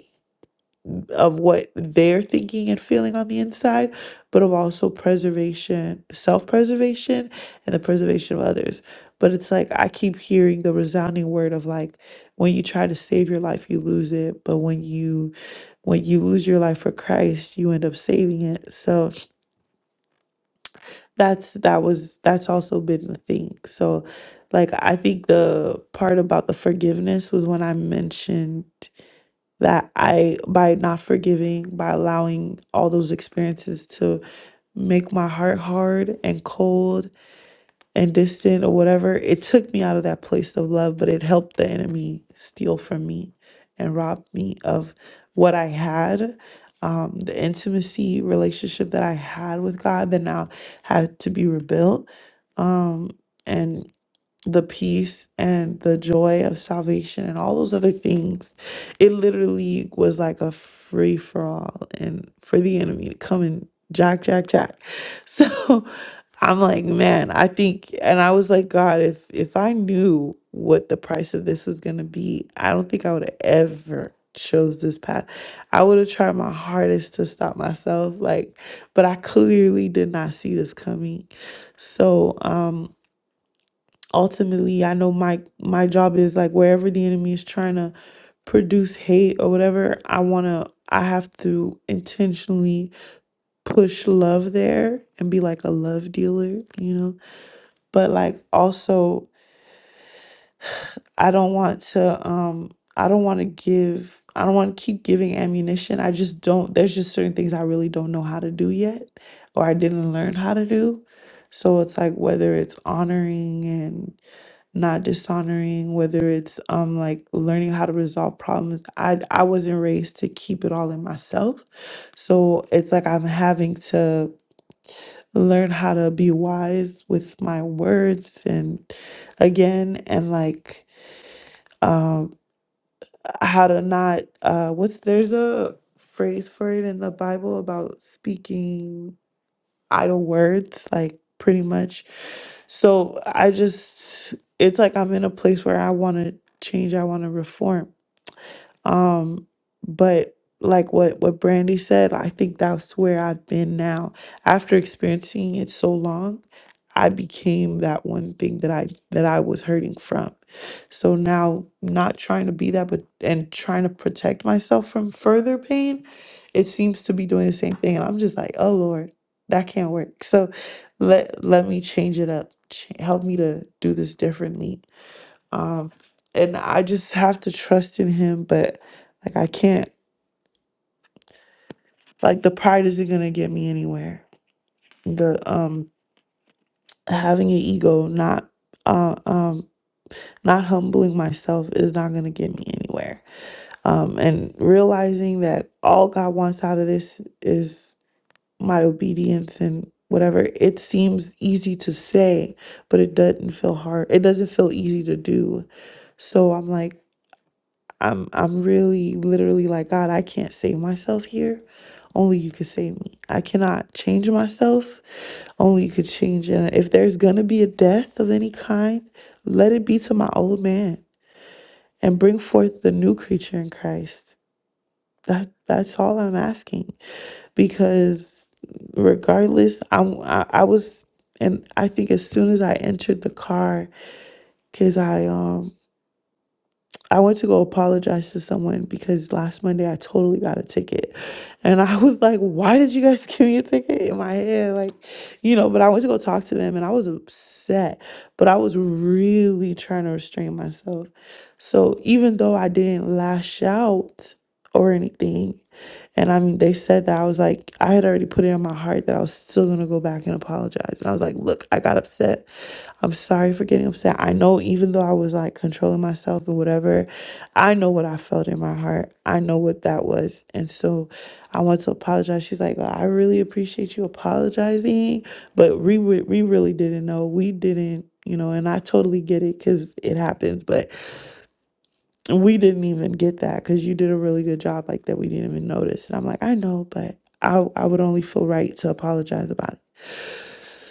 S6: of what they're thinking and feeling on the inside, but of also preservation, self preservation, and the preservation of others. But it's like I keep hearing the resounding word of like, when you try to save your life, you lose it. But when you when you lose your life for Christ, you end up saving it. So that's that was that's also been the thing. So like I think the part about the forgiveness was when I mentioned that I, by not forgiving, by allowing all those experiences to make my heart hard and cold and distant or whatever, it took me out of that place of love, but it helped the enemy steal from me and rob me of what I had. Um, the intimacy relationship that I had with God that now had to be rebuilt. Um, and the peace and the joy of salvation and all those other things. It literally was like a free for all and for the enemy to come and jack, jack, jack. So I'm like, man, I think, and I was like, God, if if I knew what the price of this was gonna be, I don't think I would have ever chose this path. I would have tried my hardest to stop myself, like, but I clearly did not see this coming. So, um, ultimately i know my my job is like wherever the enemy is trying to produce hate or whatever i want to i have to intentionally push love there and be like a love dealer you know but like also i don't want to um i don't want to give i don't want to keep giving ammunition i just don't there's just certain things i really don't know how to do yet or i didn't learn how to do so it's like whether it's honoring and. not dishonoring whether it's um like learning how to resolve problems i i wasn't raised to keep it all in myself so it's like i'm having to learn how to be wise with my words and again and like um how to not uh what's there's a phrase for it in the bible about speaking idle words, like pretty much. So I just, it's like I'm in a place where I want to change, I want to reform. Um, but like what what Brandy said, I think that's where I've been now. After experiencing it so long, I became that one thing that I that I was hurting from. So now not trying to be that but and trying to protect myself from further pain, it seems to be doing the same thing. And I'm just like, oh Lord, that can't work. So let let me change it up. Ch- help me to do this differently um, and I just have to trust in him, but like I can't like the pride isn't gonna get me anywhere. The um having an ego, not uh um not humbling myself is not gonna get me anywhere. Um and realizing that all God wants out of this is my obedience and whatever it seems easy to say but it doesn't feel hard it doesn't feel easy to do so i'm like I'm I'm really literally like God, I can't save myself here. Only you could save me. I cannot change myself. Only you could change And If there's gonna be a death of any kind, let it be to my old man and bring forth the new creature in Christ. That that's all I'm asking. Because regardless, I'm I, I was and I think as soon as I entered the car, because I um I went to go apologize to someone because last Monday I totally got a ticket. And I was like, why did you guys give me a ticket in my head? Like, you know, but I went to go talk to them and I was upset, but I was really trying to restrain myself. So even though I didn't lash out or anything, and I mean, they said that I was like, I had already put it in my heart that I was still gonna go back and apologize. And I was like, look, I got upset. I'm sorry for getting upset. I know even though I was like controlling myself and whatever, I know what I felt in my heart. I know what that was. And so I want to apologize. She's like, well, I really appreciate you apologizing, but we, re- we really didn't know. We didn't, you know, and I totally get it because it happens. But we didn't even get that because you did a really good job like that we didn't even notice and i'm like i know but i, I would only feel right to apologize about it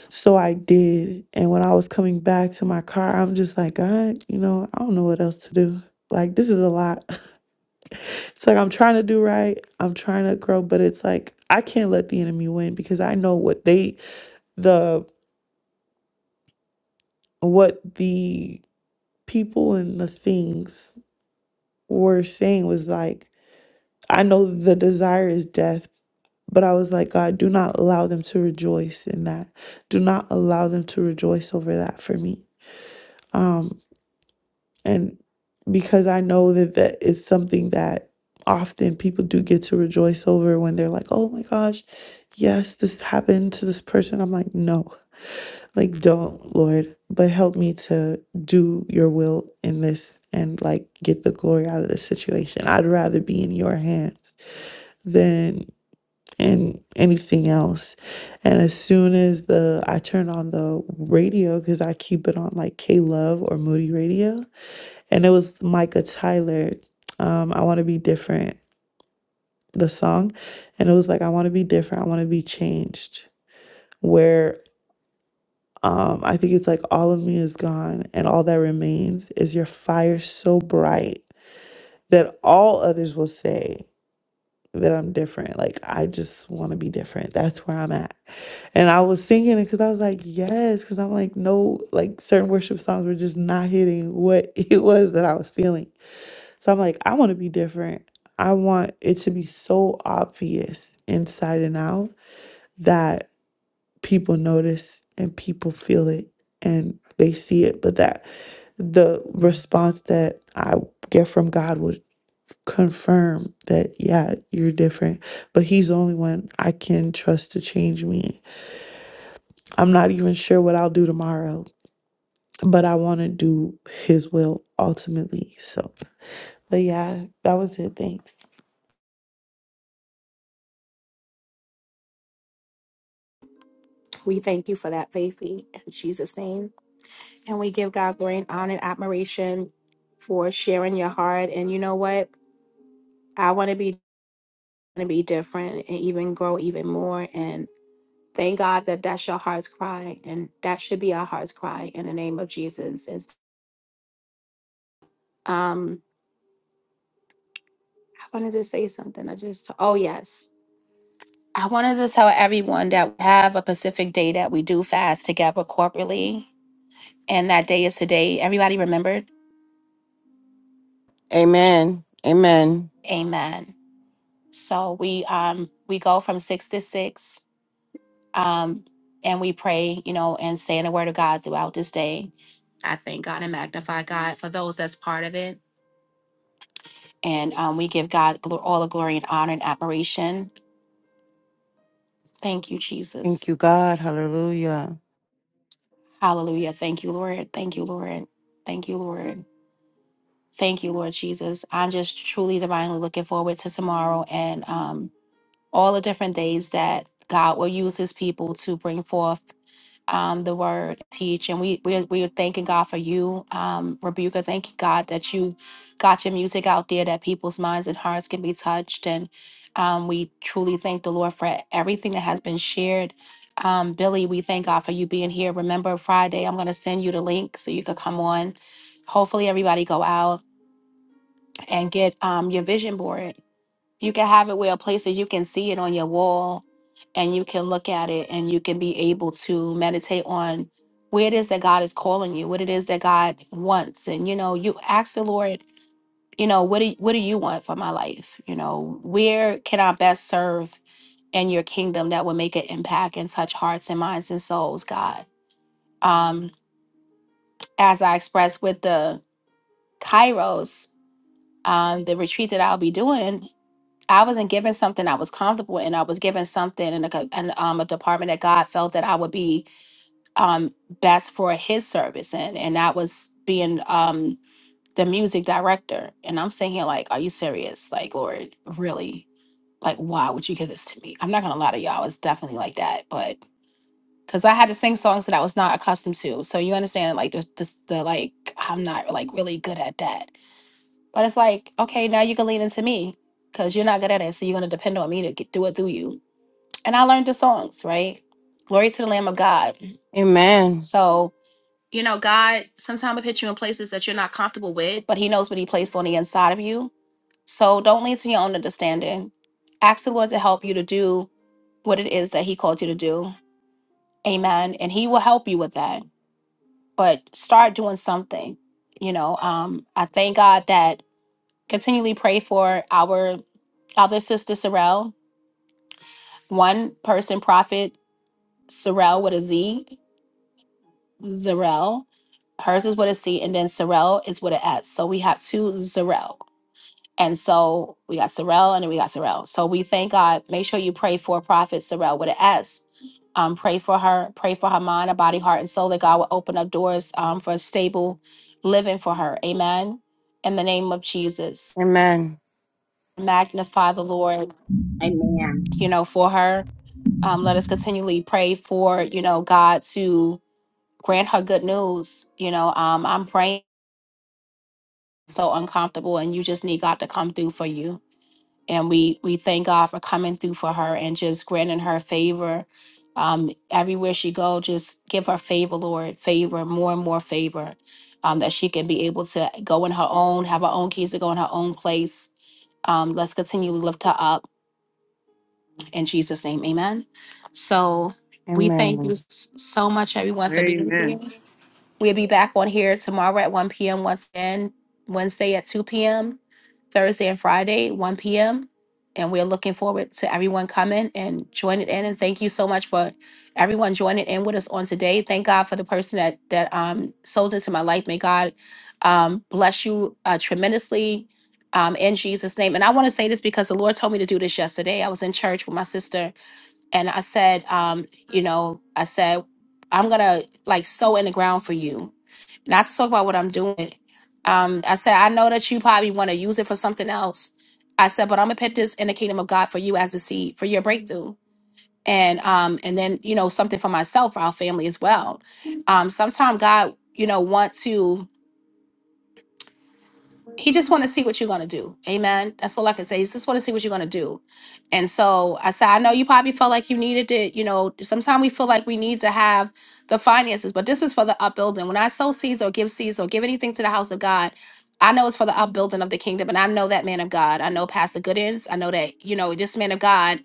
S6: so i did and when i was coming back to my car i'm just like god you know i don't know what else to do like this is a lot it's like i'm trying to do right i'm trying to grow but it's like i can't let the enemy win because i know what they the what the people and the things were saying was like I know the desire is death, But I was like, God, do not allow them to rejoice in that. Do not allow them to rejoice over that for me. Um, and because I know that that is something that often people do get to rejoice over when they're like, oh my gosh, yes, this happened to this person. I'm like, no, like, don't, Lord, but help me to do your will in this and like get the glory out of this situation. I'd rather be in your hands than and anything else. And as soon as the I turned on the radio because I keep it on like K Love or Moody Radio, and it was Micah Tyler. Um, I want to be different. The song, and it was like I want to be different. I want to be changed. Where um, I think it's like all of me is gone, and all that remains is your fire so bright that all others will say. that I'm different. Like I just want to be different. That's where I'm at. And I was singing it because I was like, yes, because I'm like, no, like certain worship songs were just not hitting what it was that I was feeling. So I'm like, I want to be different. I want it to be so obvious inside and out that people notice and people feel it and they see it, but that the response that I get from God will confirm that yeah you're different but he's the only one i can trust to change me i'm not even sure what i'll do tomorrow but i want to do his will ultimately so but yeah that was it thanks
S1: We thank you for that, Faithy, in Jesus' name. And we give God glory and honor and admiration for sharing your heart. And you know what? I want to be want to be different and even grow even more. And thank God that that's your heart's cry. And that should be our heart's cry in the name of Jesus. Um, I wanted to say something. I just oh yes. I wanted to tell everyone that we have a Pacific day that we do fast together corporately. And that day is today. Everybody remembered?
S4: Amen. Amen.
S1: Amen. So we um we go from six to six. Um and we pray, you know, and stay in the word of God throughout this day. I thank God and magnify God for those that's part of it. And um, we give God gl- all the glory and honor and admiration. Thank you, Jesus.
S4: Thank you, God. Hallelujah.
S1: Hallelujah. Thank you, Lord. Thank you, Lord. Thank you, Lord. Thank you, Lord Jesus. I'm Marl, and um, all the different days that God will use his people to bring forth. um, the word teach. And we we we are thanking God for you, um, Rebuka. Thank you, God, that you got your music out there, that people's minds and hearts can be touched. And um, we truly thank the Lord for everything that has been shared. Um, Billy, we thank God for you being here. Remember Friday, I'm gonna send you the link so you could come on. Hopefully everybody go out and get um, your vision board you can have it where places you can see it on your wall and you can look at it and you can be able to meditate on where it is that God is calling you, what it is that God wants. And you know, you ask the Lord, you know, what do you, what do you want for my life? You know, where can I best serve in your kingdom that will make an impact and touch hearts and minds and souls, God? Um, as I expressed with the Kairos, um, the retreat that I'll be doing, I wasn't given something I was comfortable in. I was given something in a, co- in, um, a department that God felt that I would be um, best for His service in, and that was being um, the music director. And I'm sitting here like, are you serious? Like, Lord, really? Like, why would you give this to me? I'm not gonna lie to y'all. It's definitely like that, but because I had to sing songs that I was not accustomed to. So you understand, like the, the the like, I'm not like really good at that. But it's like, okay, now you can lean into me because you're not good at it. So you're going to depend on me to get, do it through you. And I learned the songs, right? Glory to the Lamb of God.
S4: Amen.
S1: So, you know, God sometimes will put you in places that you're not comfortable with, but He knows what He placed on the inside of you. So don't lean to your own understanding. Ask the Lord to help you to do what it is that He called you to do. Amen. And He will help you with that. But start doing something. You know, um, I thank God that continually pray for our other sister Sorrel, one person prophet Sorrel with a Z, Zarel. Hers is with a C, and then Sorrel is with an S. So we have two Zarel. And so we got Sorrel and then we got Sorrel. So we thank God. Make sure you pray for Prophet Sorrel with an S. Um, pray for her, pray for her mind, her body, heart, and soul that God will open up doors um, for a stable living for her. Amen. In the name of Jesus,
S4: Amen.
S1: magnify the Lord
S7: Amen.
S1: you know, for her. Um, let us continually pray for, you know, God to grant her good news. You know, um, I'm praying so uncomfortable and you just need God to come through for you. And we we thank God for coming through for her and just granting her favor. Um, everywhere she go, just give her favor, Lord, favor, more and more favor. Um, that she can be able to go in her own, have her own keys to go in her own place. Um, let's continue to lift her up In Jesus' name, amen. So we thank you
S4: Amen.
S1: s- so much, everyone, for being
S3: Amen.
S1: here. We'll be back on here tomorrow at 1 p.m. once again, Wednesday at 2 p.m., Thursday and Friday, 1 p.m. And we're looking forward to everyone coming and joining in. And thank you so much for everyone joining in with us on today. Thank God for the person that that um sold into my life. May God um bless you uh, tremendously um in Jesus' name. And I want to say this because the Lord told me to do this yesterday. I was in church with my sister and I said, um, you know, I said, I'm gonna like sow in the ground for you not to talk about what I'm doing. Um, I said, I know that you probably want to use it for something else. I said, but I'm gonna put this in the kingdom of God for you as a seed for your breakthrough. And um, and then, you know, something for myself, for our family as well. Um, sometimes God, you know, want to he just want to see what you're gonna do. Amen. That's all I can say. He just want to see what you're gonna do. And so I said, I know you probably felt like you needed to, You know, sometimes we feel like we need to have the finances, but this is for the upbuilding. When I sow seeds or give seeds or give anything to the house of God, I know it's for the upbuilding of the kingdom. And I know that man of God. I know Pastor Goodens. I know that, you know, this man of God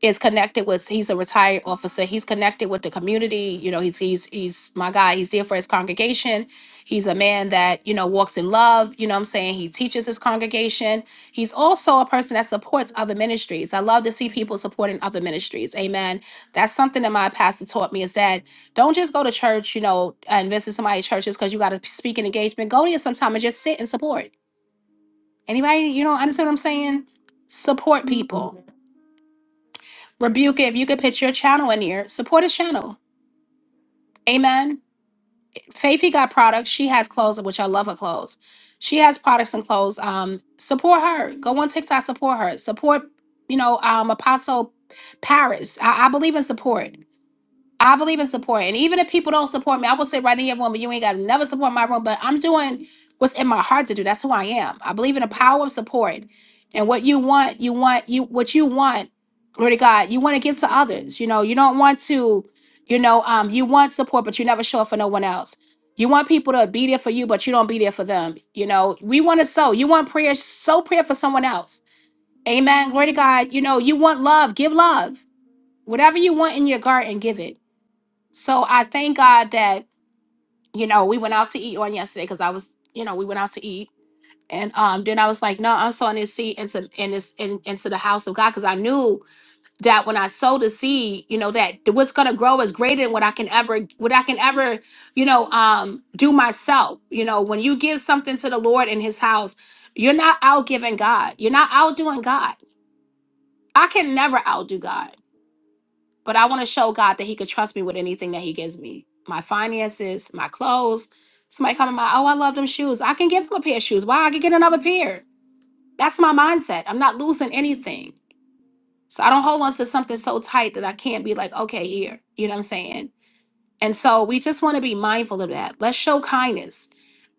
S1: is connected with he's a retired officer he's connected with the community you know he's he's he's my guy he's there for his congregation he's a man that you know walks in love you know what i'm saying he teaches his congregation he's also a person that supports other ministries i love to see people supporting other ministries amen that's something that my pastor taught me is that don't just go to church you know and visit somebody's churches because you got to speak an engagement go there sometime and just sit and support anybody you know understand what i'm saying support people Rebuke it. If you could pitch your channel in here, support his channel. Amen. Faithy got products. She has clothes, which I love her clothes. She has products and clothes. Um, support her. Go on TikTok, support her. Support, you know, um, Apostle Paris. I, I believe in support. I believe in support. And even if people don't support me, I will sit right in your room, but you ain't got to never support my room. But I'm doing what's in my heart to do. That's who I am. I believe in the power of support. And what you want, you want, you what you want, glory to God, you want to give to others. You know, you don't want to, you know, um, you want support, but you never show up for no one else. You want people to be there for you, but you don't be there for them. You know, we want to sow. You want prayer, sow prayer for someone else. Amen. Glory to God. You know, you want love, give love. Whatever you want in your garden, give it so I thank God that, you know, we went out to eat on yesterday because I was, you know, we went out to eat. And um, then I was like, no, I'm sowing this seed into in this in, into the house of God because I knew that when I sow the seed, you know, that th- what's gonna grow is greater than what I can ever what I can ever, you know, um do myself. You know, when you give something to the Lord in his house, you're not out giving God. You're not outdoing God. I can never outdo God. but I want to show God that He could trust me with anything that He gives me my finances, my clothes. Somebody coming by, oh, I love them shoes. I can give him a pair of shoes. Why? I can get another pair. That's my mindset. I'm not losing anything. So I don't hold on to something so tight that I can't be like, okay, here. You know what I'm saying? And so we just want to be mindful of that. Let's show kindness.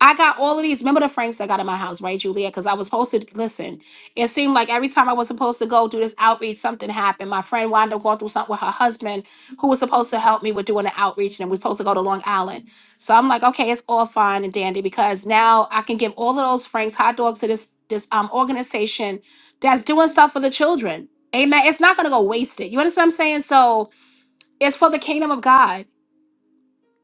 S1: I got all of these. Remember the Franks I got in my house, right, Julia? Because I was supposed to listen. It seemed like every time I was supposed to go do this outreach, something happened. My friend wound up going through something with her husband, who was supposed to help me with doing the outreach, and we're supposed to go to Long Island. So I'm like, okay, it's all fine and dandy because now I can give all of those Franks hot dogs to this this um organization that's doing stuff for the children. Amen. It's not gonna go wasted. You understand what I'm saying? So it's for the kingdom of God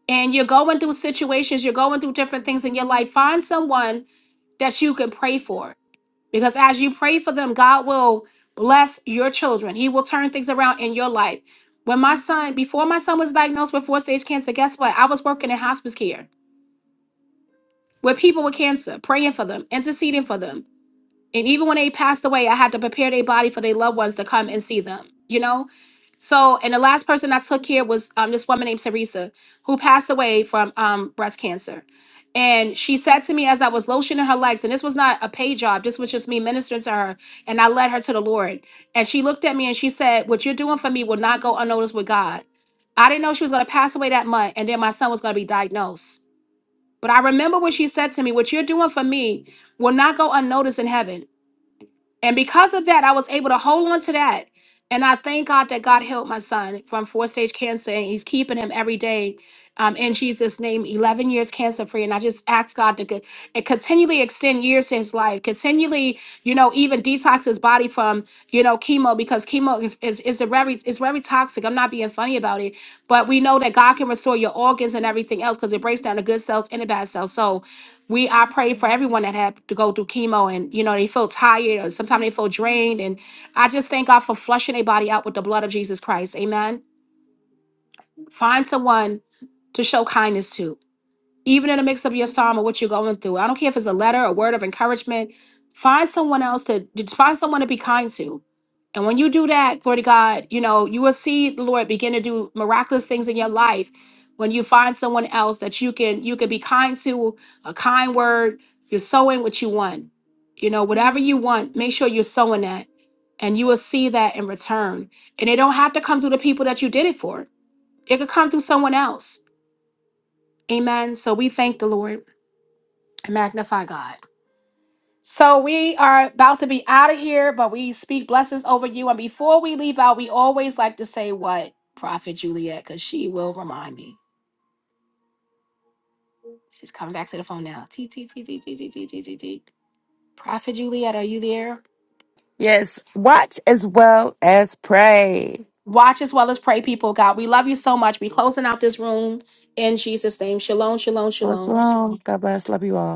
S1: and you're going through situations, you're going through different things in your life, find someone that you can pray for. Because as you pray for them, God will bless your children. He will turn things around in your life. When my son, before my son was diagnosed with four stage cancer, guess what? I was working in hospice care with people with cancer, praying for them, interceding for them and even when they passed away, I had to prepare their body for their loved ones to come and see them, you know? So, and the last person I took here was um, this woman named Teresa, who passed away from um, breast cancer. And she said to me as I was lotioning her legs, and this was not a paid job, this was just me ministering to her, and I led her to the Lord. And she looked at me and she said, What you're doing for me will not go unnoticed with God. I didn't know she was going to pass away that month, and then my son was going to be diagnosed. But I remember what she said to me, What you're doing for me will not go unnoticed in heaven. And because of that, I was able to hold on to that. And I thank God that God healed my son from four stage cancer and he's keeping him every day um, in Jesus' name, 11 years cancer free. And I just ask God to co- and continually extend years to his life, continually, you know, even detox his body from, you know, chemo because chemo is, is, is, a very, is very toxic. I'm not being funny about it, but we know that God can restore your organs and everything else because it breaks down the good cells and the bad cells. So, we I pray for everyone that have to go through chemo and you know they feel tired or sometimes they feel drained and I just thank God for flushing their body out with the blood of Jesus Christ. Amen. Find someone to show kindness to even in a mix of your storm or what you're going through. I don't care if it's a letter, a word of encouragement. Find someone else to to- find someone to be kind to. And when you do that, glory to God, you know, you will see the Lord begin to do miraculous things in your life when you find someone else that you can you can be kind to, a kind word, you're sowing what you want. You know, whatever you want, make sure you're sowing that. And you will see that in return. And it don't have to come through the people that you did it for. It could come through someone else. Amen. So we thank the Lord and magnify God. So we are about to be out of here, but we speak blessings over you. And before we leave out, we always like to say what Prophet Juliet, because she will remind me. She's coming back to the phone now. T T T T T T T T T T. Prophet Juliet, are you there?
S4: Yes, watch as well as pray.
S1: Watch as well as pray, people. of God, we love you so much. We closing out this room in Jesus' name. Shalom, shalom,
S4: So
S1: shalom.
S4: shalom. God bless. Love you all.